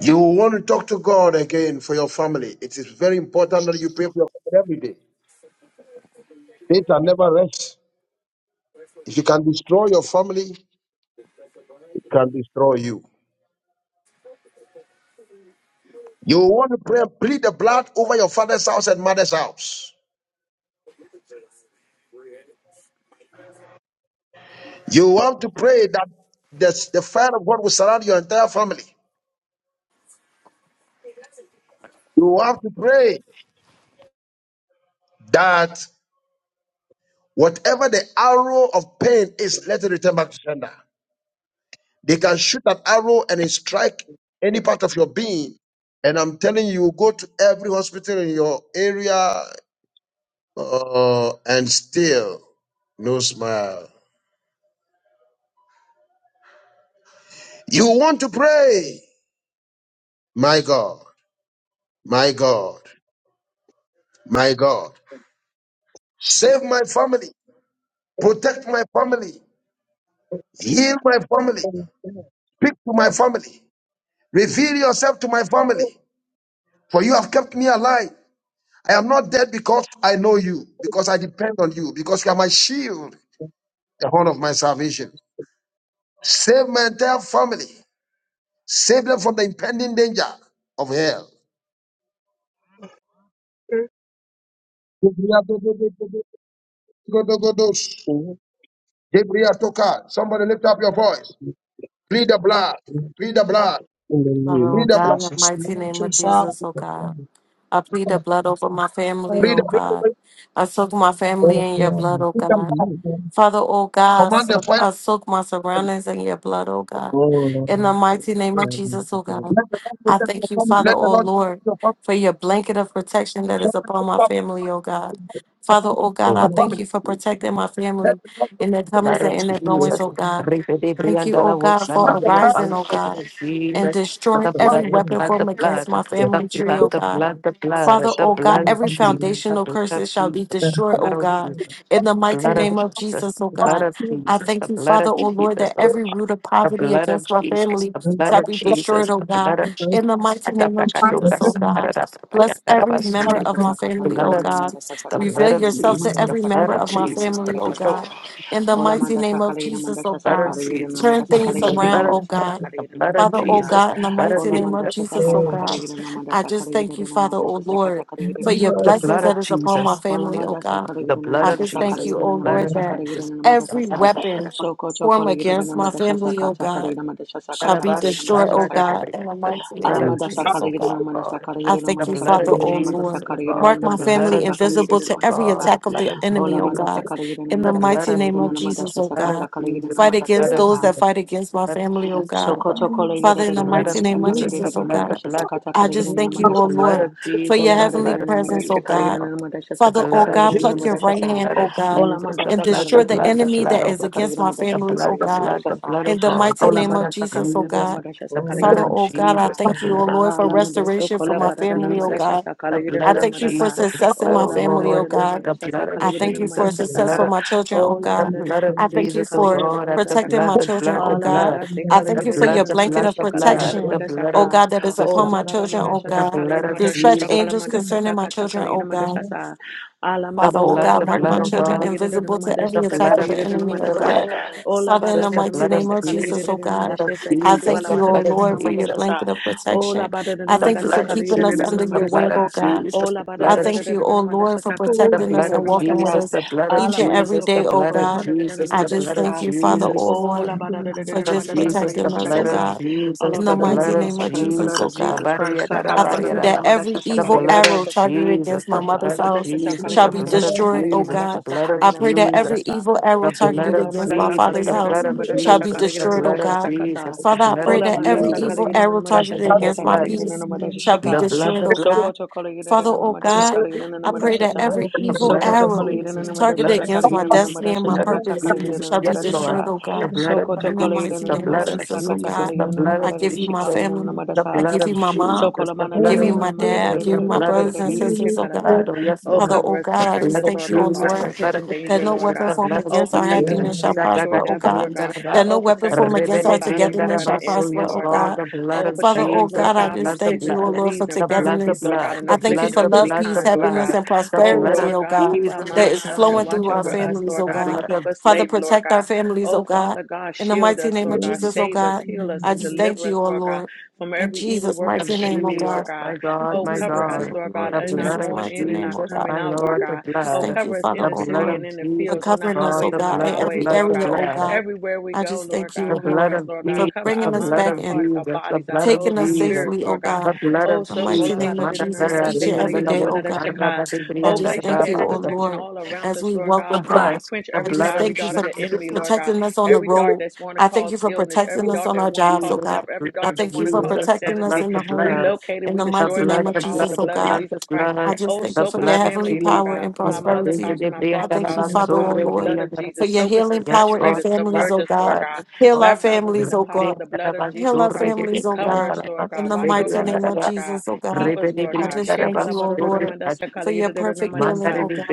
Speaker 3: You want to talk to God again for your family. It is very important that you pray for your family every day. They Satan never rest. If you can destroy your family, it can destroy you. You want to pray and plead the blood over your father's house and mother's house. You want to pray that the, the fire of God will surround your entire family. You have to pray that whatever the arrow of pain is, let it return back to sender. They can shoot that arrow and it strike any part of your being. And I'm telling you, go to every hospital in your area uh, and still no smile. You want to pray, my God, my God, my God. Save my family. Protect my family. Heal my family. Speak to my family. Reveal yourself to my family. For you have kept me alive. I am not dead because I know you, because I depend on you, because you are my shield, the horn of my salvation. Save my entire family. Save them from the impending danger of hell.
Speaker 8: you.
Speaker 3: Gabriel somebody lift up your voice.
Speaker 8: In
Speaker 3: Plead the blood. Plead the blood.
Speaker 8: the
Speaker 7: Father,
Speaker 8: name
Speaker 7: oh
Speaker 3: Plead
Speaker 8: of
Speaker 3: the
Speaker 7: God,
Speaker 3: blood.
Speaker 7: in the
Speaker 8: Jesus,
Speaker 7: mighty
Speaker 8: now
Speaker 7: name of
Speaker 8: just out
Speaker 7: Jesus,
Speaker 8: of
Speaker 7: oh
Speaker 8: the
Speaker 7: God.
Speaker 8: family.
Speaker 7: I plead the blood over my
Speaker 8: Oh,
Speaker 7: family,
Speaker 3: Plead the
Speaker 7: oh
Speaker 8: Lord.
Speaker 3: blood.
Speaker 7: God. I soak my family
Speaker 8: Oh,
Speaker 7: in your blood, oh God.
Speaker 8: Lord.
Speaker 7: Father, oh God,
Speaker 3: Command the
Speaker 7: so,
Speaker 3: fire.
Speaker 7: uh, soak my surroundings in your blood, oh God. In the mighty name of Jesus, oh God.
Speaker 3: Let the Lord
Speaker 7: I
Speaker 3: protect
Speaker 7: thank
Speaker 3: your
Speaker 7: you,
Speaker 3: family.
Speaker 7: Father,
Speaker 3: Let the
Speaker 7: oh
Speaker 3: Lord protect
Speaker 7: Lord,
Speaker 3: your family.
Speaker 7: for your blanket of protection that is
Speaker 3: Somebody
Speaker 7: upon
Speaker 3: to
Speaker 7: my
Speaker 3: stop
Speaker 7: family, oh God.
Speaker 3: the
Speaker 7: Father,
Speaker 3: family.
Speaker 7: oh God, I
Speaker 3: Your
Speaker 8: Oh,
Speaker 7: thank you
Speaker 3: family.
Speaker 7: for protecting my
Speaker 3: Let
Speaker 7: family
Speaker 3: the Lord
Speaker 7: in
Speaker 3: protect
Speaker 7: their
Speaker 3: your family.
Speaker 7: comings
Speaker 1: blood
Speaker 7: and
Speaker 1: of
Speaker 7: in their
Speaker 1: Jesus.
Speaker 7: goings,
Speaker 8: Lord.
Speaker 7: oh God.
Speaker 1: Ripede
Speaker 7: Thank you, oh
Speaker 1: Briandala
Speaker 7: God,
Speaker 1: works and
Speaker 7: for
Speaker 3: Let the
Speaker 1: Abria
Speaker 7: arising, oh God, and
Speaker 1: Jesus. The
Speaker 7: destroying every
Speaker 1: blood, the
Speaker 7: weapon
Speaker 1: blood, the
Speaker 7: formed against
Speaker 1: blood, the
Speaker 7: my family tree,
Speaker 1: blood,
Speaker 7: oh
Speaker 1: the
Speaker 7: God.
Speaker 1: blood, the
Speaker 7: Father,
Speaker 1: blood, the
Speaker 7: oh God,
Speaker 1: blood of
Speaker 7: every
Speaker 1: Jesus, the
Speaker 7: foundational
Speaker 1: blood of
Speaker 7: curses shall be
Speaker 1: Jesus, the
Speaker 7: destroyed,
Speaker 1: blood
Speaker 7: oh
Speaker 1: of
Speaker 7: God,
Speaker 1: Jesus,
Speaker 7: in the
Speaker 1: the
Speaker 7: mighty
Speaker 1: blood of
Speaker 7: name of
Speaker 1: Jesus,
Speaker 7: Jesus, oh
Speaker 1: the blood
Speaker 7: God.
Speaker 1: of
Speaker 7: I
Speaker 1: Jesus,
Speaker 7: thank
Speaker 1: the
Speaker 7: you,
Speaker 1: blood
Speaker 7: Father,
Speaker 1: of
Speaker 7: oh Lord,
Speaker 1: Jesus,
Speaker 7: that
Speaker 1: oh
Speaker 3: Lord
Speaker 7: every
Speaker 1: God.
Speaker 7: root of
Speaker 1: The
Speaker 7: poverty
Speaker 1: blood of
Speaker 7: against my
Speaker 1: Jesus,
Speaker 7: family
Speaker 1: the blood
Speaker 7: shall
Speaker 1: of
Speaker 7: be destroyed,
Speaker 1: Jesus,
Speaker 7: oh
Speaker 1: the blood of
Speaker 7: God, in the
Speaker 1: Jesus.
Speaker 7: mighty
Speaker 1: The blood
Speaker 7: name
Speaker 1: of
Speaker 7: of Jesus, oh
Speaker 1: Jesus, the
Speaker 7: God. Bless every member
Speaker 5: Mandasha
Speaker 7: of my
Speaker 5: sakata
Speaker 7: family,
Speaker 1: blood
Speaker 7: oh
Speaker 5: kalina
Speaker 1: of
Speaker 7: God.
Speaker 1: Jesus,
Speaker 5: namandasha
Speaker 1: the
Speaker 5: sakata
Speaker 7: Reveal
Speaker 1: blood of
Speaker 5: kalina
Speaker 7: yourself to
Speaker 1: Jesus, the
Speaker 5: namandasha
Speaker 7: every
Speaker 1: blood
Speaker 7: member
Speaker 5: sakata
Speaker 1: of
Speaker 7: of my
Speaker 5: kalina
Speaker 1: Jesus, the
Speaker 7: family,
Speaker 1: blood
Speaker 7: oh
Speaker 5: namandasha
Speaker 1: of Jesus,
Speaker 5: sa
Speaker 7: God, in the
Speaker 5: ola
Speaker 7: mighty
Speaker 5: mandasha
Speaker 7: name of
Speaker 5: kalina
Speaker 7: Jesus, oh
Speaker 5: mandasha
Speaker 1: blood of
Speaker 7: God.
Speaker 5: sakalina
Speaker 1: Jesus,
Speaker 7: Turn
Speaker 5: namandasha
Speaker 7: things
Speaker 1: the
Speaker 5: kalina
Speaker 1: blood
Speaker 7: around,
Speaker 1: of
Speaker 7: oh
Speaker 5: namandasha
Speaker 7: God.
Speaker 1: the
Speaker 5: sakalina
Speaker 1: blood of
Speaker 7: Father,
Speaker 5: namandasha
Speaker 7: oh
Speaker 5: sa
Speaker 1: Jesus,
Speaker 7: God,
Speaker 1: the
Speaker 7: in the
Speaker 1: blood of
Speaker 7: mighty
Speaker 5: ola
Speaker 7: name of
Speaker 5: mandasha
Speaker 7: Jesus, oh
Speaker 5: sakata
Speaker 7: God.
Speaker 5: kalina
Speaker 1: Jesus,
Speaker 7: I
Speaker 5: namandasha
Speaker 7: just thank
Speaker 5: kalina
Speaker 7: you, Father, oh
Speaker 5: namandasha sakata
Speaker 7: Lord,
Speaker 5: kalina
Speaker 7: for your
Speaker 1: the
Speaker 5: namandasha
Speaker 7: blessings
Speaker 1: blood
Speaker 7: that
Speaker 1: of
Speaker 5: sa
Speaker 7: is upon
Speaker 1: Jesus,
Speaker 7: my
Speaker 5: ola
Speaker 7: family, oh
Speaker 5: mandasha
Speaker 7: God.
Speaker 1: the
Speaker 5: kalina
Speaker 1: blood
Speaker 7: I
Speaker 1: of
Speaker 7: just
Speaker 5: namandasha
Speaker 7: thank
Speaker 1: Jesus,
Speaker 7: you,
Speaker 1: the
Speaker 5: kalina
Speaker 7: oh
Speaker 1: blood
Speaker 7: Lord,
Speaker 1: of
Speaker 5: namandasha
Speaker 1: Jesus,
Speaker 7: that
Speaker 5: kalina
Speaker 1: the
Speaker 5: namandasha
Speaker 7: every
Speaker 1: blood
Speaker 5: sa
Speaker 1: of
Speaker 7: weapon
Speaker 1: blood
Speaker 5: soko
Speaker 7: formed
Speaker 5: chokalina
Speaker 7: against my
Speaker 5: namandasha
Speaker 7: family, oh
Speaker 5: sakata
Speaker 7: God,
Speaker 5: kalina mandasha
Speaker 7: shall
Speaker 5: sakata
Speaker 7: be
Speaker 5: kalina
Speaker 7: destroyed,
Speaker 5: mandasha
Speaker 7: oh
Speaker 5: saka
Speaker 7: God, in the
Speaker 1: the
Speaker 7: mighty name
Speaker 1: blood
Speaker 7: of
Speaker 1: of
Speaker 8: Thank
Speaker 5: Alamadasa
Speaker 7: Jesus, oh
Speaker 1: Jesus,
Speaker 5: Kaligina
Speaker 7: God.
Speaker 1: oh
Speaker 5: Madasa
Speaker 1: God.
Speaker 7: I
Speaker 5: Kaligina
Speaker 1: The
Speaker 7: thank you,
Speaker 5: Madasa
Speaker 1: blood
Speaker 7: Father,
Speaker 1: of
Speaker 8: you.
Speaker 7: O
Speaker 5: Kaligina Madasa
Speaker 1: Jesus,
Speaker 7: Lord.
Speaker 1: oh
Speaker 5: Kaligina
Speaker 1: God,
Speaker 7: Mark
Speaker 1: the
Speaker 7: my
Speaker 5: Madasa
Speaker 1: blood
Speaker 7: family
Speaker 1: of
Speaker 5: Kata
Speaker 7: invisible
Speaker 1: Jesus,
Speaker 5: Kaligina
Speaker 1: oh
Speaker 7: to
Speaker 5: Madasa
Speaker 7: every
Speaker 1: God,
Speaker 5: Sa
Speaker 1: the
Speaker 7: attack of
Speaker 1: blood
Speaker 7: the
Speaker 1: of
Speaker 7: enemy,
Speaker 5: Ola
Speaker 7: O
Speaker 5: Madasa
Speaker 7: God.
Speaker 1: Jesus,
Speaker 5: Kaligina
Speaker 7: In the
Speaker 1: the
Speaker 5: Madasa
Speaker 1: blood
Speaker 7: mighty
Speaker 1: of
Speaker 7: name
Speaker 5: Kaligina
Speaker 7: of
Speaker 1: Jesus, the
Speaker 7: Jesus,
Speaker 5: Madasa
Speaker 7: O
Speaker 1: blood of
Speaker 5: Sakata
Speaker 7: God.
Speaker 1: Jesus, the
Speaker 5: Kaligina
Speaker 7: Fight
Speaker 5: Madasa
Speaker 1: blood
Speaker 7: against
Speaker 1: of
Speaker 7: those
Speaker 5: Saka
Speaker 1: Jesus,
Speaker 7: that
Speaker 1: the
Speaker 7: fight against my
Speaker 1: blood of
Speaker 7: family, O
Speaker 1: Jesus, oh
Speaker 7: God.
Speaker 1: God,
Speaker 5: Sokoto Kaligina
Speaker 7: Father, in
Speaker 1: the
Speaker 7: the
Speaker 1: blood of
Speaker 7: mighty
Speaker 5: Madasa
Speaker 7: name of
Speaker 1: Jesus, the
Speaker 7: Jesus, O
Speaker 5: Kaligina
Speaker 1: blood,
Speaker 7: God.
Speaker 1: the
Speaker 5: Madasa
Speaker 1: blood.
Speaker 5: Sakata
Speaker 7: I just
Speaker 5: Kaligina
Speaker 7: thank you,
Speaker 1: The
Speaker 7: oh
Speaker 5: Madasa
Speaker 1: blood
Speaker 7: Lord,
Speaker 5: Saka
Speaker 1: of
Speaker 7: for
Speaker 1: Jesus,
Speaker 7: your
Speaker 5: Ola
Speaker 1: the
Speaker 7: heavenly
Speaker 1: blood of
Speaker 5: Madadana
Speaker 7: presence,
Speaker 5: Madasha
Speaker 7: oh
Speaker 1: Jesus, oh
Speaker 5: Kaligina
Speaker 7: God.
Speaker 1: God.
Speaker 5: Madasha
Speaker 1: The
Speaker 7: Father,
Speaker 5: Sakata
Speaker 7: oh
Speaker 1: blood of
Speaker 7: God,
Speaker 5: Kaligina
Speaker 7: pluck
Speaker 1: Jesus,
Speaker 7: your
Speaker 5: Madasha
Speaker 7: right
Speaker 1: the
Speaker 5: Sa
Speaker 7: hand,
Speaker 1: blood
Speaker 7: oh
Speaker 1: of
Speaker 7: God,
Speaker 5: Ola
Speaker 1: Jesus, the
Speaker 7: and
Speaker 5: Madasa
Speaker 1: blood, the
Speaker 7: destroy
Speaker 5: Kaligina
Speaker 7: the
Speaker 1: blood, the
Speaker 7: enemy
Speaker 5: Madasha
Speaker 1: blood
Speaker 7: that
Speaker 1: of
Speaker 7: is
Speaker 5: Sakata
Speaker 1: God.
Speaker 7: against
Speaker 5: Kaligina
Speaker 7: my
Speaker 1: The
Speaker 5: Madasha Sa
Speaker 7: family, oh
Speaker 1: blood, the
Speaker 5: Kaligina
Speaker 7: God.
Speaker 1: blood,
Speaker 5: Madasha
Speaker 1: the
Speaker 5: Sa
Speaker 1: blood
Speaker 7: In
Speaker 1: of
Speaker 7: the
Speaker 1: God, the
Speaker 7: mighty
Speaker 5: Ola
Speaker 7: name
Speaker 1: blood
Speaker 7: of
Speaker 5: manda
Speaker 1: of
Speaker 5: saka le
Speaker 7: Jesus, oh
Speaker 5: na
Speaker 1: Jesus,
Speaker 7: God.
Speaker 5: manda sha
Speaker 1: the
Speaker 5: saka le
Speaker 1: blood
Speaker 5: gida
Speaker 7: Father,
Speaker 1: of
Speaker 5: manda
Speaker 7: oh
Speaker 5: sha
Speaker 7: God, I
Speaker 1: Jesus,
Speaker 5: saka.
Speaker 1: the
Speaker 7: thank you, oh
Speaker 1: blood of
Speaker 7: Lord, for
Speaker 5: Ala manda
Speaker 1: Jesus,
Speaker 5: so
Speaker 7: restoration
Speaker 1: the
Speaker 7: for
Speaker 5: kola
Speaker 1: blood
Speaker 7: my
Speaker 1: of
Speaker 5: bada na
Speaker 7: family, oh
Speaker 5: manda
Speaker 1: Jesus,
Speaker 5: sha
Speaker 7: God.
Speaker 5: saka le
Speaker 1: the
Speaker 5: na
Speaker 7: I
Speaker 1: blood of
Speaker 7: thank you
Speaker 5: manda
Speaker 7: for
Speaker 5: sa.
Speaker 1: Jesus, the
Speaker 7: success in
Speaker 1: blood
Speaker 7: my
Speaker 5: Ola
Speaker 1: of
Speaker 5: bara
Speaker 7: family, oh
Speaker 1: Lord,
Speaker 5: na
Speaker 7: God.
Speaker 5: manda
Speaker 1: the
Speaker 5: sha
Speaker 1: blood
Speaker 5: saka
Speaker 1: of
Speaker 5: le
Speaker 7: I thank
Speaker 5: na
Speaker 7: you for
Speaker 5: manda
Speaker 1: Jesus, the
Speaker 5: sha
Speaker 7: success
Speaker 1: blood
Speaker 7: for
Speaker 5: saka.
Speaker 1: of
Speaker 7: my children, oh
Speaker 5: Ola
Speaker 1: the
Speaker 7: God.
Speaker 5: bara
Speaker 1: blood
Speaker 5: na
Speaker 7: I
Speaker 1: of
Speaker 5: manda
Speaker 7: thank
Speaker 5: shi
Speaker 7: you
Speaker 1: Jesus, oh
Speaker 5: kala
Speaker 7: for
Speaker 5: gida na
Speaker 1: God, at
Speaker 5: manda
Speaker 1: the
Speaker 7: protecting
Speaker 1: blood,
Speaker 7: my
Speaker 5: saka.
Speaker 1: the
Speaker 7: children,
Speaker 1: blood,
Speaker 7: oh
Speaker 1: the
Speaker 5: Ala
Speaker 7: God.
Speaker 1: blood,
Speaker 5: manda se
Speaker 7: I
Speaker 5: kala
Speaker 1: the
Speaker 7: thank you
Speaker 5: gida
Speaker 7: for your
Speaker 1: blood, the
Speaker 5: na
Speaker 7: blanket
Speaker 1: blood,
Speaker 5: manda
Speaker 7: of
Speaker 1: the
Speaker 5: shi kala gida
Speaker 1: blood,
Speaker 5: na
Speaker 7: protection,
Speaker 1: the
Speaker 5: manda
Speaker 1: blood
Speaker 7: oh
Speaker 5: saka.
Speaker 7: God,
Speaker 1: of
Speaker 7: that is
Speaker 1: Jesus, oh
Speaker 7: upon
Speaker 5: Ola
Speaker 7: my
Speaker 5: bara na
Speaker 1: God,
Speaker 7: children,
Speaker 5: manda
Speaker 7: oh
Speaker 5: sha
Speaker 1: the
Speaker 5: saka
Speaker 7: God.
Speaker 5: le
Speaker 1: blood
Speaker 5: gida
Speaker 1: of
Speaker 5: manda sha
Speaker 7: Dispatch
Speaker 1: Jesus,
Speaker 5: saka la
Speaker 7: angels
Speaker 5: manda sha
Speaker 7: concerning my
Speaker 5: saka saka
Speaker 7: children,
Speaker 5: le
Speaker 7: oh
Speaker 5: gida manda sha
Speaker 7: God.
Speaker 8: Thank
Speaker 5: sa. Ala
Speaker 1: the
Speaker 7: Father,
Speaker 5: manda
Speaker 7: oh
Speaker 5: so
Speaker 1: blood,
Speaker 7: God,
Speaker 1: the
Speaker 5: kola
Speaker 7: mark
Speaker 1: blood
Speaker 7: my
Speaker 5: manda
Speaker 1: of
Speaker 5: saka
Speaker 7: children
Speaker 5: le
Speaker 1: God,
Speaker 5: na
Speaker 7: invisible to
Speaker 5: manda
Speaker 7: every
Speaker 5: sha
Speaker 1: the
Speaker 5: saka
Speaker 7: attack
Speaker 1: blood
Speaker 5: le
Speaker 7: of
Speaker 1: of
Speaker 7: the
Speaker 5: na
Speaker 7: enemy,
Speaker 1: Jesus,
Speaker 5: manda
Speaker 7: oh
Speaker 1: the
Speaker 7: God.
Speaker 5: Ola
Speaker 7: Father, in
Speaker 5: bada
Speaker 7: the
Speaker 5: da da
Speaker 7: mighty
Speaker 1: blood
Speaker 5: manda
Speaker 1: of
Speaker 7: name
Speaker 5: se
Speaker 7: of
Speaker 5: kala
Speaker 1: Jesus,
Speaker 5: da
Speaker 1: the
Speaker 7: Jesus,
Speaker 5: da
Speaker 7: oh
Speaker 5: da
Speaker 7: God,
Speaker 5: manda
Speaker 1: blood of
Speaker 5: se se
Speaker 7: I
Speaker 5: ketu
Speaker 1: Jesus,
Speaker 5: wala
Speaker 7: thank
Speaker 1: the
Speaker 7: you,
Speaker 5: bada
Speaker 7: oh
Speaker 5: da
Speaker 1: blood
Speaker 5: da
Speaker 1: of
Speaker 5: da
Speaker 7: Lord, for
Speaker 5: manda
Speaker 7: your
Speaker 5: se
Speaker 1: Jesus,
Speaker 5: sa.
Speaker 7: blanket of
Speaker 5: Ola
Speaker 7: protection.
Speaker 5: bada da da
Speaker 7: I
Speaker 1: the
Speaker 7: thank
Speaker 5: manda
Speaker 7: you
Speaker 5: se
Speaker 7: for
Speaker 1: blood
Speaker 5: kala
Speaker 1: of
Speaker 5: yada
Speaker 7: keeping
Speaker 5: da
Speaker 7: us
Speaker 5: da
Speaker 7: under
Speaker 1: Jesus,
Speaker 5: da
Speaker 1: the blood of Jesus, the
Speaker 7: your
Speaker 5: manda se
Speaker 1: blood
Speaker 7: wing,
Speaker 1: of
Speaker 5: ka.
Speaker 7: oh God.
Speaker 1: Jesus,
Speaker 5: Ola
Speaker 1: the
Speaker 5: bada
Speaker 7: I
Speaker 1: blood
Speaker 5: da
Speaker 1: of
Speaker 5: da da
Speaker 1: Jesus.
Speaker 7: thank
Speaker 5: da
Speaker 7: you, oh
Speaker 5: da manda se
Speaker 7: Lord, for
Speaker 5: sa kata
Speaker 1: The
Speaker 5: kala
Speaker 7: protecting us
Speaker 5: yada
Speaker 1: blood
Speaker 5: da
Speaker 1: of
Speaker 7: and
Speaker 5: da manda
Speaker 7: walking with
Speaker 1: Jesus,
Speaker 5: sa.
Speaker 7: us
Speaker 1: the blood of
Speaker 7: each
Speaker 5: Ala
Speaker 7: and
Speaker 5: manda
Speaker 7: every
Speaker 5: so
Speaker 1: Jesus, the
Speaker 7: day,
Speaker 5: koto
Speaker 7: oh
Speaker 1: blood
Speaker 5: kola
Speaker 1: of
Speaker 7: God.
Speaker 5: bada da da da
Speaker 1: Jesus,
Speaker 7: I
Speaker 1: the
Speaker 5: manda se
Speaker 7: just
Speaker 1: blood of
Speaker 7: thank
Speaker 5: sa.
Speaker 7: you, Father, oh
Speaker 1: Jesus,
Speaker 7: Lord,
Speaker 5: Ola bada da da da
Speaker 7: for
Speaker 5: da
Speaker 1: blood of
Speaker 7: just
Speaker 5: manda se kala
Speaker 1: Jesus, the
Speaker 5: da
Speaker 7: protecting
Speaker 5: manda
Speaker 7: us, oh
Speaker 5: se
Speaker 1: blood
Speaker 5: sa.
Speaker 1: of
Speaker 7: God.
Speaker 1: Jesus,
Speaker 5: Ala
Speaker 7: In the
Speaker 1: the
Speaker 5: bada da da
Speaker 1: blood
Speaker 7: mighty
Speaker 5: manda
Speaker 1: of
Speaker 7: name
Speaker 5: se
Speaker 7: of
Speaker 5: kala bada
Speaker 7: Jesus,
Speaker 5: da
Speaker 7: oh
Speaker 1: Jesus, the
Speaker 7: God.
Speaker 5: Jesus
Speaker 1: barrier
Speaker 5: Christ sa
Speaker 1: da da
Speaker 7: I
Speaker 5: kala bada
Speaker 7: thank
Speaker 1: barrier
Speaker 5: da
Speaker 7: you
Speaker 1: da
Speaker 5: da
Speaker 7: that
Speaker 5: da manda se
Speaker 7: every
Speaker 5: sa
Speaker 1: The
Speaker 5: kala
Speaker 7: evil
Speaker 5: da
Speaker 1: blood
Speaker 5: manda
Speaker 7: arrow
Speaker 1: of
Speaker 5: se sa ka.
Speaker 7: targeted
Speaker 1: Jesus,
Speaker 7: against
Speaker 1: the
Speaker 7: my
Speaker 5: Ala
Speaker 7: mother's
Speaker 1: blood of
Speaker 5: manda
Speaker 7: house
Speaker 5: se sa
Speaker 1: Jesus,
Speaker 5: kala
Speaker 7: shall
Speaker 1: the
Speaker 5: da
Speaker 7: be
Speaker 5: manda
Speaker 1: blood
Speaker 5: se
Speaker 1: of
Speaker 5: sa kala
Speaker 7: destroyed,
Speaker 5: da
Speaker 7: O
Speaker 1: Jesus,
Speaker 5: manda
Speaker 1: the
Speaker 5: se
Speaker 7: God.
Speaker 5: sa
Speaker 1: blood
Speaker 5: kala
Speaker 1: of
Speaker 7: I
Speaker 5: da
Speaker 7: pray that
Speaker 5: manda se
Speaker 7: every
Speaker 1: Jesus,
Speaker 5: sa.
Speaker 7: evil
Speaker 1: the
Speaker 7: arrow
Speaker 1: blood
Speaker 7: targeted
Speaker 5: Ola
Speaker 1: of
Speaker 7: against my
Speaker 5: mandasa
Speaker 1: Jesus,
Speaker 7: father's
Speaker 1: the
Speaker 5: kalegire na
Speaker 1: blood
Speaker 7: house
Speaker 5: na
Speaker 1: of
Speaker 5: mandasa
Speaker 7: shall be
Speaker 1: Jesus, the
Speaker 5: sakalegire na
Speaker 7: destroyed, O
Speaker 1: blood
Speaker 5: mandasa
Speaker 1: of
Speaker 7: God.
Speaker 5: sakata.
Speaker 1: Jesus, the
Speaker 7: Father, I
Speaker 1: blood
Speaker 7: pray
Speaker 1: of
Speaker 5: Ola
Speaker 7: that every
Speaker 5: mandasa
Speaker 1: Jesus,
Speaker 7: evil
Speaker 5: kalegire na na
Speaker 7: arrow
Speaker 1: the
Speaker 5: mandasa
Speaker 7: targeted against
Speaker 5: sakata
Speaker 7: my
Speaker 1: blood,
Speaker 5: kalegire na na
Speaker 7: peace
Speaker 5: mandasa
Speaker 8: you.
Speaker 7: shall
Speaker 1: the blood,
Speaker 7: be
Speaker 1: the
Speaker 5: shika.
Speaker 1: blood,
Speaker 7: destroyed,
Speaker 1: the
Speaker 7: O
Speaker 1: blood,
Speaker 5: Soko
Speaker 7: God.
Speaker 5: to kalegire
Speaker 7: Father,
Speaker 5: na na
Speaker 7: O
Speaker 8: So
Speaker 5: mandasa
Speaker 7: God,
Speaker 8: every
Speaker 5: kalegire na na
Speaker 7: I
Speaker 8: corner
Speaker 7: pray
Speaker 8: of
Speaker 5: mandasa
Speaker 7: that
Speaker 5: sa.
Speaker 7: every
Speaker 1: the
Speaker 7: evil
Speaker 1: blood
Speaker 8: the
Speaker 5: Soko
Speaker 1: of
Speaker 5: to
Speaker 7: arrow
Speaker 5: kalegire
Speaker 8: conference,
Speaker 5: na
Speaker 1: Jesus,
Speaker 8: we
Speaker 5: na
Speaker 1: the
Speaker 5: mandasa
Speaker 7: targeted
Speaker 1: blood of
Speaker 7: against my
Speaker 5: sakalegire na na
Speaker 1: Jesus,
Speaker 7: destiny
Speaker 1: the
Speaker 7: and
Speaker 5: mandasa
Speaker 7: my
Speaker 1: blood of
Speaker 8: want
Speaker 5: sakata
Speaker 8: to
Speaker 7: purpose
Speaker 5: kalegire
Speaker 1: Jesus.
Speaker 8: be
Speaker 5: na na
Speaker 7: shall be
Speaker 1: Yes,
Speaker 5: mandasa
Speaker 8: someone to
Speaker 1: Lord.
Speaker 5: sa.
Speaker 7: destroyed, O
Speaker 1: The
Speaker 7: God.
Speaker 8: open the
Speaker 1: blood of
Speaker 5: Soko to
Speaker 7: In
Speaker 8: community.
Speaker 7: the
Speaker 5: kalegire
Speaker 1: Jesus,
Speaker 7: mighty
Speaker 5: na
Speaker 1: the
Speaker 5: na
Speaker 7: name of
Speaker 1: blood
Speaker 5: mandasa
Speaker 1: of
Speaker 7: Jesus, O
Speaker 5: sakata
Speaker 1: Jesus,
Speaker 7: God,
Speaker 1: the
Speaker 5: kalegire na na
Speaker 1: blood
Speaker 7: I
Speaker 1: of
Speaker 7: give
Speaker 5: mandasa
Speaker 7: you
Speaker 5: shika
Speaker 7: my
Speaker 1: Jesus,
Speaker 5: kalegire na na
Speaker 7: family.
Speaker 1: the
Speaker 7: I
Speaker 5: mandasa.
Speaker 1: blood
Speaker 7: give you
Speaker 1: of
Speaker 7: my mom.
Speaker 5: Soko
Speaker 1: Jesus,
Speaker 5: la
Speaker 1: the
Speaker 5: manda da
Speaker 1: blood
Speaker 5: da
Speaker 7: Give
Speaker 5: da
Speaker 1: of
Speaker 7: you
Speaker 8: Oh, I
Speaker 5: da da
Speaker 7: my
Speaker 5: manda
Speaker 8: hope
Speaker 5: da
Speaker 8: we
Speaker 7: dad,
Speaker 5: da
Speaker 1: Jesus,
Speaker 7: give
Speaker 5: da
Speaker 1: the
Speaker 7: you
Speaker 5: da
Speaker 7: my
Speaker 5: da
Speaker 8: will
Speaker 1: blood
Speaker 5: manda
Speaker 1: of
Speaker 7: brothers
Speaker 5: da
Speaker 7: and
Speaker 5: da da
Speaker 7: sisters,
Speaker 1: Jesus,
Speaker 8: continue
Speaker 1: the
Speaker 5: shika
Speaker 7: oh
Speaker 5: la
Speaker 8: to
Speaker 7: God.
Speaker 1: blood,
Speaker 5: ma.
Speaker 8: create
Speaker 1: oh
Speaker 8: the
Speaker 1: yes,
Speaker 5: Oh,
Speaker 7: Father,
Speaker 1: Lord.
Speaker 8: world
Speaker 5: cover
Speaker 7: oh
Speaker 5: us,
Speaker 7: God, I
Speaker 1: The
Speaker 5: protect
Speaker 7: just
Speaker 1: blood
Speaker 5: us,
Speaker 1: of
Speaker 7: thank
Speaker 5: Lord
Speaker 7: you, oh
Speaker 5: God,
Speaker 1: Jesus,
Speaker 5: for all
Speaker 1: the
Speaker 7: Lord,
Speaker 1: blood of
Speaker 5: impending
Speaker 7: that
Speaker 5: danger,
Speaker 7: no
Speaker 1: Jesus,
Speaker 5: Lord
Speaker 7: weapon
Speaker 5: God.
Speaker 1: the
Speaker 7: formed
Speaker 1: blood of
Speaker 5: Oh,
Speaker 7: against our
Speaker 5: protect us from
Speaker 7: happiness
Speaker 1: Jesus.
Speaker 7: shall
Speaker 5: premature
Speaker 7: prosper, oh
Speaker 5: death,
Speaker 7: God.
Speaker 5: Lord God.
Speaker 1: Azagagagadriyandaraba,
Speaker 7: That no
Speaker 5: Oh,
Speaker 7: weapon
Speaker 5: protect us
Speaker 7: formed
Speaker 5: from
Speaker 7: against
Speaker 5: every
Speaker 7: our
Speaker 5: fiery dart
Speaker 7: togetherness
Speaker 5: of
Speaker 7: shall
Speaker 5: the
Speaker 1: rebededriyandaraba. So
Speaker 5: enemy,
Speaker 7: prosper,
Speaker 1: yes,
Speaker 7: oh
Speaker 5: Lord
Speaker 1: Lord,
Speaker 5: God.
Speaker 7: God.
Speaker 1: the blood
Speaker 5: Oh,
Speaker 1: of
Speaker 7: Father,
Speaker 5: protect us,
Speaker 7: oh
Speaker 1: Jesus,
Speaker 5: Lord
Speaker 7: God,
Speaker 1: the
Speaker 7: I
Speaker 5: God, from
Speaker 7: just
Speaker 1: blood, the
Speaker 7: thank
Speaker 5: sickness,
Speaker 7: you, oh
Speaker 1: blood,
Speaker 7: Lord,
Speaker 5: disease,
Speaker 7: for
Speaker 1: the blood, the
Speaker 5: infirmities,
Speaker 7: togetherness.
Speaker 5: Lord God,
Speaker 1: blood,
Speaker 5: and
Speaker 7: I
Speaker 1: the
Speaker 7: thank you
Speaker 1: blood,
Speaker 5: affliction
Speaker 7: for
Speaker 1: the
Speaker 5: of any
Speaker 7: love,
Speaker 1: blood, the
Speaker 7: peace,
Speaker 5: kind, Lord
Speaker 7: happiness,
Speaker 5: God.
Speaker 1: blood,
Speaker 7: and
Speaker 1: the
Speaker 5: Oh,
Speaker 1: blood
Speaker 7: prosperity,
Speaker 1: of
Speaker 5: Lord
Speaker 7: oh
Speaker 5: God,
Speaker 7: God,
Speaker 5: keep
Speaker 1: Jesus,
Speaker 5: our
Speaker 1: the
Speaker 7: that
Speaker 1: blood
Speaker 5: minds
Speaker 7: is
Speaker 5: sound and
Speaker 7: flowing
Speaker 8: One day,
Speaker 5: watch
Speaker 7: through our
Speaker 1: of
Speaker 5: over
Speaker 1: Jesus,
Speaker 5: us,
Speaker 7: families,
Speaker 5: Lord
Speaker 7: oh
Speaker 1: the
Speaker 5: God, and
Speaker 7: God.
Speaker 1: blood
Speaker 5: keep
Speaker 1: of
Speaker 5: us
Speaker 7: Father,
Speaker 5: safe,
Speaker 1: Jesus,
Speaker 5: Lord
Speaker 7: protect our
Speaker 5: God.
Speaker 7: families, oh
Speaker 5: Oh,
Speaker 7: God.
Speaker 5: Father God,
Speaker 7: In the
Speaker 5: shield
Speaker 7: mighty
Speaker 5: us,
Speaker 7: name of
Speaker 5: Lord God.
Speaker 8: when
Speaker 7: Jesus,
Speaker 8: the
Speaker 7: oh
Speaker 5: Save us,
Speaker 7: God,
Speaker 5: heal us,
Speaker 7: I
Speaker 5: and
Speaker 7: just
Speaker 8: community
Speaker 7: thank
Speaker 5: deliver
Speaker 7: you,
Speaker 5: us,
Speaker 7: oh
Speaker 5: Lord God,
Speaker 7: Lord.
Speaker 5: from
Speaker 7: In
Speaker 5: every evil
Speaker 7: Jesus'
Speaker 5: work
Speaker 1: of
Speaker 5: of
Speaker 7: mighty
Speaker 5: the
Speaker 7: name, oh
Speaker 5: enemy,
Speaker 7: God
Speaker 5: Lord
Speaker 1: Jesus, my
Speaker 5: God.
Speaker 8: is
Speaker 1: God,
Speaker 8: able to
Speaker 5: Oh,
Speaker 1: my
Speaker 7: just
Speaker 8: create
Speaker 5: cover
Speaker 7: thank
Speaker 5: us,
Speaker 1: God.
Speaker 7: you, O
Speaker 5: Lord
Speaker 7: Lord,
Speaker 5: God,
Speaker 1: The
Speaker 8: the
Speaker 5: in
Speaker 7: in
Speaker 5: our
Speaker 8: world,
Speaker 1: blood
Speaker 7: Jesus'
Speaker 1: of
Speaker 5: going
Speaker 7: mighty
Speaker 5: in and
Speaker 7: name,
Speaker 5: our
Speaker 7: oh
Speaker 1: Jesus,
Speaker 7: God.
Speaker 5: coming
Speaker 1: my
Speaker 5: out, Lord
Speaker 1: Lord, the
Speaker 5: God.
Speaker 7: Just
Speaker 5: Oh,
Speaker 1: blood.
Speaker 7: thank you,
Speaker 5: cover us in
Speaker 7: Father,
Speaker 1: The
Speaker 5: the
Speaker 7: oh
Speaker 1: blood
Speaker 5: city
Speaker 7: Lord,
Speaker 5: and
Speaker 1: of
Speaker 5: in the
Speaker 7: for
Speaker 5: fields,
Speaker 1: Jesus, oh
Speaker 5: on the
Speaker 7: covering us,
Speaker 1: God,
Speaker 7: oh
Speaker 5: highways
Speaker 1: the
Speaker 5: and the
Speaker 7: God,
Speaker 1: blood,
Speaker 7: in
Speaker 1: the
Speaker 7: every
Speaker 5: byways,
Speaker 1: blood,
Speaker 5: Lord
Speaker 1: the
Speaker 7: area,
Speaker 5: God.
Speaker 7: oh
Speaker 1: blood.
Speaker 7: God.
Speaker 5: Everywhere we
Speaker 7: I
Speaker 5: go,
Speaker 7: just
Speaker 5: Lord
Speaker 7: thank you,
Speaker 5: God,
Speaker 1: The
Speaker 7: oh
Speaker 5: cover
Speaker 1: blood
Speaker 5: us,
Speaker 7: Lord,
Speaker 1: of
Speaker 5: Lord God.
Speaker 7: for
Speaker 5: Cover
Speaker 1: Jesus,
Speaker 5: our
Speaker 1: the
Speaker 7: bringing us
Speaker 1: blood
Speaker 5: minds,
Speaker 8: then
Speaker 7: back
Speaker 5: our
Speaker 1: of
Speaker 7: and
Speaker 5: hearts, our
Speaker 1: Jesus, the
Speaker 5: bodies, our
Speaker 1: blood of
Speaker 5: souls,
Speaker 7: taking
Speaker 5: our
Speaker 7: us
Speaker 1: Jesus.
Speaker 5: spirits,
Speaker 7: safely, oh
Speaker 5: Lord God.
Speaker 1: The
Speaker 7: God.
Speaker 1: blood
Speaker 5: Oh,
Speaker 1: of
Speaker 7: In the
Speaker 5: so
Speaker 7: mighty
Speaker 1: Jesus,
Speaker 7: name of
Speaker 1: Mother
Speaker 7: Jesus,
Speaker 1: God, the
Speaker 8: we
Speaker 7: each and
Speaker 8: can
Speaker 1: end
Speaker 7: every
Speaker 1: of
Speaker 8: create
Speaker 1: the
Speaker 8: the
Speaker 7: day,
Speaker 1: world,
Speaker 7: oh God.
Speaker 1: Father,
Speaker 8: world
Speaker 1: Father, the
Speaker 7: I
Speaker 5: Oh,
Speaker 1: end of
Speaker 7: just
Speaker 5: place your
Speaker 7: thank
Speaker 1: the-
Speaker 5: hedge
Speaker 7: you,
Speaker 5: of
Speaker 1: Father,
Speaker 7: oh
Speaker 1: the
Speaker 5: protection
Speaker 7: Lord,
Speaker 5: all around
Speaker 7: as
Speaker 5: us,
Speaker 7: we
Speaker 5: Lord
Speaker 7: walk,
Speaker 1: the
Speaker 7: oh
Speaker 5: God,
Speaker 1: blood,
Speaker 7: God.
Speaker 5: and quench
Speaker 1: the
Speaker 7: I
Speaker 5: every
Speaker 1: blood
Speaker 7: just
Speaker 1: of
Speaker 5: fiery
Speaker 7: thank you
Speaker 5: dart of
Speaker 7: for
Speaker 5: the
Speaker 1: Jesus,
Speaker 5: enemy, Lord God.
Speaker 7: protecting us on the
Speaker 5: Every dart
Speaker 7: road.
Speaker 5: that's want to
Speaker 7: I thank
Speaker 5: cause
Speaker 7: you for
Speaker 5: illness, every
Speaker 7: protecting us
Speaker 5: dart
Speaker 7: on
Speaker 5: that
Speaker 7: our
Speaker 5: want to
Speaker 7: jobs, oh
Speaker 5: cause
Speaker 1: Jesus,
Speaker 5: death,
Speaker 1: the
Speaker 7: God.
Speaker 5: every
Speaker 1: blood
Speaker 7: I
Speaker 1: of
Speaker 5: dart that
Speaker 7: thank you
Speaker 5: want to
Speaker 7: for
Speaker 5: cause
Speaker 1: Jesus, the
Speaker 7: protecting us
Speaker 1: blood,
Speaker 5: insanity.
Speaker 7: in
Speaker 1: the
Speaker 7: the
Speaker 5: We
Speaker 7: home.
Speaker 1: blood.
Speaker 5: located,
Speaker 7: In
Speaker 5: we
Speaker 7: the
Speaker 1: The
Speaker 7: mighty
Speaker 5: destroyed by
Speaker 7: name
Speaker 1: blood,
Speaker 5: the
Speaker 7: of
Speaker 1: the
Speaker 5: power of
Speaker 1: blood,
Speaker 7: Jesus,
Speaker 5: the
Speaker 7: oh
Speaker 1: the
Speaker 5: blood of
Speaker 7: God.
Speaker 1: blood,
Speaker 5: Jesus
Speaker 1: the
Speaker 5: Christ.
Speaker 7: I
Speaker 1: blood,
Speaker 7: just
Speaker 5: Oh,
Speaker 7: thank
Speaker 1: the
Speaker 7: you
Speaker 5: soak
Speaker 7: for
Speaker 5: our
Speaker 7: your
Speaker 1: blood of
Speaker 7: heavenly
Speaker 5: family, Lord
Speaker 7: power
Speaker 1: Jesus.
Speaker 5: God,
Speaker 7: and
Speaker 5: from my mother's
Speaker 7: prosperity.
Speaker 5: house and my
Speaker 7: I
Speaker 5: father's
Speaker 7: thank you,
Speaker 5: house
Speaker 8: and the
Speaker 5: in the
Speaker 7: Father, oh
Speaker 5: power of the
Speaker 7: Lord,
Speaker 5: blood of
Speaker 7: for
Speaker 5: Jesus.
Speaker 7: your
Speaker 5: Soak us and
Speaker 7: healing
Speaker 1: Yes,
Speaker 7: power in
Speaker 5: saturate
Speaker 1: Lord.
Speaker 5: us,
Speaker 1: the
Speaker 7: families,
Speaker 5: submerge
Speaker 7: oh
Speaker 5: us, Lord
Speaker 7: God.
Speaker 1: blood
Speaker 5: God.
Speaker 7: Heal our
Speaker 5: Baptize us in
Speaker 7: families,
Speaker 5: the
Speaker 7: oh
Speaker 1: of
Speaker 5: power of
Speaker 7: God.
Speaker 5: the blood of
Speaker 7: Heal
Speaker 5: Jesus
Speaker 7: our
Speaker 5: Christ.
Speaker 7: families, oh
Speaker 5: Cover
Speaker 7: God.
Speaker 5: us, Lord
Speaker 7: In
Speaker 5: God.
Speaker 7: the
Speaker 5: Watch
Speaker 7: mighty
Speaker 5: over us,
Speaker 7: name of
Speaker 5: Lord God.
Speaker 7: Jesus, oh God.
Speaker 5: Keep us, Lord
Speaker 7: I
Speaker 5: God.
Speaker 7: just thank you, oh Lord, for your perfect healing,
Speaker 5: Shekalabadododomadasakalayididididinamadasa.
Speaker 7: oh God.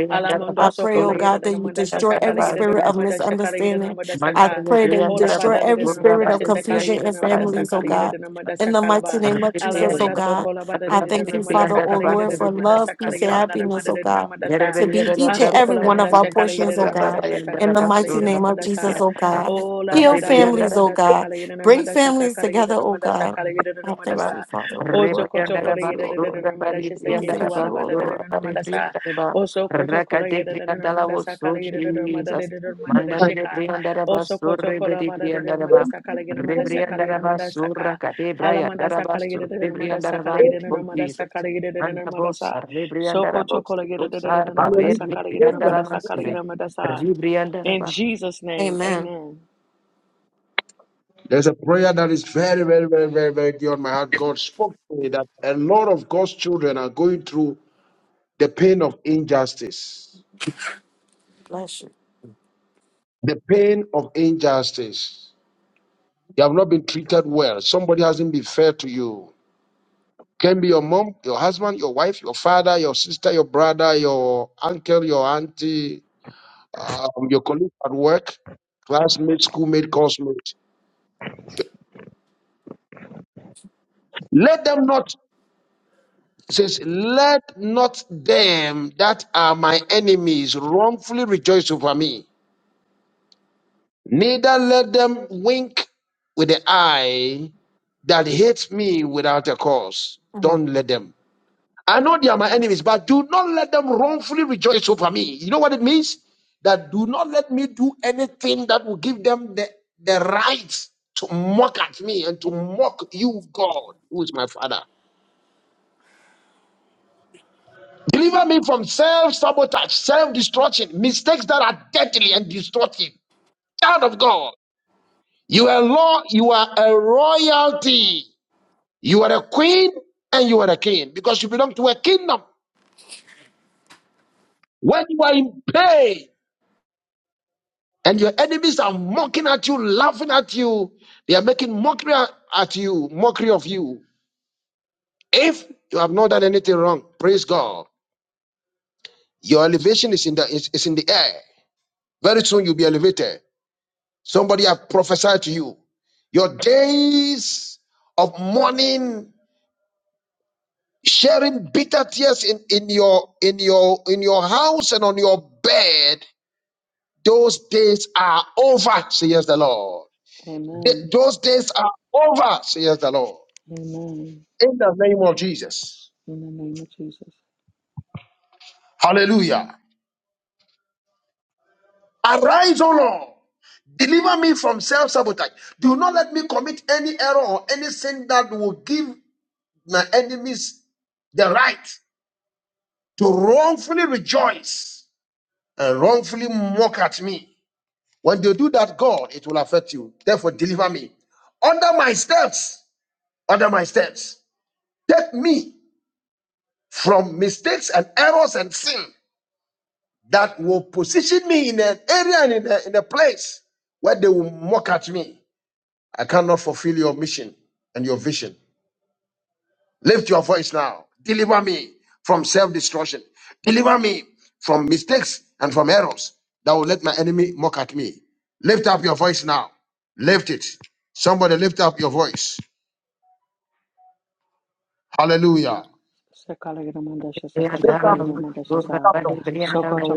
Speaker 7: I pray, oh God, that you destroy every spirit of misunderstanding. I
Speaker 5: Alamondosokolayidididinomandashasakalayidididinomadashakalayididinomadashaka.
Speaker 7: pray that you destroy every spirit of confusion
Speaker 1: God.
Speaker 7: in families, oh God.
Speaker 1: Mandare
Speaker 7: In the
Speaker 5: Olabadadididinomadashasakalayididinomadasakalayididinomadasakala.
Speaker 7: mighty name of Jesus, oh
Speaker 5: Alamanda
Speaker 8: community
Speaker 7: God.
Speaker 5: sokola bada
Speaker 7: I
Speaker 5: de de
Speaker 7: thank you,
Speaker 5: namada
Speaker 7: Father, oh
Speaker 5: sakala yede
Speaker 7: Lord,
Speaker 5: de
Speaker 7: for
Speaker 5: namada
Speaker 7: love,
Speaker 5: sakala
Speaker 7: peace, and
Speaker 5: yede namada
Speaker 7: happiness,
Speaker 5: mada
Speaker 7: oh
Speaker 5: de
Speaker 7: God,
Speaker 5: namada sa
Speaker 7: to be each and every
Speaker 5: asokola
Speaker 7: one
Speaker 5: manda
Speaker 7: of our
Speaker 5: shakala yede
Speaker 7: portions,
Speaker 5: de
Speaker 7: oh
Speaker 5: namada
Speaker 7: God. In
Speaker 5: shasaka
Speaker 7: the
Speaker 5: sakala
Speaker 7: mighty
Speaker 5: yede
Speaker 7: name of
Speaker 5: namada
Speaker 7: Jesus,
Speaker 5: sa
Speaker 7: oh God.
Speaker 5: ola
Speaker 7: Heal
Speaker 5: bada de
Speaker 1: Rebrianda
Speaker 7: families, oh
Speaker 5: namada
Speaker 7: God.
Speaker 5: sakala yede
Speaker 7: Bring
Speaker 5: namada
Speaker 7: families
Speaker 5: shasakala
Speaker 7: together,
Speaker 5: yede
Speaker 7: oh
Speaker 5: namada
Speaker 7: God.
Speaker 5: sakala yede
Speaker 7: I
Speaker 5: namada
Speaker 7: thank
Speaker 1: Raba.
Speaker 7: you,
Speaker 5: sa
Speaker 7: Father, oh Lord. I
Speaker 5: osokoto
Speaker 7: thank
Speaker 5: kola
Speaker 1: Rebriandaraba,
Speaker 7: you,
Speaker 5: yede de
Speaker 7: oh
Speaker 5: de
Speaker 7: Lord.
Speaker 1: Raba
Speaker 5: namada
Speaker 8: that
Speaker 7: I
Speaker 5: shasaketi
Speaker 7: thank
Speaker 1: Rebriandaraba,
Speaker 7: you,
Speaker 5: wala
Speaker 7: oh
Speaker 5: bada de
Speaker 1: Raba
Speaker 5: de
Speaker 7: Lord. I
Speaker 5: namada sa
Speaker 1: Rebriandaraba,
Speaker 5: osokoto
Speaker 1: Raka
Speaker 5: kola
Speaker 1: de
Speaker 5: yede de namada
Speaker 1: Briandalavo, so
Speaker 5: sakala yede de namada de
Speaker 1: Jesus,
Speaker 5: de namada de
Speaker 1: Mandara de
Speaker 5: shika
Speaker 1: Briandaraba,
Speaker 5: osokoto
Speaker 1: Surre
Speaker 5: kola
Speaker 1: Bedi
Speaker 5: bada de de namada
Speaker 1: Briandaraba,
Speaker 5: sakala yede namada
Speaker 3: protect your family.
Speaker 5: sakala yede
Speaker 1: Rebriandaraba,
Speaker 5: namada saka
Speaker 1: Suraka de
Speaker 5: Alamandasa
Speaker 1: Briandaraba, Surre
Speaker 5: Kalagidana Madasa
Speaker 1: Briandaraba,
Speaker 5: Kalagidana
Speaker 1: oh
Speaker 5: Madasa
Speaker 1: Jesus,
Speaker 5: Kalagidana
Speaker 1: Mandabos,
Speaker 5: Madasa Soko
Speaker 1: Rebriandarabos, Bosar,
Speaker 5: Chokolagidana
Speaker 1: Raber,
Speaker 5: Madasa Kalagidana
Speaker 7: thank you.
Speaker 5: Madasa
Speaker 1: Rebriandarabas,
Speaker 5: Kalagidana Madasa.
Speaker 1: Rebriandaraba,
Speaker 5: In Jesus' name,
Speaker 7: Amen.
Speaker 5: amen.
Speaker 3: There's a prayer that is very, very, very, very, very dear on my heart. God spoke to me that a lot of God's children are going through the pain of injustice.
Speaker 7: Bless you.
Speaker 3: The pain of injustice. You have not been treated well. Somebody hasn't been fair to you. Can be your mom, your husband, your wife, your father, your sister, your brother, your uncle, your auntie, um, your colleague at work, classmate, schoolmate, coursemate. Let them not It says, Let not them that are my enemies wrongfully rejoice over me, neither let them wink with the eye that hates me without a cause.
Speaker 7: Mhm.
Speaker 3: Don't let them. I know they are my enemies, but do not let them wrongfully rejoice over me. You know what it means? That me do end up there to mock you, God, Father, keep God, the Queen, and you. when you are in pain. And your enemies are mocking at you, laughing at you. They are making mockery at you, mockery of you. If you have not done anything wrong, praise God. Your elevation is in the is, is in the air. Very soon you'll be elevated. Somebody have prophesied to you. Your days of mourning, sharing bitter tears in, in your in your in your house and on your bed, those days are over, says the Lord. Th-
Speaker 5: Amen.
Speaker 3: Those days are over, says the Lord.
Speaker 5: Amen.
Speaker 3: in the name of Jesus.
Speaker 5: In the name of Jesus.
Speaker 3: Hallelujah. Arise, O Lord. Deliver me from self sabotage. Do not let me commit any error or any sin that will give my enemies the right to wrongfully rejoice and wrongfully mock at me. When they do that, God, it will affect you. Therefore, deliver me. Under my steps, under my steps, take me from mistakes and errors and sin that will position me in an area and in a, in a place where they will mock at me. I cannot fulfill your mission and your vision. Lift your voice now. Deliver me from self destruction. Deliver me from mistakes and from errors that will let my enemy mock at me. Lift up your voice now. Lift it. Somebody lift up your voice. Hallelujah.
Speaker 5: Sakalaginamandasha
Speaker 1: Rabbi
Speaker 5: Sakata
Speaker 3: Lift up, lift
Speaker 5: Kalaginamandasha Sa
Speaker 3: up your
Speaker 5: Sokoto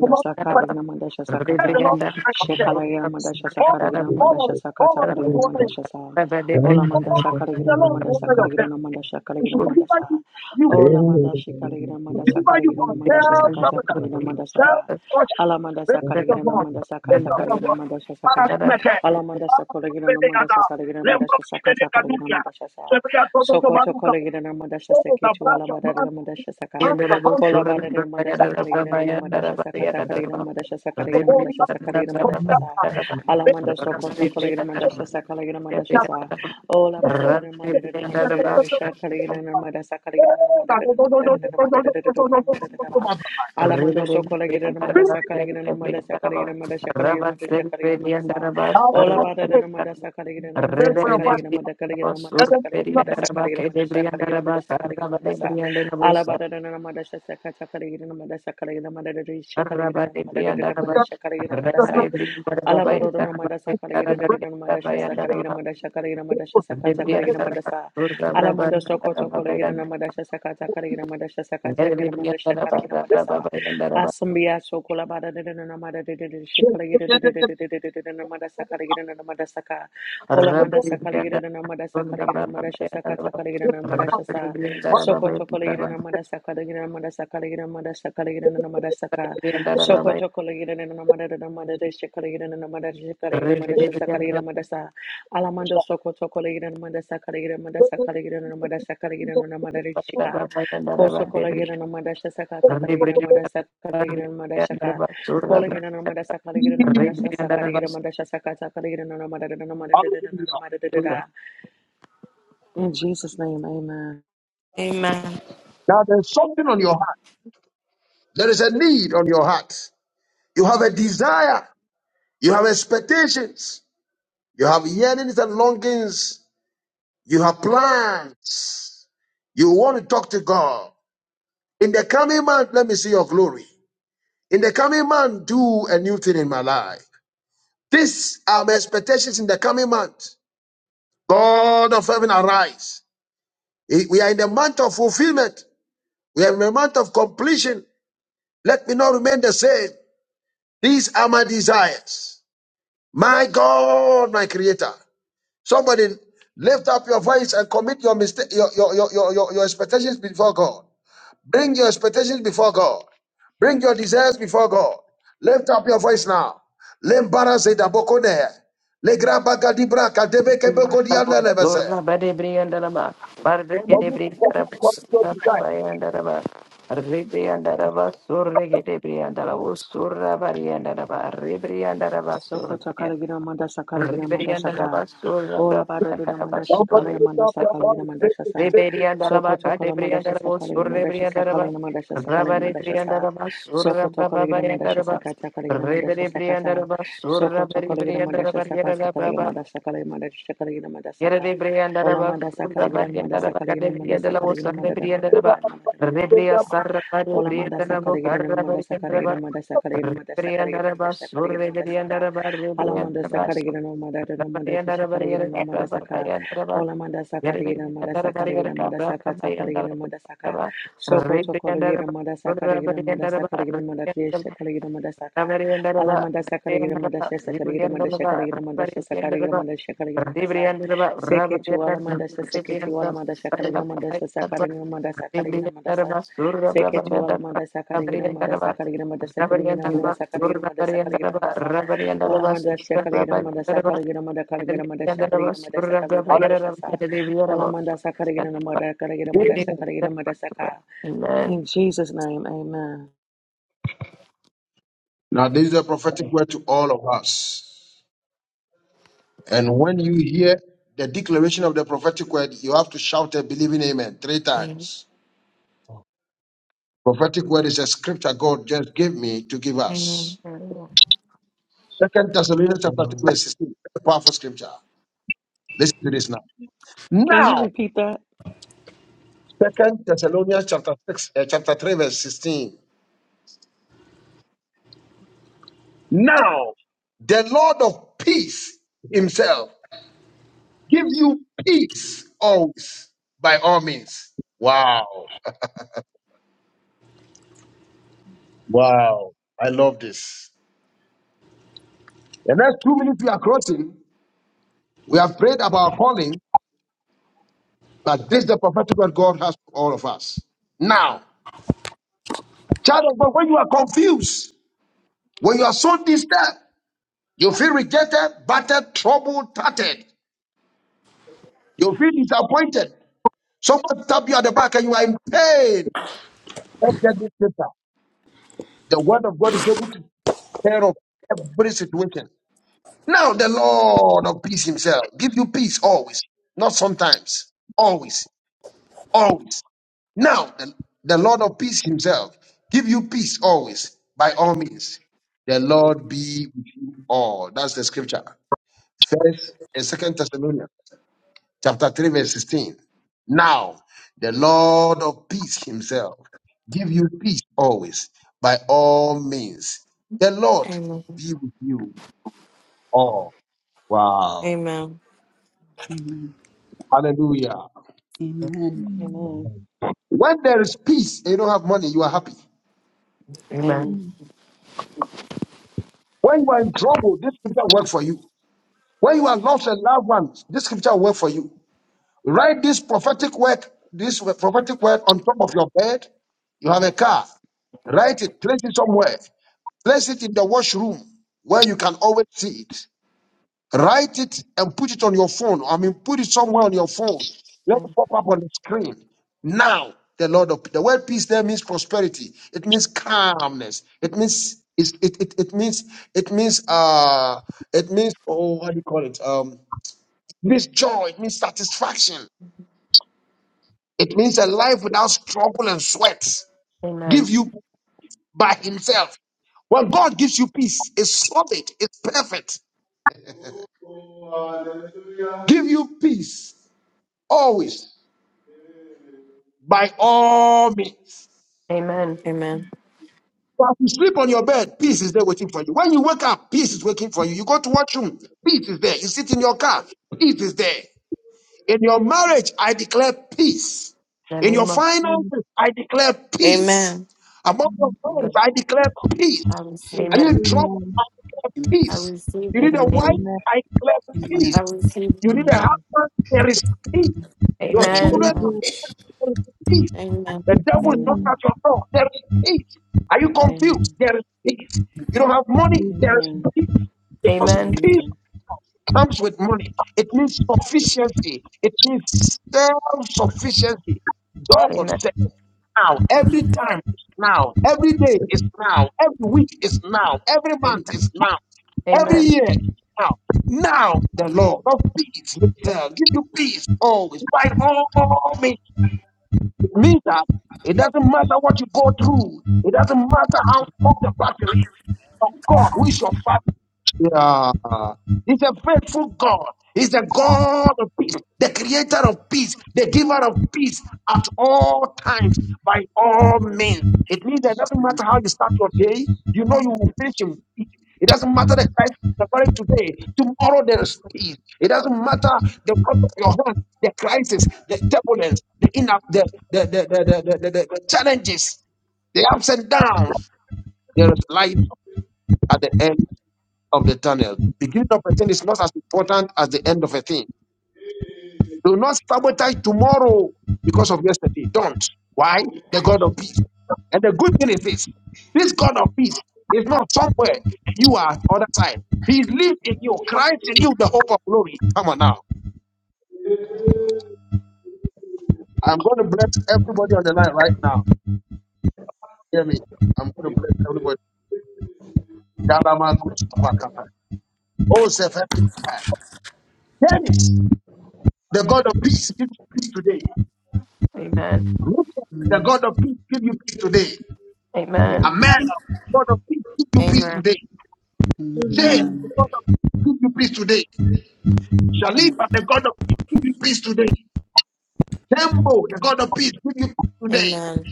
Speaker 3: Come
Speaker 5: Kalaginamandasha
Speaker 3: Tell the
Speaker 5: Sakata
Speaker 3: Lord to
Speaker 8: can
Speaker 3: find
Speaker 8: be
Speaker 3: yourself.
Speaker 8: able
Speaker 5: Shekalaginamandasha
Speaker 3: All, all,
Speaker 5: Sakalaginamandasha
Speaker 8: to create
Speaker 3: of- all
Speaker 5: Sakata
Speaker 3: of you
Speaker 8: the
Speaker 3: to order.
Speaker 8: world.
Speaker 3: yourself.
Speaker 5: Kalaginamandasha Sa
Speaker 8: And that's
Speaker 5: Olamandasa
Speaker 8: what we
Speaker 3: All the Lord to
Speaker 5: Kalaginamandasa
Speaker 3: order
Speaker 8: want.
Speaker 3: yourself.
Speaker 5: Kalaginamandasha
Speaker 3: It should deliver you,
Speaker 5: Kalaginamandasa
Speaker 3: you it
Speaker 8: Thank
Speaker 5: Olamandashi
Speaker 3: should
Speaker 5: Kalaginamandasa
Speaker 3: deliver you from
Speaker 5: Kalaginamandasha Sakata
Speaker 3: self-sabotage,
Speaker 5: Kalaginamandasa Ka
Speaker 3: self-torture.
Speaker 5: Alamandasa
Speaker 3: Lift up your voice.
Speaker 5: Kalaginamandasa
Speaker 3: Lift
Speaker 5: Kata
Speaker 3: up your voice.
Speaker 5: Kalaginamandasha Saka
Speaker 3: Parakumeke.
Speaker 5: Alamandasa
Speaker 3: Parakumekegada.
Speaker 5: Kalaginamandasa Kalaginamandasha Sakata
Speaker 3: Lembrokimenekadukia.
Speaker 5: Kalaginamandasha Sa
Speaker 3: Sebria tototo
Speaker 5: Sokoto
Speaker 3: baruka.
Speaker 5: kolegina na madasha
Speaker 3: Todos
Speaker 5: seke tu ala
Speaker 3: abrazos,
Speaker 5: madara na
Speaker 3: manos,
Speaker 5: madasha saka.
Speaker 3: manos, manos,
Speaker 5: Kola bada na madasha
Speaker 3: manos,
Speaker 5: kolegina na madasha saka ta kolegina madasha saka kolegina madasha
Speaker 3: borimas,
Speaker 5: saka kolegina madasha sa. Ala manda sokoto kolegina madasha saka kolegina madasha sa. Ola bada na madara na madara na sha kolegina na madasha kolegina na madara na madara na madara na na.
Speaker 1: Rebellion,
Speaker 5: Ala manda sokolegina na madasha kolegina na madasha kolegina madasha kolegina madasha kolegina madasha. Ola bada da namada sakada gina namada sakada gina
Speaker 3: borimas.
Speaker 5: namada kada gina namada
Speaker 3: Hallelujah.
Speaker 5: sakada gina namada sakada namada sakada namada sakada namada sa ala bada da namada sakada sakada gina namada sakada gina namada da shakada gina namada da namada sakada namada sa ala bada da namada sakada gina da namada sakada gina namada sakada gina namada sakada sakada gina namada sa ala manda soko toko gina namada sakada sakada gina namada sakada gina namada sakada gina namada sa Asambia sokola bada da da da na mada da de de shikala gida da da de de de de de da da na mada sakala gida na mada saka
Speaker 1: Surra
Speaker 5: ola mada sakala gida na mada sakala gida na mada shasa kata kala gida na mada shasa soko tokola gida na mada sakala gida na mada sakala gida na mada sakala gida na mada saka soko tokola gida na mada da na mada da shikala gida na mada shikala gida na mada shasa kala gida mada sa alamando soko tokola gida na mada sakala gida na mada sakala gida na mada sakala gida na mada shika Koso kolegina na madasha sakata kolegina madasha kolegina madasha ka kolegina na madasha kolegina na madasha sakata kolegina na madasha sakata kolegina na madasha In Jesus' name, amen.
Speaker 7: Amen.
Speaker 3: Now there's something on your heart. There is a need on your heart. You have a desire. You have expectations. You have yearnings and longings. You have plans. You want to talk to God. In the coming month, let me see your glory. In the coming month, do a new thing in my life. These are my expectations in the coming month. God of heaven, arise. Eh, We are in the month of fulfillment. We are in the month of completion. Let me not remain the same. These are my desires. My God, my creator. Somebody lift up your voice and commit your mistake, your, your, your, your, your your expectations before God. Bring your expectations before God. Bring your desires before God. Lift up your voice now. Lembara se da boko ne. Legra baga dibra kadebe kebeko diable lebese.
Speaker 5: Sokotakaligira mandasakaligira
Speaker 1: Riberianda la
Speaker 5: mandasaka.
Speaker 1: basura,
Speaker 5: Ola
Speaker 1: Brianda
Speaker 5: bada
Speaker 1: la
Speaker 5: dina
Speaker 1: basura,
Speaker 5: mandashikaligira mandasakaligira mandashasa.
Speaker 1: Riberianda la bacate,
Speaker 5: Sokotokola
Speaker 1: Brianda la
Speaker 5: mandashasakaligira
Speaker 1: basura, Brianda la
Speaker 5: mandashasakaligira mandashasakaligira
Speaker 1: Rabare Brianda la
Speaker 5: mandashasa.
Speaker 1: basura, Brababa
Speaker 5: Sokotokaligira
Speaker 1: Yandaraba,
Speaker 5: mandashasakatakaligira
Speaker 1: Ribere Brianda la
Speaker 5: mandashasakata.
Speaker 1: basura, Bari
Speaker 5: Sokotokaligira
Speaker 1: Brianda la barriera la
Speaker 5: mandashasakasakaligira
Speaker 1: braba,
Speaker 5: mandasakaligira mandashakaligira mandasaka.
Speaker 1: Yere Brianda la
Speaker 5: Ola
Speaker 1: basura,
Speaker 5: mandasakaligira
Speaker 1: Barianda la bacate,
Speaker 5: mandasakaligira
Speaker 1: Brianda la
Speaker 5: mandasakaligira
Speaker 1: basura,
Speaker 5: mandadana
Speaker 1: Brianda la ba,
Speaker 5: mandadana mandadana
Speaker 1: Ribria
Speaker 5: mandadana.
Speaker 1: Sarra, Bari
Speaker 5: Ola
Speaker 1: Brianda la
Speaker 5: mandasakaligira
Speaker 1: bocarra, Barianda la
Speaker 5: mandasakaligira
Speaker 1: ba,
Speaker 5: mandasakaligira
Speaker 1: Ribrianda
Speaker 5: mandasakaligira
Speaker 1: la
Speaker 5: mandasakaligira
Speaker 1: basura,
Speaker 5: mandasaka.
Speaker 1: Brianda la barriera,
Speaker 5: Alamanda
Speaker 1: Brianda la ba.
Speaker 5: Sakarigina no
Speaker 1: Rabari
Speaker 5: Madata no Madata Shakarigina no Madasaka, Olamanda Sakarigina Madasakarigina Madasaka Sakarigina Madasaka, Soko Tokorigina Madasakarigina Madasakarigina Madatia Shakarigina Madasaka, Alamanda Sakarigina Madasha Sakarigina Madashakarigina Madasha Sakarigina Madashakarigina Madasa, Seke to Alamanda Saseke to Alamanda Shakarigina Madasha Sakarigina Madasakarigina Madasa, Seke to Alamanda Sakarigina Madasakarigina Madasakarigina Madasakarigina Madasakarigina Madasa. Ola mandasha kaligira mandasha kaligira manda
Speaker 1: Amen.
Speaker 5: kaligira
Speaker 1: Amen.
Speaker 5: mandasha kaligira mandasha kaligira mandasha sa. Ola mandasha kaligira manda kaligira mandasha kaligira mandasha ka. In Jesus' name, amen.
Speaker 3: Now, this is a prophetic word to all of us. And when you hear the declaration of the prophetic word, you have to shout a believing amen three
Speaker 7: Amen.
Speaker 3: times. Prophetic word is a scripture God just gave me to give
Speaker 7: Amen.
Speaker 3: us. Second Thessalonians chapter 2, verse 16. Powerful scripture. Listen to this now.
Speaker 5: Can you
Speaker 3: now.
Speaker 5: repeat that?
Speaker 3: Second Thessalonians chapter six, uh, chapter three, verse sixteen. Now the Lord of peace himself, you peace always by all means. Wow. Wow. I love this. The next two minutes we are crossing. We have prayed about our calling, but this is the prophetic word God has for all of us. Now, child of God, when you are confused, when you are so disturbed, you feel rejected, battered, troubled, tattered, you feel disappointed, Someone stab you at the back and you are in pain. Let's get this paper. The word of God is able to take care of every situation. Now the Lord of peace himself give you peace always, not sometimes, always, always. Now the, the Lord of peace himself give you peace always, by all means. The Lord be with you all. That's the scripture. First and second Thessalonians chapter 3, verse 16. Now the Lord give you by
Speaker 7: Amen.
Speaker 3: all. Wow.
Speaker 7: Amen.
Speaker 9: Amen.
Speaker 3: Hallelujah.
Speaker 9: Amen.
Speaker 2: Amen.
Speaker 5: Amen.
Speaker 3: When You don't have money.
Speaker 5: Amen.
Speaker 2: Amen.
Speaker 3: When you are in trouble, this scripture work for you. When you are lost and loved ones, this scripture work for you. Write this prophetic word, this prophetic word on top of your bed. You have a car. Write it, place it somewhere. Place it in the washroom where you can always see it. Write it and put it on your phone. I mean, put it somewhere on your phone. Let it pop up on the screen. Now, the Lord of the word peace there means prosperity. It means calmness. It means it it it, it means it means uh it means oh what do you call it? Um it means joy, it means satisfaction. It means a life without struggle and sweat.
Speaker 1: Amen.
Speaker 3: Give you by himself. When God gives you peace, it's solid, it's perfect. Give you peace always. by all means.
Speaker 1: Amen.
Speaker 7: Amen.
Speaker 3: So as you sleep on your bed, peace is there waiting for you. When you wake up, peace is waiting for you. You go to washroom, peace is there. You sit in your car, peace is there. In your marriage, I declare peace.
Speaker 1: In the
Speaker 3: In your
Speaker 1: name of
Speaker 3: finances, I declare peace.
Speaker 7: Amen.
Speaker 3: Among your
Speaker 1: Jesus.
Speaker 3: friends,
Speaker 5: Mhm.
Speaker 3: I declare peace.
Speaker 7: I receive
Speaker 3: Are
Speaker 7: it.
Speaker 3: you
Speaker 1: Amen.
Speaker 5: Amen.
Speaker 3: in trouble?
Speaker 2: Amen.
Speaker 3: I
Speaker 9: Amen.
Speaker 3: declare
Speaker 7: I
Speaker 3: peace.
Speaker 7: receive
Speaker 3: You
Speaker 7: it.
Speaker 3: need a wife?
Speaker 1: Amen.
Speaker 2: Okay.
Speaker 5: Amen.
Speaker 3: I declare
Speaker 9: Amen.
Speaker 3: peace.
Speaker 7: I receive
Speaker 3: You need a
Speaker 5: Amen.
Speaker 3: husband? There is peace. Your
Speaker 1: Amen.
Speaker 2: Thank
Speaker 3: children,
Speaker 7: it.
Speaker 5: Amen.
Speaker 2: you.
Speaker 3: there is peace.
Speaker 7: Amen.
Speaker 3: The
Speaker 2: Thank
Speaker 3: devil is not
Speaker 5: Amen.
Speaker 3: at your door. There is peace. Are you confused?
Speaker 5: Amen.
Speaker 2: you.
Speaker 5: Amen.
Speaker 1: Amen.
Speaker 5: Amen.
Speaker 3: God
Speaker 1: Amen.
Speaker 3: said now, every time is now, every day now, every week is now, every month is now, every
Speaker 1: Amen.
Speaker 3: year is now. Now the Lord of peace will tell, give you peace always, by all means. It means that it doesn't yeah. I mean, see the the the turbulence, the enough, the the the, the, the, the, the, the challenges, the ups and downs. There is light at the end. of the tunnel. Beginning of a thing is not as important as the end of a thing. Do not sabotage tomorrow because of yesterday. Don't. Why? The God of peace. And the good thing is this this God of peace is not somewhere you are other side. He lives in you, Christ in you, the hope of glory. Come on now. I'm going to bless everybody on the line right now. Hear me. I'm going to bless everybody. Dabama Gutsu Kwakapa. Oh, Zephaniah. Dennis, the God of peace, gives you peace today.
Speaker 1: Amen.
Speaker 3: Let The
Speaker 9: Amen.
Speaker 3: God of peace give you peace today.
Speaker 9: Amen.
Speaker 5: Amen.
Speaker 1: Amen.
Speaker 3: Amen. God of peace give you peace
Speaker 7: Amen.
Speaker 3: today. James, the
Speaker 9: Amen.
Speaker 3: God of peace give you peace today. Shaliba, the God of peace give you peace today. Tembo, the God of peace give you peace today.
Speaker 7: Amen.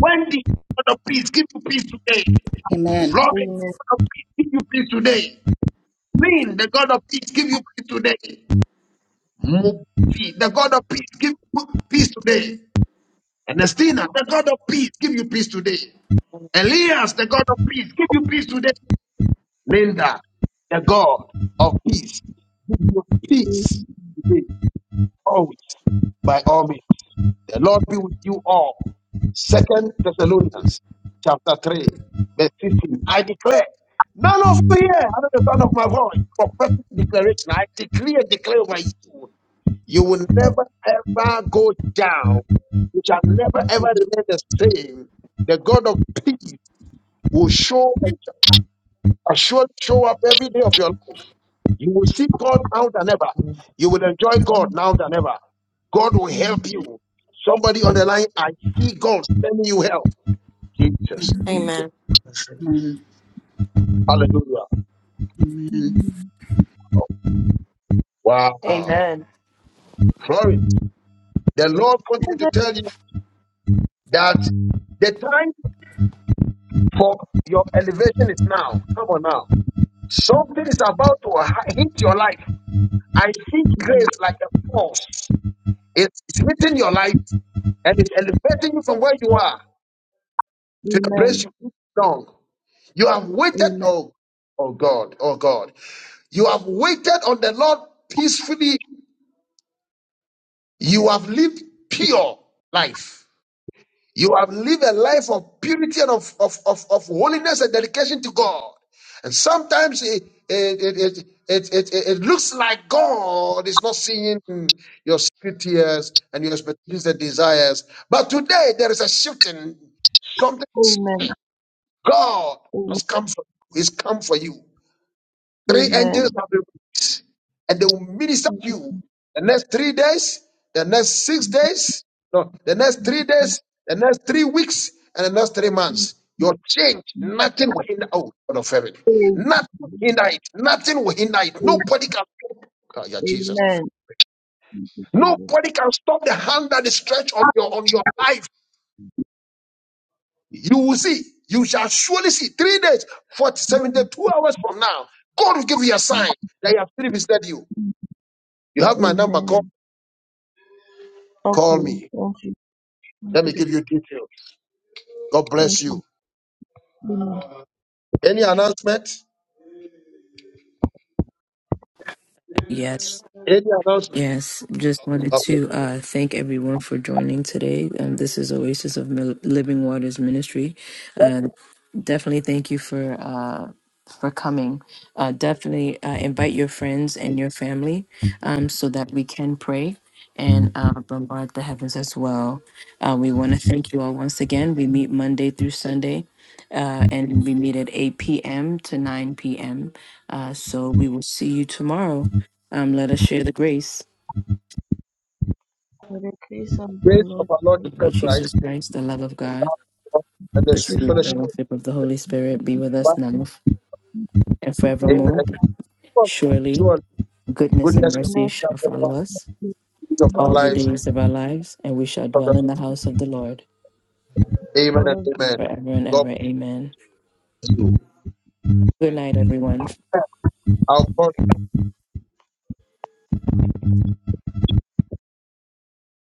Speaker 3: Wendy, the God of peace give you peace today.
Speaker 9: Amen.
Speaker 3: Florence, the God of peace give you peace today. Linda, Mo- and Elias, the God of peace today. Linda, the God of peace give you peace today. Always, by all means. The Lord be with you all. Second Thessalonians chapter 3, verse 15. I declare, none of you here under the sound of my voice, prophetic declaration. I decree and declare over you, you will never ever go down. You shall never ever remain the same. The God of peace will show and shall surely show up every day of your life. You will seek God now than ever. You will enjoy God now than ever. God will help you. Somebody on the line, I see God sending you help. Jesus,
Speaker 7: Amen.
Speaker 3: Jesus.
Speaker 8: you.
Speaker 9: Amen.
Speaker 3: Hallelujah.
Speaker 9: Amen.
Speaker 3: Wow.
Speaker 1: Amen.
Speaker 3: Glory. The Lord wants me to tell you that the time for your elevation is now. Come on now. Something is about to hi- hit your life. I see grace like a force. It's it's hitting your life and it's elevating you from where you are to the place you belong. You have waited. oh, Oh God, oh God. You have waited on the Lord peacefully. You have lived pure life. You have lived a life of purity and of, of, of, of holiness and dedication to God. And sometimes it, it, it, it, it, it, it looks like God is not seeing your secret tears and your expectations and desires. But today there is a shifting. Something is shifting. God has come for you. He's come for you. Three angels have been released, and they will minister to you the next three days, the next six days, no, the next three days, the next three weeks, and the next three months. Your change, nothing will hinder oh, God of heaven. Nothing will hinder it. Nothing will hinder it. Nobody can stop. Oh, yeah, Jesus. I feel- Nobody can stop the hand that is stretched on your on your life. You will see. You shall surely see. Three days, 40, 72 hours from now, God will give you a sign that He has still visited you. You have my number. Call, call me. Let me. God bless you.
Speaker 2: Thank you.
Speaker 3: Any announcement?
Speaker 1: Yes,
Speaker 3: Any announcement?
Speaker 1: yes. Just wanted
Speaker 3: Okay.
Speaker 1: to uh, thank everyone for joining today. Um, this is Oasis of Mil- Living Waters Ministry. Definitely thank you for uh, for coming. Uh, definitely uh, invite your friends and your family um, so that we can pray and uh, bombard the heavens as well. Uh, we want to thank you all once again. We meet Monday through Sunday. Uh, and we meet at 8 p.m. to 9 p.m. Uh, so we will see you tomorrow. Um, let us share the grace
Speaker 2: For the grace of our
Speaker 3: Grace
Speaker 2: Lord
Speaker 3: of our Lord
Speaker 2: Jesus,
Speaker 1: of our
Speaker 3: Jesus Christ
Speaker 1: Jesus Christ, the love of God,
Speaker 3: and the
Speaker 1: the
Speaker 2: the
Speaker 3: sweet
Speaker 1: sweet
Speaker 2: love
Speaker 3: fellowship of
Speaker 1: fellowship of the Holy Spirit be with us
Speaker 3: God.
Speaker 1: now and
Speaker 2: of
Speaker 3: Amen.
Speaker 2: God,
Speaker 1: forevermore.
Speaker 3: And God,
Speaker 1: Surely
Speaker 3: Sure,
Speaker 1: Goodness and
Speaker 3: goodness
Speaker 2: and
Speaker 3: of
Speaker 1: mercy
Speaker 2: the
Speaker 3: God,
Speaker 1: shall
Speaker 3: the
Speaker 1: follow
Speaker 3: bounties
Speaker 1: us
Speaker 3: of our
Speaker 1: all the
Speaker 2: mercy of
Speaker 3: lives.
Speaker 2: the
Speaker 1: days of our lives, and we shall dwell in the house of the Lord
Speaker 3: Amen and
Speaker 2: Lord,
Speaker 3: amen.
Speaker 1: forever and
Speaker 3: God
Speaker 1: ever.
Speaker 3: bless
Speaker 1: Amen.
Speaker 3: you.
Speaker 1: Good
Speaker 10: Amen.
Speaker 1: night, everyone.
Speaker 3: I'll call